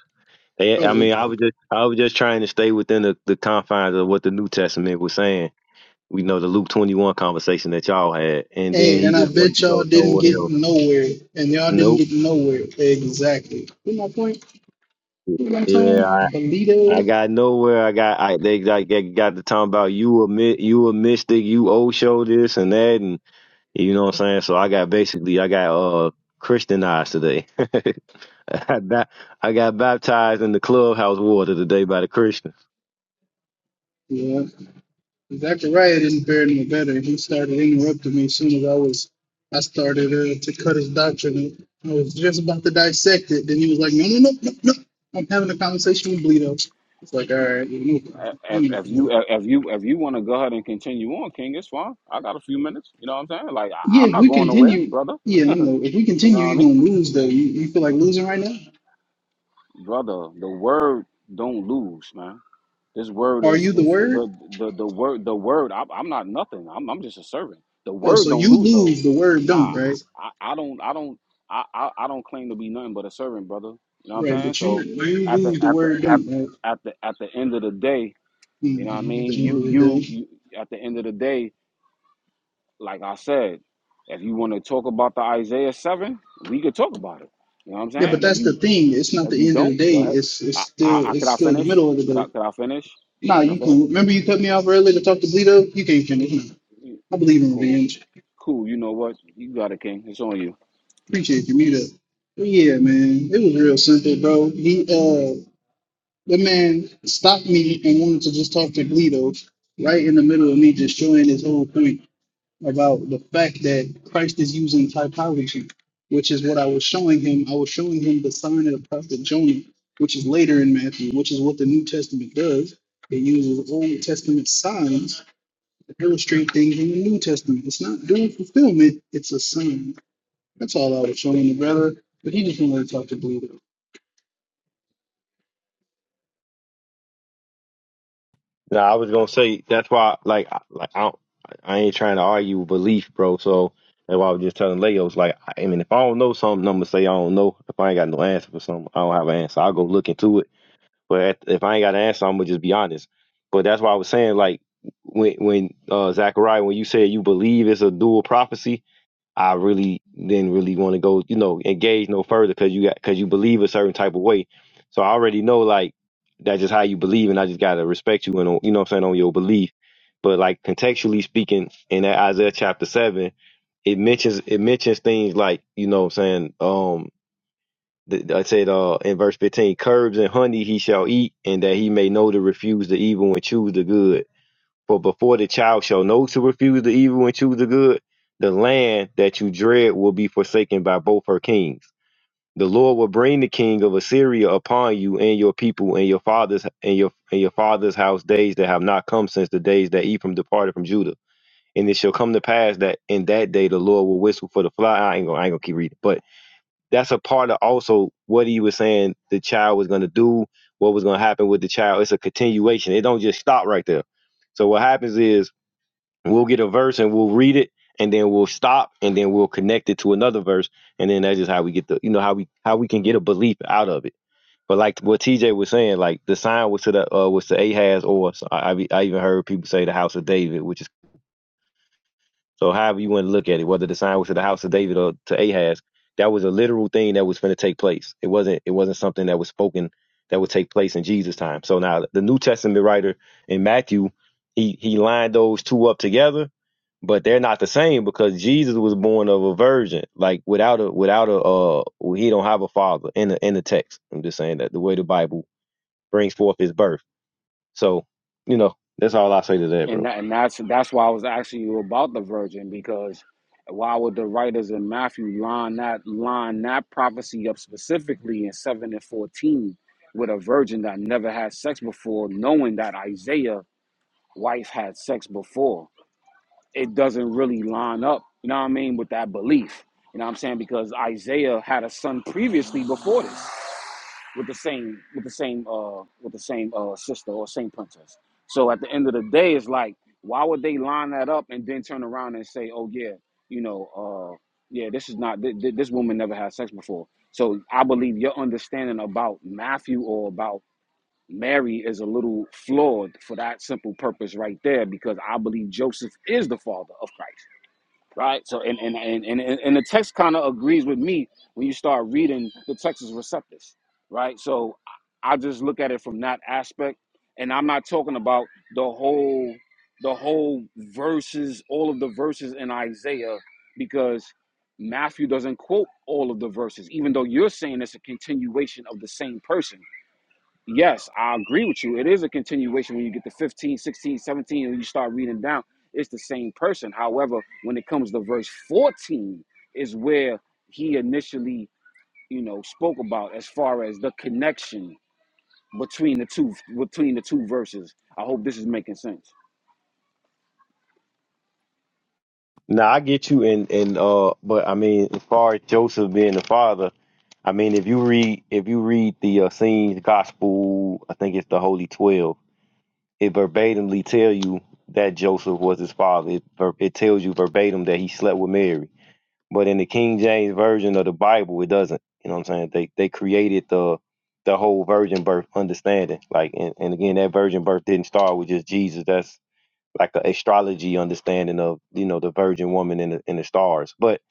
B: They,
E: Oh,
B: I mean, I
E: okay.
B: was just I was just trying to stay within the, the confines of what the New Testament was saying. We know the Luke twenty one conversation that y'all had, and then
E: hey,
B: he
E: and I
B: just wanted
E: bet
B: to
E: y'all
B: go
E: didn't
B: somewhere
E: get
B: else.
E: nowhere, and y'all didn't
B: Nope.
E: get nowhere exactly. See my point? See what I'm
B: Yeah,
E: saying?
B: I, I
E: Belito.
B: got nowhere. I got I they, I got got to talking about you a mi- you a mystic, you old show this and that, and You know what I'm saying? So I got basically I got uh Christianized today. I ba- I got baptized in the clubhouse water today by the Christians.
E: Yeah, Zachariah didn't fare no better. He started interrupting me as soon as I was, I started uh, to cut his doctrine. I was just about to dissect it. Then he was like, no, no, no, no, no. I'm having a conversation with Bleedo. It's like, all right, no
D: saying? If, if
E: problem.
D: you if you if you want to go ahead and continue on, King, it's fine. I got a few minutes. You know what I'm saying? Like I,
E: Yeah,
D: I'm
E: if
D: not
E: we
D: going nowhere,
E: continue,
D: brother.
E: yeah, I know. If we
D: You know
E: continue,
D: what I
E: you're
D: mean,
E: gonna lose though. You, you feel like losing right now?
D: brother? The word don't lose, man. This word
E: Are
D: is
E: you the
D: is
E: word?
D: the the the word the word. I, I'm not nothing. I'm I'm just a servant. The
E: Oh,
D: word
E: so you
D: don't lose
E: lose
D: though.
E: the word don't,
D: Nah,
E: right?
D: I, I don't I don't I, I I don't claim to be nothing but a servant, brother. You know what I'm
E: Right,
D: saying?
E: but you
D: So
E: you
D: at the
E: lose the
D: at the
E: word
D: at
E: don't, right?
D: at the at the end of the day, you know what I
E: Mhm, At
D: mean.
E: the end of
D: You
E: the
D: you,
E: day.
D: you at the end of the day, like I said, if you want to talk about the Isaiah seven, we could talk about it. You know what I'm
E: Yeah, but
D: saying? If
E: that's the
D: you
E: thing. It's not
D: if you
E: the end of the
D: don't,
E: day.
D: go ahead.
E: It's it's
D: I, I,
E: still
D: I could
E: it's
D: I
E: still the
D: finish?
E: middle of the
D: Could
E: day.
D: I could I finish?
E: Nah,
D: Could I
E: you
D: finish?
E: can remember you cut me off earlier to talk to Bleedo? You can't finish. Nah.
D: You-
E: I believe in
D: Cool,
E: revenge.
D: cool. You know what? You got it, King. It's on you.
E: Appreciate you, meet up. But yeah, man. It was real simple, bro. He uh the man stopped me and wanted to just talk to Gledo right in the middle of me just showing his whole point about the fact that Christ is using typology, which is what I was showing him. I was showing him the sign of the prophet Jonah, which is later in Matthew, which is what the New Testament does. It uses Old Testament signs to illustrate things in the New Testament. It's not doing fulfillment, it's a sign. That's all I was showing the brother, but he just wanted to talk to Bleedo.
B: Now I was gonna say that's why like I- like I don't, I ain't trying to argue with belief, bro. So that's why I was just telling Leos like I I mean if I don't know something, I'm gonna say I don't know. If I ain't got no answer for something, I don't have an answer. I'll go look into it. But at- if I ain't got an answer, I'm gonna just be honest. But that's why I was saying like when when uh Zachariah when you said you believe it's a dual prophecy I really didn't really want to go, you know, engage no further because you got because you believe a certain type of way. So I already know like that's just how you believe, and I just gotta respect you and you know what I'm saying on your belief. But like contextually speaking, in that Isaiah chapter seven, it mentions it mentions things like you know what I'm saying um th- I said uh in verse 15 curbs and honey he shall eat and that he may know to refuse the evil and choose the good for before the child shall know to refuse the evil and choose the good, the land that you dread will be forsaken by both her kings. The Lord will bring the king of Assyria upon you and your people and your fathers and your and your father's house days that have not come since the days that Ephraim departed from Judah. And it shall come to pass that in that day the Lord will whistle for the fly. I ain't gonna, I ain't gonna keep reading, but that's a part of also what he was saying the child was gonna do, what was gonna happen with the child. It's a continuation. It don't just stop right there. So what happens is We'll get a verse and we'll read it and then we'll stop and then we'll connect it to another verse and then that's just how we get the you know how we how we can get a belief out of it. But like what TJ was saying, like the sign was to the uh, was to Ahaz or so I, I I even heard people say the house of David, which is so however you want to look at it, whether the sign was to the house of David or to Ahaz, that was a literal thing that was going to take place. It wasn't it wasn't something that was spoken that would take place in Jesus' time. So now the New Testament writer in Matthew, he he lined those two up together, but they're not the same because Jesus was born of a virgin, like without a without a uh he don't have a father in the in the text. I'm just saying that the way the Bible brings forth his birth. So, you know, that's all I say to that,
D: And
B: bro.
D: that, and that's that's why I was asking you about the virgin because why would the writers in Matthew line that line that prophecy up specifically in seven and fourteen with a virgin that never had sex before, knowing that Isaiah's wife had sex before? It doesn't really line up. You know what I mean with that belief. You know what I'm saying because Isaiah had a son previously before this. with the same with the same uh with the same uh sister or same princess. So at the end of the day, it's like why would they line that up and then turn around and say, oh yeah, you know, uh yeah, this is not th- th- this woman never had sex before. So I believe your understanding about Matthew or about Mary is a little flawed for that simple purpose right there because I believe Joseph is the father of Christ right? So and and and and, and the text kind of agrees with me when you start reading. The text is receptive, right? So I I just look at it from that aspect, and I'm not talking about the whole the whole verses, all of the verses in Isaiah, because Matthew doesn't quote all of the verses, even though you're saying it's a continuation of the same person yes, I agree with you. It is a continuation when you get to 15, 16, 17, and you start reading down. It's the same person. However, when it comes to verse 14, is where he initially, you know, spoke about as far as the connection between the two between the two verses. I hope this is making sense.
B: Now I get you, and and uh, but I mean, as far as Joseph being the father, I mean, if you read if you read the uh, scenes gospel, I think it's the Holy Twelve. It verbatimly tell you that Joseph was his father. It ver- it tells you verbatim that he slept with Mary. But in the King James version of the Bible, it doesn't. You know what I'm saying? They they created the the whole virgin birth understanding. Like, and, and again, that virgin birth didn't start with just Jesus. That's like an astrology understanding of you know the Virgin Woman in the in the stars. But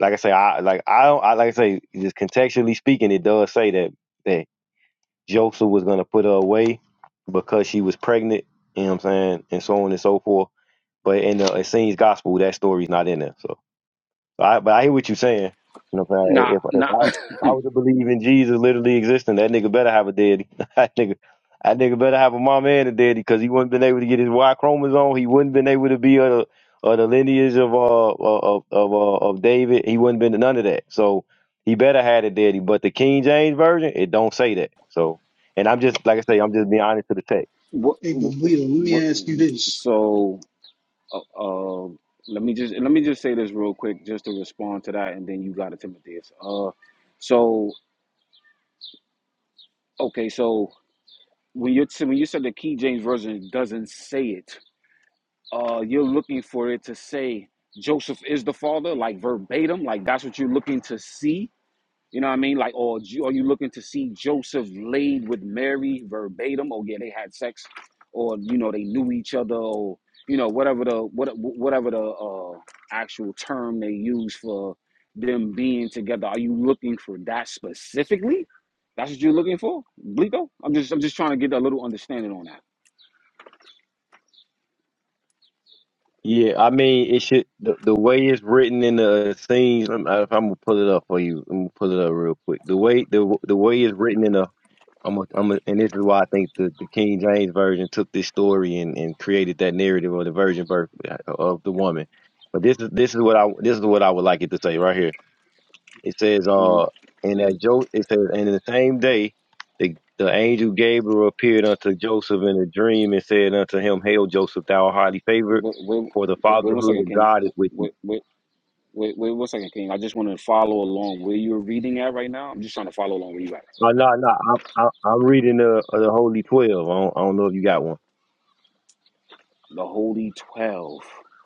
B: like I say, I like I don't I like I say just contextually speaking, it does say that that Joseph was gonna put her away because she was pregnant. You know what I'm saying, and so on and so forth. But in the Essenes gospel, that story's not in there. so. So I, but I hear what you're saying. You know, what I'm saying?
D: Nah,
B: if if
D: nah.
B: I, if I was to believe in Jesus literally existing, that nigga better have a daddy. that nigga, that nigga better have a mama and a daddy because he wouldn't been able to get his Y chromosome. He wouldn't been able to be of the, of the lineage of uh of of uh, of David. He wouldn't been to none of that. So he better had a daddy. But the King James version, it don't say that. So, and I'm just like I say, I'm just being honest to the text.
E: Hey, but
D: what,
E: Bleedo, let
D: what,
E: me ask you this.
D: so, uh, uh, let me just let me just say this real quick, just to respond to that, and then you got it, Timotheus. Uh, so Okay, so when you when you said the King James version doesn't say it, uh, you're looking for it to say Joseph is the father, like verbatim, like that's what you're looking to see. You know what I mean? Like, or Ju- are you looking to see Joseph laid with Mary verbatim? Oh yeah, they had sex, or you know they knew each other, or you know whatever the what whatever the uh, actual term they use for them being together. Are you looking for that specifically? That's what you're looking for, Bleeko? I'm just I'm just trying to get a little understanding on that.
B: Yeah, I mean, it should the, the way it's written in the uh, scenes. I'm, I- I'm gonna pull it up for you. I'm gonna pull it up real quick. The way the the way it's written in the I'm a, I'm a, and this is why I think the, the King James version took this story and, and created that narrative of the virgin birth uh, of the woman. But this is this is what I this is what I would like it to say right here. It says,
D: hmm
B: uh, and that jo- it says, and in the same day, the, the angel Gabriel appeared unto Joseph in a dream and said unto him, Hail Joseph, thou art highly favored,
D: Wait, wait,
B: for the
D: wait, wait one
B: fatherhood
D: second,
B: of
D: King.
B: God is
D: Wait,
B: with you.
D: wait, wait, wait one second, King. I just want to follow along where you're reading at right now. I'm just trying to follow along where you at.
B: Oh, no, no, I'm, I'm I'm reading the uh, the Holy Twelve. I don't, I don't know if you got one.
D: The Holy Twelve.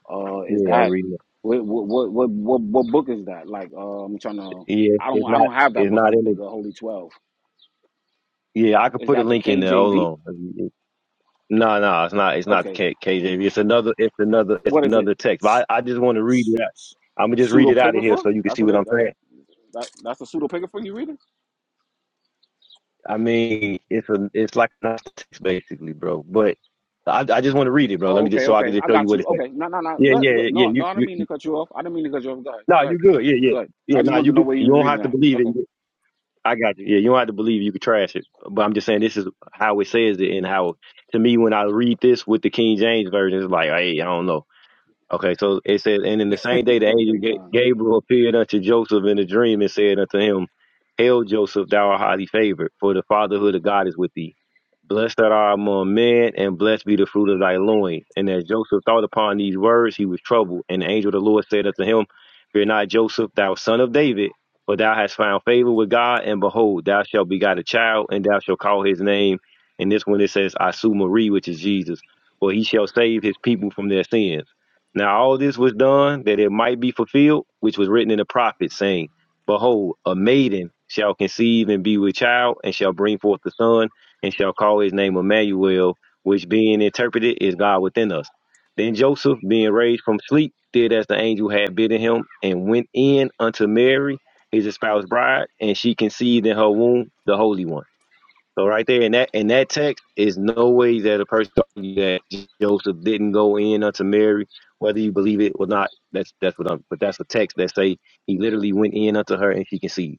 D: Uh, is
B: Yeah, I'm
D: that
B: reading it.
D: what what what what, what book is that? Like, uh, I'm trying to.
B: Yeah, it's
D: I don't
B: it's
D: I
B: not,
D: don't have that
B: it's
D: book. I
B: not
D: don't
B: in
D: think
B: the.
D: the Holy Twelve.
B: Yeah, I could
D: Is
B: put a
D: that the
B: link in there.
D: KJV?
B: Hold on. No, no, it's not. It's not the
D: Okay.
B: K- KJV. It's another. It's another. It's
D: What is it?
B: another text.
D: S-
B: But I, I just want to read
D: s-
B: it. out.
D: s-
B: I'm gonna just read it out of here
D: Pseudepigrapha?
B: so you can
D: That's
B: see
D: what
B: what
D: it.
B: I'm
D: That,
B: saying.
D: that, that's the pseudepigrapha you reading?
B: I mean, it's a it's like an basically, bro. But I, I just want to read it, bro. Let
D: Oh,
B: me just
D: okay,
B: so I can
D: okay.
B: just
D: I
B: show you
D: got
B: what
D: you.
B: it says.
D: Okay. No, no, no.
B: Yeah,
D: Good,
B: yeah,
D: good.
B: yeah. yeah,
D: No,
B: You
D: no. I didn't
B: you
D: mean to cut you off. I didn't mean to cut you off. Go ahead.
B: no, nah,
D: Go
B: you
D: ahead, King.
B: good. Yeah, yeah,
D: Go ahead. I
B: yeah. No,
D: just
B: nah,
D: wanted to
B: you
D: know
B: good.
D: where you
B: You
D: were
B: don't
D: reading
B: have to
D: at.
B: believe it.
D: Okay.
B: I got you. Yeah, you don't have to believe it. you could trash it. But I'm just saying this is how it says it and how to me when I read this with the King James version, it's like, hey, I don't know. Okay, so it says, and in the same day the angel
D: Okay,
B: Ga-
D: Con.
B: Gabriel appeared unto Joseph in a dream and said unto him, Hail Joseph, thou art highly favored, for the fatherhood of God is with thee. Blessed art thou among men, and blessed be the fruit of thy loins. And as Joseph thought upon these words, he was troubled. And the angel of the Lord said unto him, Fear not, Joseph, thou son of David, for thou hast found favor with God, and behold, thou shalt begot a child, and thou shalt call his name. And this one it says, Asu Marie, which is Jesus, for he shall save his people from their sins. Now all this was done that it might be fulfilled, which was written in the prophets, saying, Behold, a maiden shall conceive and be with child, and shall bring forth a son, and shall call his name Emmanuel, which being interpreted is God within us. Then Joseph, being raised from sleep, did as the angel had bidden him, and went in unto Mary, his espoused bride, and she conceived in her womb the Holy One. So right there in that in that text is no way that a person can argue that Joseph didn't go in unto Mary, whether you believe it or not. That's that's what I'm. But that's a text that say he literally went in unto her and she conceived.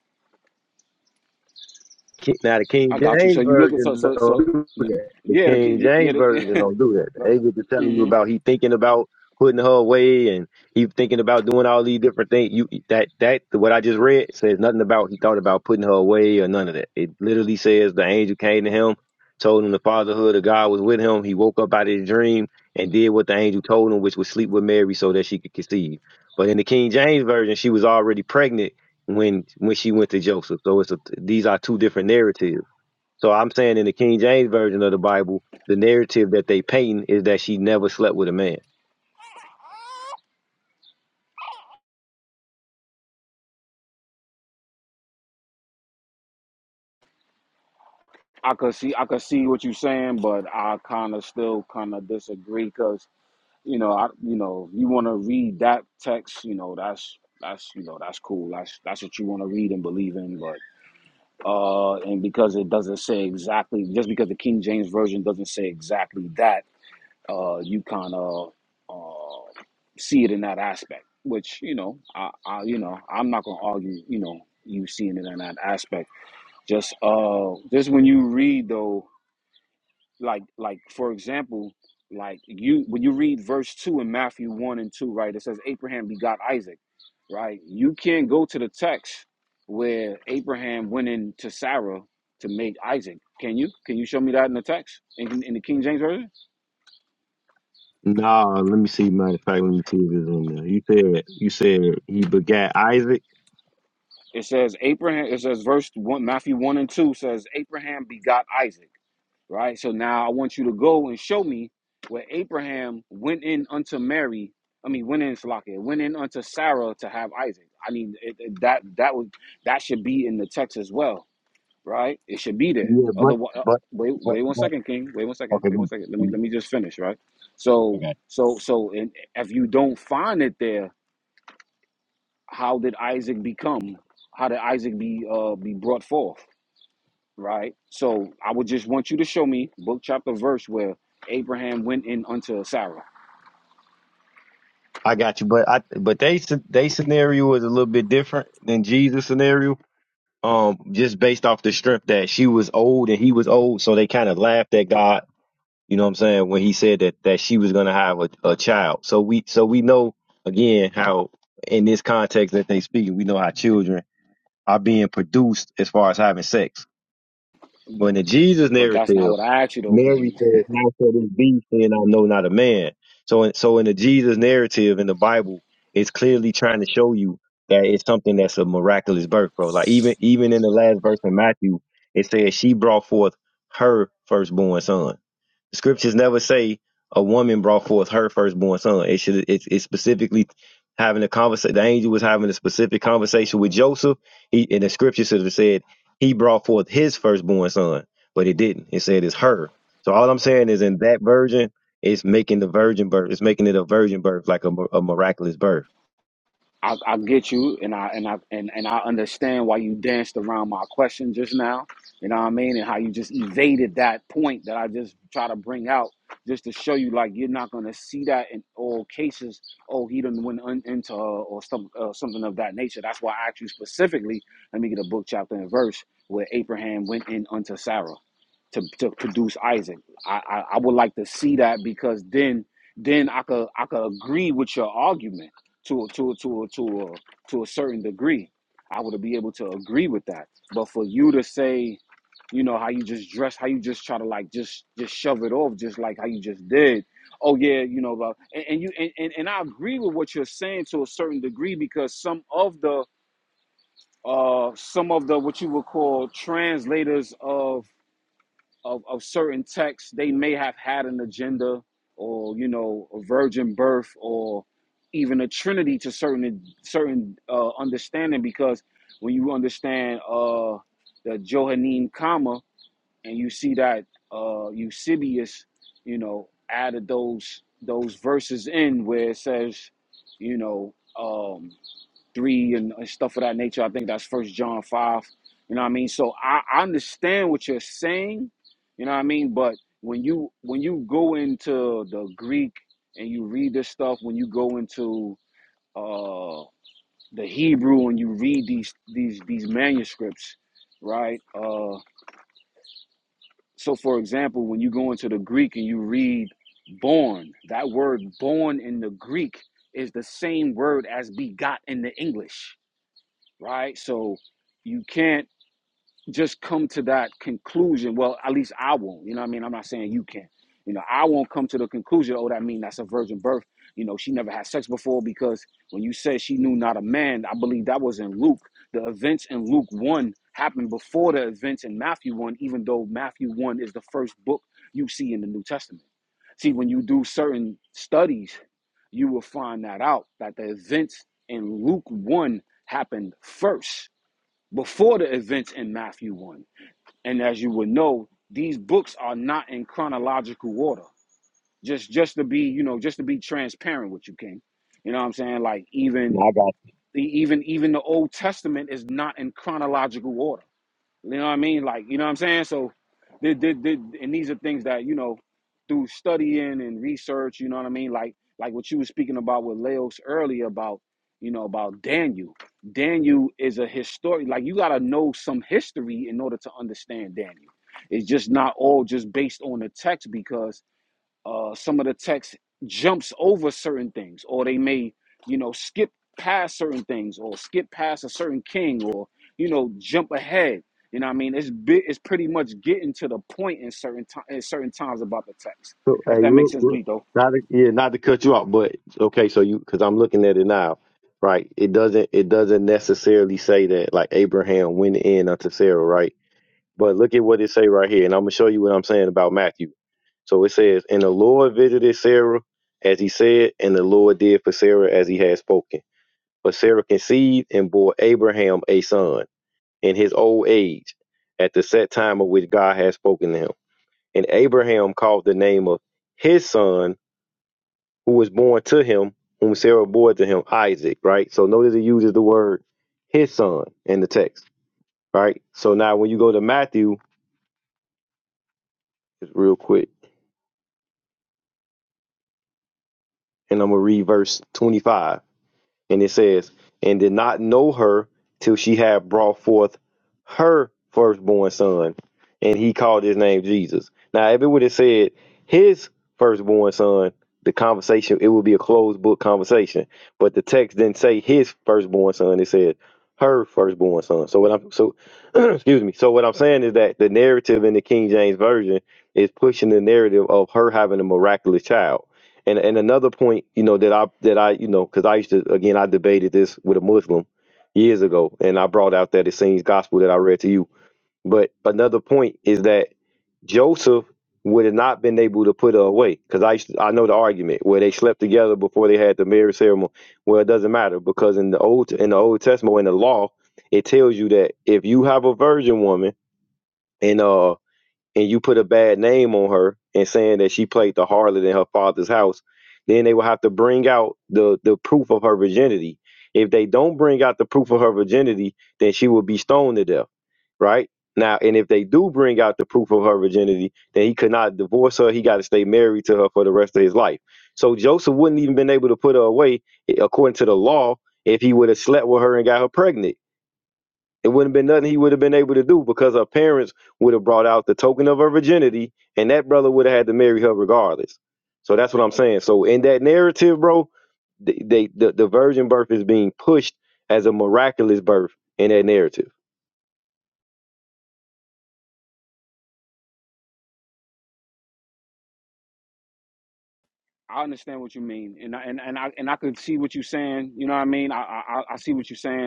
B: Ki- Now the King
D: I got you. So
B: James
D: you look at so
B: version
D: so
B: don't
D: so.
B: do that. The
D: Yeah, the,
B: King
D: yeah. yeah,
B: James
D: The,
B: version don't do that. They get to telling you
D: hmm
B: about he thinking about putting her away and he thinking about doing all these different things. You that that what I just read says nothing about he thought about putting her away or none of that. It literally says the angel came to him, told him the fatherhood of God was with him. He woke up out of his dream and did what the angel told him, which was sleep with Mary so that she could conceive. But in the King James version, she was already pregnant when when she went to Joseph. So it's a, these are two different narratives. So I'm saying in the King James version of the Bible, the narrative that they painting is that she never slept with a man.
D: I could see I could see what you're saying, but I kind of still kind of disagree because you know I you know you want to read that text, you know that's that's you know that's cool. That's that's what you want to read and believe in, but uh, and because it doesn't say exactly, just because the King James version doesn't say exactly that, uh, you kind of uh see it in that aspect, which you know I I you know I'm not gonna argue, you know you seeing it in that aspect just uh just when you read though like like for example like you when you read verse 2 in matthew 1 and 2 right it says abraham begot isaac right you can't go to the text where abraham went in to sarah to make isaac can you can you show me that in the text in, in the king james version
B: Nah, let me see. Matter of fact, let me see if it's on there. You said you said he begat Isaac.
D: it says abraham it says verse 1 matthew 1 and 2 says abraham begot isaac right? So now I want you to go and show me where Abraham went in unto Mary. I mean, went in Salaki, went in unto Sarah to have Isaac. I mean, it, it- that that would that should be in the text as well, right? It should be there.
B: Yeah, but
D: Otherwise, uh,
B: but
D: wait,
B: but
D: wait one
B: but
D: second, King. Wait one second.
B: okay,
D: Wait one
B: go.
D: second. Let me let
B: on.
D: me just finish, right? So, so, so, and if you don't find it there, how did Isaac become? How did Isaac be uh be brought forth? right? So I would just want you to show me book, chapter, verse where Abraham went in unto Sarah.
B: I got you, but I but they sce- they scenario was a little bit different than Jesus' scenario. Um, just based off the strength that she was old and he was old, so they kind of laughed at God. You know what I'm saying when he said that that she was gonna have a, a child. So we so we know again how in this context that they speaking, we know how children are being produced as far as having sex. But in the Jesus
D: But that's not
B: narrative,
D: what I asked you, though,
B: Mary
D: King.
B: says, "How shall this be, seeing I know not a man?" So, in, so in the Jesus narrative in the Bible, it's clearly trying to show you that it's something that's a miraculous birth, bro. Like even even in the last verse in Matthew, it says she brought forth her firstborn son. The scriptures never say a woman brought forth her firstborn son. It should it's it's specifically having a conversation. The angel was having a specific conversation with Joseph. He and the scripture should have said he brought forth his firstborn son, but it didn't. It said it's her. So all I'm saying is in that virgin, it's making the virgin birth. It's making it a virgin birth, like a, mi- a miraculous birth.
D: I, I get you, and I and I and, and I understand why you danced around my question just now. You know what I mean, and how you just evaded that point that I just try to bring out, just to show you like you're not gonna see that in all cases. Oh, he didn't went un- into uh, or some, uh, something of that nature. That's why I asked you specifically. Let me get a book, chapter, and verse where Abraham went in unto Sarah to, to produce Isaac. I, I I would like to see that because then then I could I could agree with your argument to to to to a, to a certain degree. I would be able to agree with that. But for you to say, you know, how you just dress, how you just try to like just just shove it off, just like how you just did. Oh yeah, you know, but and, and you and, and and I agree with what you're saying to a certain degree because some of the uh some of the what you would call translators of of, of certain texts they may have had an agenda or you know a virgin birth or even a trinity to certain certain uh, understanding because when you understand uh, the johannine comma and you see that uh, eusebius you know added those those verses in where it says you know um, three and, and stuff of that nature. I think that's First John five. You know what I mean? So I, I understand what you're saying. You know what I mean? But when you when you go into the Greek and you read this stuff, when you go into uh, the Hebrew and you read these these these manuscripts, right? Uh, so for example, when you go into the Greek and you read born, that word born in the Greek is the same word as begot in the English right? So you can't just come to that conclusion. Well, at least I won't. You know what I mean? I'm not saying you can. You know, I won't come to the conclusion, oh, that mean that's a virgin birth. You know, she never had sex before because when you said she knew not a man, I believe that was in Luke. The events in Luke 1 happened before the events in Matthew 1, even though Matthew 1 is the first book you see in the New Testament. See, when you do certain studies, you will find that out, that the events in Luke 1 happened first before the events in Matthew 1. And as you would know, these books are not in chronological order. Just just to be, you know, just to be transparent with you, King. You know what I'm saying? Like even
B: Now I got
D: e, even even the Old Testament is not in chronological order. You know what I mean? Like, you know what I'm saying? So, th- th- th- and these are things that you know through studying and research. You know what I mean? Like, like what you were speaking about with Leos earlier about, you know, about Daniel. Daniel is a historian. Like, you gotta know some history in order to understand Daniel. It's just not all just based on the text because uh, some of the text jumps over certain things, or they may, you know, skip past certain things, or skip past a certain king, or you know, jump ahead. You know, what I mean, it's bi- it's pretty much getting to the point in certain time in certain times about the text.
B: so, hey,
D: If that
B: real,
D: makes sense,
B: real,
D: Bleedo.
B: not to, yeah, not to cut you off, but okay, so you because I'm looking at it now, right? It doesn't it doesn't necessarily say that like Abraham went in unto Sarah, right? But look at what it say right here, and I'm gonna show you what I'm saying about Matthew. So it says, And the Lord visited Sarah as he said, and the Lord did for Sarah as he had spoken. But Sarah conceived and bore Abraham a son in his old age, at the set time of which God had spoken to him. And Abraham called the name of his son who was born to him, whom Sarah bore to him, Isaac, right? So notice he uses the word his son in the text, right? So now when you go to Matthew, just real quick, and I'm gonna read verse 25, and it says, "And did not know her till she had brought forth her firstborn son, and he called his name Jesus." Now, if it would have said his firstborn son, the conversation it would be a closed book conversation. But the text didn't say his firstborn son; it said her firstborn son. So what I'm so excuse me. So what I'm saying is that the narrative in the King James version is pushing the narrative of her having a miraculous child and and another point, you know, that I that I, you know, because I used to again I debated this with a Muslim years ago, and I brought out that it seems gospel that I read to you. But another point is that Joseph would have not been able to put her away because I used to, I know the argument where they slept together before they had the marriage ceremony. Well, it doesn't matter because in the old in the Old Testament in the law it tells you that if you have a virgin woman and uh and you put a bad name on her and saying that she played the harlot in her father's house, then they will have to bring out the, the proof of her virginity. If they don't bring out the proof of her virginity, then she will be stoned to death, right? Now, and if they do bring out the proof of her virginity, then he could not divorce her. He got to stay married to her for the rest of his life. So Joseph wouldn't even been able to put her away, eh, according to the law, if he would have slept with her and got her pregnant it wouldn't been nothing he would have been able to do because her parents would have brought out the token of her virginity, and that brother would have had to marry her regardless. So that's what I'm saying. So in that narrative, bro, they, they the, the virgin birth is being pushed as a miraculous birth in that narrative.
D: I understand what you mean, and I, and and I and I could see what you're saying. You know what I mean? I I, I I see what you're saying,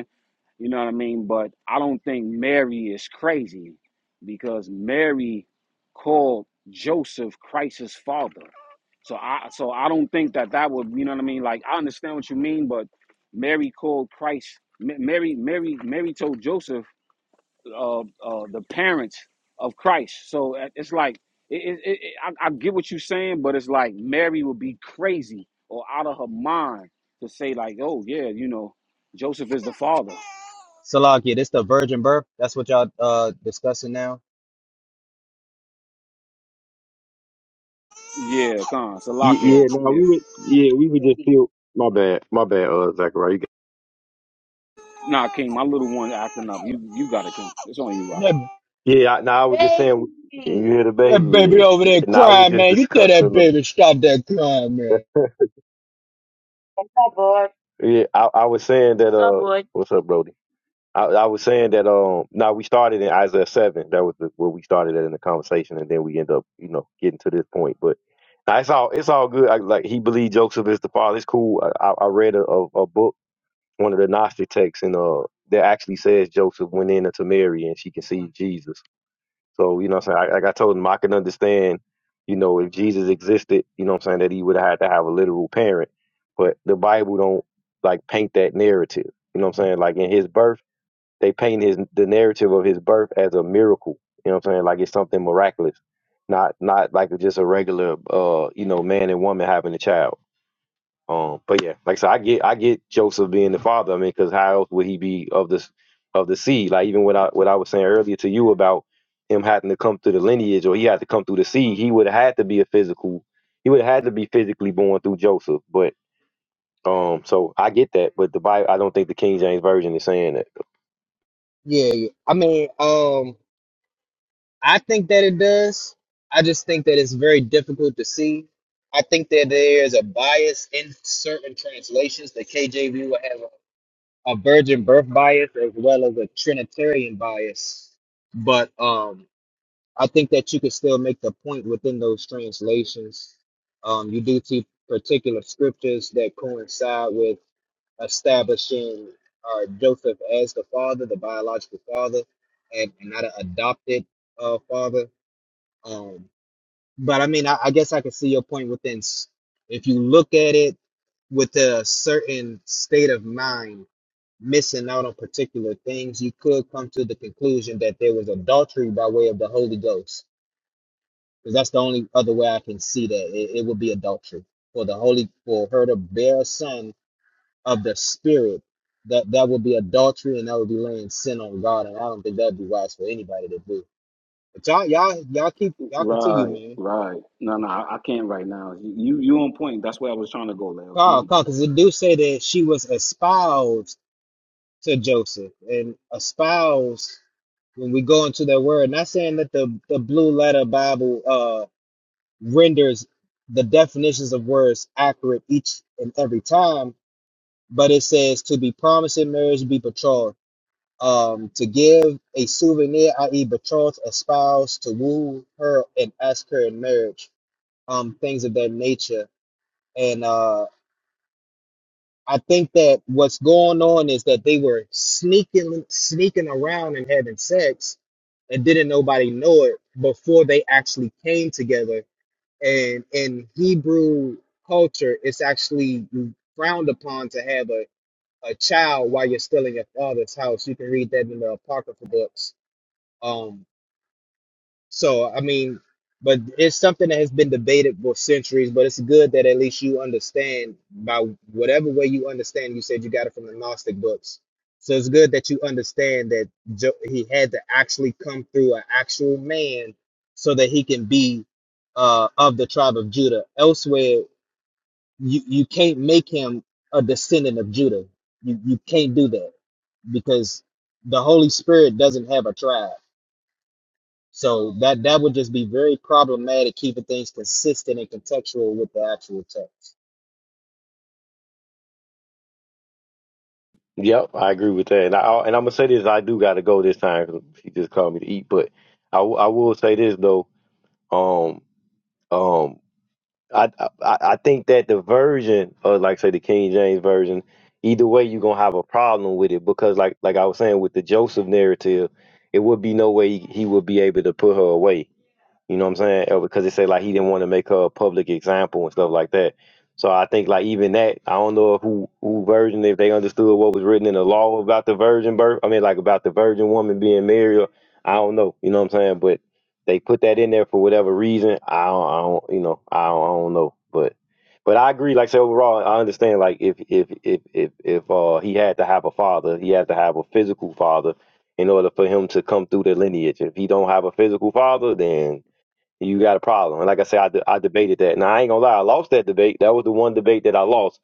D: You know what I mean? But I don't think Mary is crazy because Mary called Joseph Christ's father. So I so I don't think that that would you know what I mean? Like I understand what you mean, but Mary called Christ. Ma- Mary Mary Mary told Joseph uh, uh, the parents of Christ. So it- it's like it, it, it, it- I, I get what you're saying, but it's like Mary would be crazy or out of her mind to say like, oh yeah, you know, Joseph is the father.
C: Salakia, this the virgin birth. That's what y'all uh discussing now.
D: Yeah, Khan,
B: Ye- Yeah,
D: Salakia.
B: no,
D: Yeah.
B: we would. Yeah, we would just feel. My bad, my bad, uh, Zachariah. you
D: Nah, King, my little one acting up. You you got it, King. It's on you, Rock.
C: That,
B: got- Yeah, I, no, I was just saying. You hear the
C: that
B: baby
C: baby
B: here.
C: over there
B: Now I was
C: crying,
B: just
C: man. You tell
B: discussing.
C: that
B: Um,
C: baby to stop that crying, man.
B: yeah, I, I was saying that. Uh, what's up, Brody? I, I was saying that um now we started in Isaiah seven. That was the, where we started at in the conversation, and then we end up you know getting to this point. But now it's all it's all good. I, like he believed Joseph is the father. It's cool. I, I I read a, a, a book, one of the Gnostic texts, and uh that actually says Joseph went in to Mary and she conceived Jesus. So you know what I'm saying. I, like I told him, I can understand. You know, if Jesus existed, you know what I'm saying that he would have had to have a literal parent. But the Bible don't like paint that narrative. You know what I'm saying? Like in his birth they paint his the narrative of his birth as a miracle. You know what I'm saying? Like it's something miraculous, not not like just a regular uh you know man and woman having a child. Um, but yeah, like I said, I get I get Joseph being the father. I mean, because how else would he be of this of the seed? Like even what I what I was saying earlier to you about him having to come through the lineage or he had to come through the seed, he would have had to be a physical. He would have had to be physically born through Joseph, but um, so I get that, but the Bible, I don't think the King James version is saying that.
C: Yeah, yeah. I mean, um, I think that it does. I just think that it's very difficult to see. I think that there is a bias in certain translations. The KJV will have a virgin birth bias as well as a trinitarian bias but um i think that you could still make the point within those translations um you do see particular scriptures that coincide with establishing uh, joseph as the father the biological father and, and not an adopted uh, father um but i mean I, I guess i can see your point within s- if you look at it with a certain state of mind missing out on particular things, you could come to the conclusion that there was adultery by way of the Holy Ghost. Because that's the only other way I can see that. It, it would be adultery. For the Holy for her to bear a son of the Spirit, that, that would be adultery and that would be laying sin on God. And I don't think that'd be wise for anybody to do. But y'all, y'all, y'all keep y'all continue,
D: Right,
C: man.
D: right. No, no, I, I can't right now. You you on point. That's where I was trying to go, Leos. You
C: Carl,
D: on
C: Carl,
D: point.
C: because it do say that she was espoused to Joseph and espoused when we go into that word. Not saying that the, the blue letter Bible uh, renders the definitions of words accurate each and every time, but it says to be promised in marriage, be betrothed, um, to give a souvenir, i.e., betrothed, a spouse, to woo her and ask her in marriage, um, things of that nature. And uh, I think that what's going on is that they were sneaking sneaking around and having sex and did it before they actually came. together. and in Hebrew culture, it's actually frowned upon to have a, a child while you're still in your father's house. You can read that in the apocryphal books. Um, so, I mean, but it's something that has been debated for centuries, but it's good that at least you understand by whatever way you understand. You said you got it from the Gnostic books. So it's good that you understand that Jo- he had to actually come through an actual man so that he can be uh, of the tribe of Judah. Elsewhere, you, you can't make him a descendant of Judah. You, you can't do that because the Holy Spirit doesn't have a tribe. So that that would just be very problematic, keeping things consistent and contextual with the actual text.
B: Yep, I agree with that. And I I- and I'm gonna say this, I do gotta go this time 'cause she just called me to eat. But I, w- I will say this though, um, um, I, I I I think that the version of like say the King James version, either way you're gonna have a problem with it because like like I was saying with the Joseph narrative, it would be no way he would be able to put her away. You know what I'm saying? Or Because they say like he didn't want to make her a public example and stuff like that. So I think like even that, I don't know who who virgin if they understood what was written in the law about the virgin birth. I mean like about the virgin woman being married. Or, I don't know. You know what I'm saying? But they put that in there for whatever reason. I don't, I don't you know I don't, I don't know. But but I agree. Like I said, overall, I understand. Like if if if if if uh he had to have a father, he had to have a physical father in order for him to come through the lineage. If he don't have a physical father, then you got a problem. And like I said, I, de- I debated that. Now I ain't gonna lie, I lost that debate. That was the one debate that I lost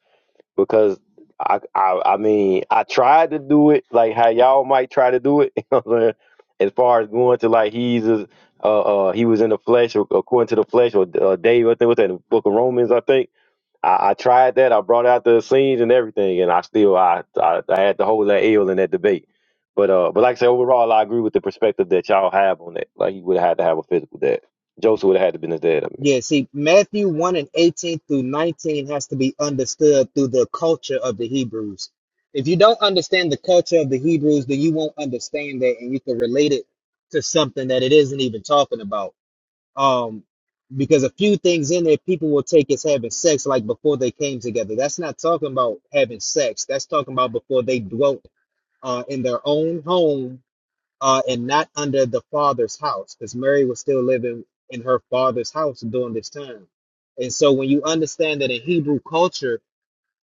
B: because I, I, I mean, I tried to do it like how y'all might try to do it. You know what I'm saying? As far as going to like he's a, uh, uh, he was in the flesh, or according to the flesh, or uh, Dave, I think was that in the Book of Romans, I think I, I tried that. I brought out the scenes and everything, and I still I, I I had to hold that ill in that debate. But uh, but like I said, overall, I agree with the perspective that y'all have on it. Like he would have had to have a physical dad. Joseph would have had to been his dad. I mean,
C: Yeah, see, Matthew 1 and 18 through 19 has to be understood through the culture of the Hebrews. If you don't understand the culture of the Hebrews, then you won't understand that and you can relate it to something that it isn't even talking about. Um, because a few things in there people will take as having sex like before they came together. That's not talking about having sex. That's talking about before they dwelt uh, in their own home uh, and not under the father's house, because Mary was still living in her father's house during this time. And so, when you understand that in Hebrew culture,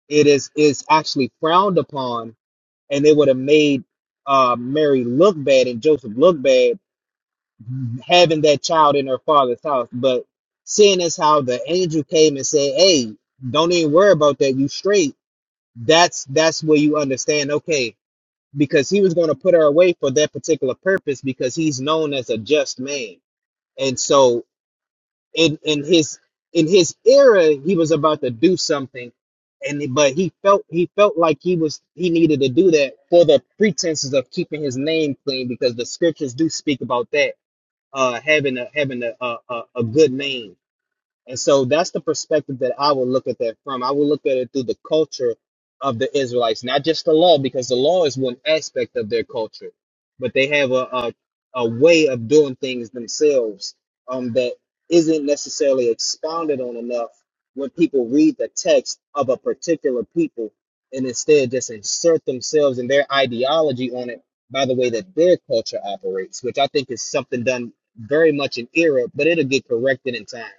C: it is is actually frowned upon, and they would have made uh, Mary look bad and Joseph look bad having that child in her father's house. But seeing as how the angel came and said, "Hey, don't even worry about that. You straight." That's that's where you understand. Okay, because he was going to put her away for that particular purpose because he's known as a just man and so in in his in his era he was about to do something and but he felt he felt like he was he needed to do that for the pretenses of keeping his name clean because the scriptures do speak about that uh having a having a a, a a good name and so that's the perspective that I would look at that from. I would look at it through the culture of the Israelites, not just the law, because the law is one aspect of their culture, but they have a a, a way of doing things themselves um, that isn't necessarily expounded on enough when people read the text of a particular people and instead just insert themselves and their ideology on it by the way that their culture operates, which I think is something done very much in error, but it'll get corrected in time.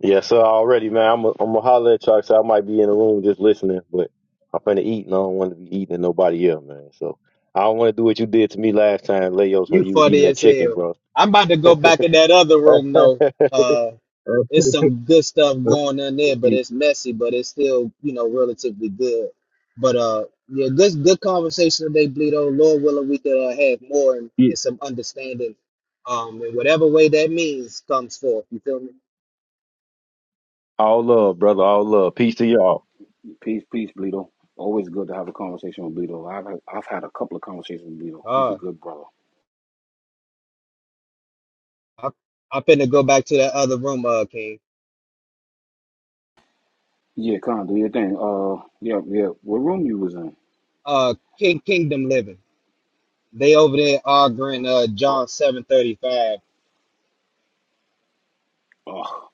B: yeah. So already, man, I'm i I'm gonna holler at y'all. So I might be in the room just listening, but I'm finna eat, and I don't want to be eating at nobody else, man. So I don't want to do what you did to me last time, Leos, when
C: You
B: you was eating
C: funny
B: that
C: as
B: chicken,
C: hell.
B: bro.
C: I'm about to go back in that other room though. Uh, it's some good stuff going on there, but it's messy, but it's still you know relatively good. But uh, yeah, good good conversation today, Bleedo. Lord willing, we could uh, have more and, and some understanding. Um, in whatever way that means comes forth. You feel me?
B: All love, brother. All love. Peace to y'all.
D: Peace, peace, Bleedo. Always good to have a conversation with Bleedo. I've had, I've had a couple of conversations with Bleedo. He's a
C: Uh,
D: good brother.
C: I I finna go back to that other room, uh, King.
D: Yeah, Khan, do your thing. Uh, yeah, yeah. What room you was in?
C: Uh, King Kingdom Living. They over there arguing. Uh,
D: Oh,
C: John seven thirty five.
D: oh.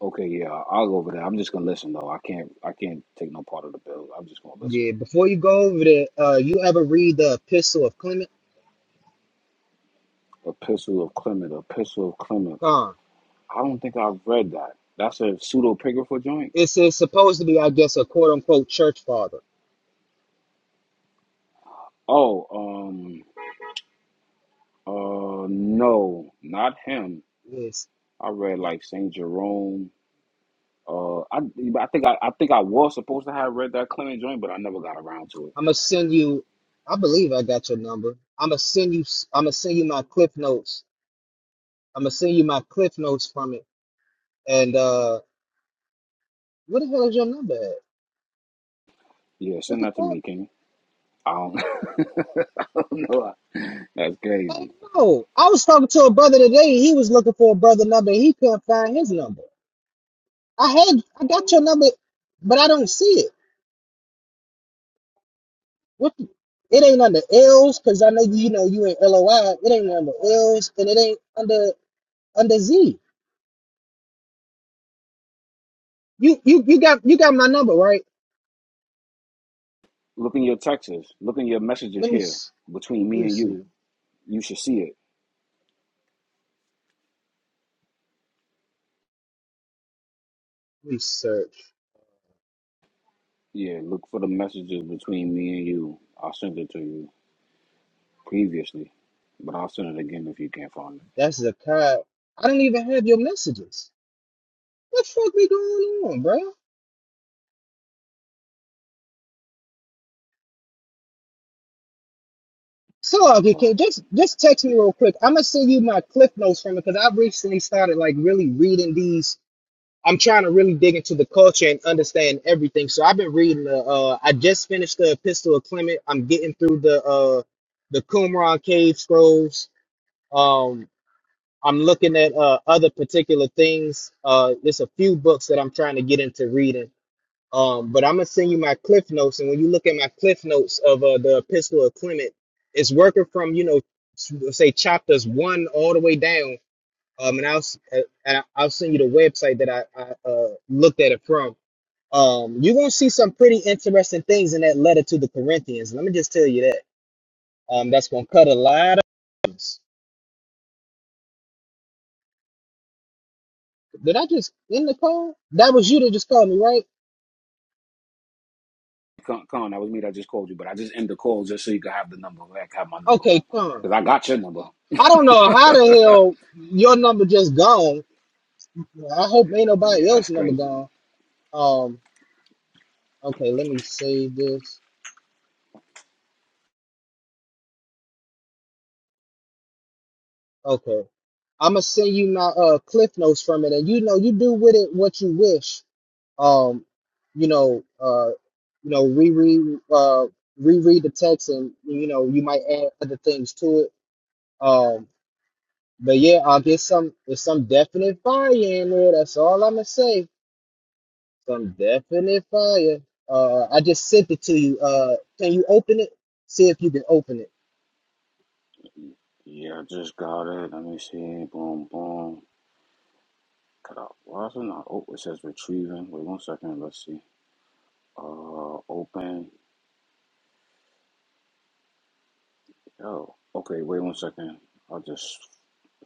D: Okay, yeah, I'll go over there. I'm just gonna listen though. I can't, I can't take no part of the bill. I'm just gonna listen.
C: Yeah, before you go over there, uh, you ever read the Epistle of Clement?
D: Epistle of Clement, Epistle of Clement.
C: Gone.
D: I don't think I've read that. That's a pseudepigrapha joint.
C: It's, it's supposed to be, I guess, a quote unquote church father.
D: Oh, um, uh, no, not him.
C: Yes.
D: I read like Saint Jerome. Uh, I, I think I, I think I was supposed to have read that Clement joint, but I never got around to it.
C: I'm gonna send you. I believe I got your number. I'm gonna send you. I'm gonna send you my cliff notes. I'm gonna send you my cliff notes from it. And uh, what the hell is your number? At?
D: Yeah,
C: What
D: send
C: the
D: that to
C: fuck?
D: me, King. I don't know. That's
C: I
D: crazy.
C: don't know. I was talking to a brother today. He was looking for a brother number. He couldn't find his number. I had. I got your number, but I don't see it. What the, it ain't under L's because I know you know you ain't LOI. It ain't under L's and it ain't under under Z. You you you got you got my number right.
D: Look in your texts. Look in your messages
C: Let me
D: here
C: s-
D: between
C: let
D: me
C: me
D: and you.
C: see.
D: You should see it.
C: Let me search.
D: Yeah, look for the messages between me and you. I'll send it to you previously, but I'll send it again if you can't find it.
C: That's a cop. I don't even have your messages. What the fuck be going on, bro? So okay, can just just text me real quick. I'm gonna send you my cliff notes from it because I recently started like really reading these I'm trying to really dig into the culture and understand everything. So I've been reading the. Uh, I just finished the Epistle of Clement. I'm getting through the uh, the Qumran cave scrolls. Um, I'm looking at uh, other particular things. Uh, there's a few books that I'm trying to get into reading. Um, but I'm gonna send you my cliff notes, and when you look at my cliff notes of uh, the Epistle of Clement, it's working from you know s- say chapters one all the way down, um, and I'll s- uh, and I- I'll send you the website that I, I uh, looked at it from. Um, you're gonna see some pretty interesting things in that letter to the Corinthians. Let me just tell you that. Um, that's gonna cut a lot of. things. Did I just end the call? That was you that just called me, right?
D: Con, Con, that was me that just called you, but I just end the call just so you could have the number. Like, have my number.
C: Okay, come.
D: Because I got your number.
C: I don't know how the hell your number just gone. I hope ain't nobody
D: Yeah, that's
C: else's number
D: crazy.
C: gone. Um, okay, let me save this. Okay. I'm gonna send you my uh cliff notes from it, and you know you do with it what you wish. Um, you know, uh, you know, reread uh reread the text, and you know you might add other things to it. Um, but yeah, I'll get some there's some definite fire in there. That's all I'm gonna say. Some definite fire. Uh, I just sent it to you. Uh, can you open it? See if you can open it.
D: Yeah, I just got it. Let me see. Boom, boom. Cut out. Why is it not? Oh, it says retrieving. Wait one second. Let's see. Uh, open. Oh, okay. Wait one second. I just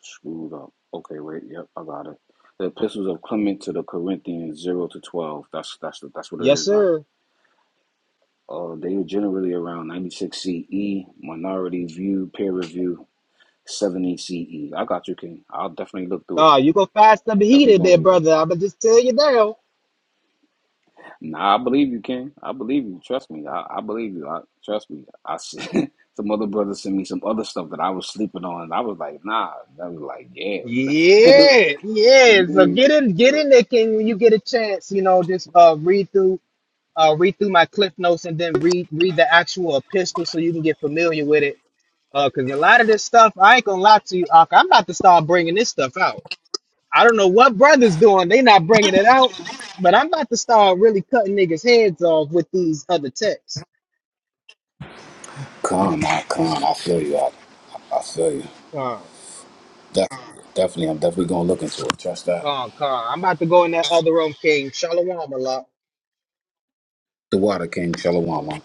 D: screwed up. Okay, wait. Yep, I got it. The epistles of Clement to the Corinthians, zero to twelve. That's that's that's what it
C: Yes,
D: is, right?
C: sir.
D: Uh, they are generally around 96 CE, Minority View, Peer Review, 70 C E. I got you, King. I'll definitely look through it.
C: Ah, you go find something
D: Definitely
C: heated
D: gonna
C: there,
D: read them.
C: brother. I'ma just tell you now.
D: Nah, I believe you, King. I believe you. Trust me. I, I believe you. I trust me. I see some other brothers sent me some other stuff that I was sleeping on. and I was like, nah. And I was like, yeah.
C: Yeah, yeah. So get in, get in there, King. When you get a chance, you know, just uh, read through, uh, read through my cliff notes, and then read, read the actual epistle, so you can get familiar with it. Uh, cause a lot of this stuff, I ain't gonna lie to you, Ak. I'm about to start bringing this stuff out. I don't know what brothers doing; they not bringing it out, but I'm about to start really cutting niggas' heads off with these other texts.
D: Con, I con. I feel you. I, I feel you.
C: Con,
D: Definitely, definitely. I'm definitely gonna look into it. Trust that.
C: con, con. I'm about to go in that other room, King. Shalom, a lot.
D: The water, King. Shalom, man.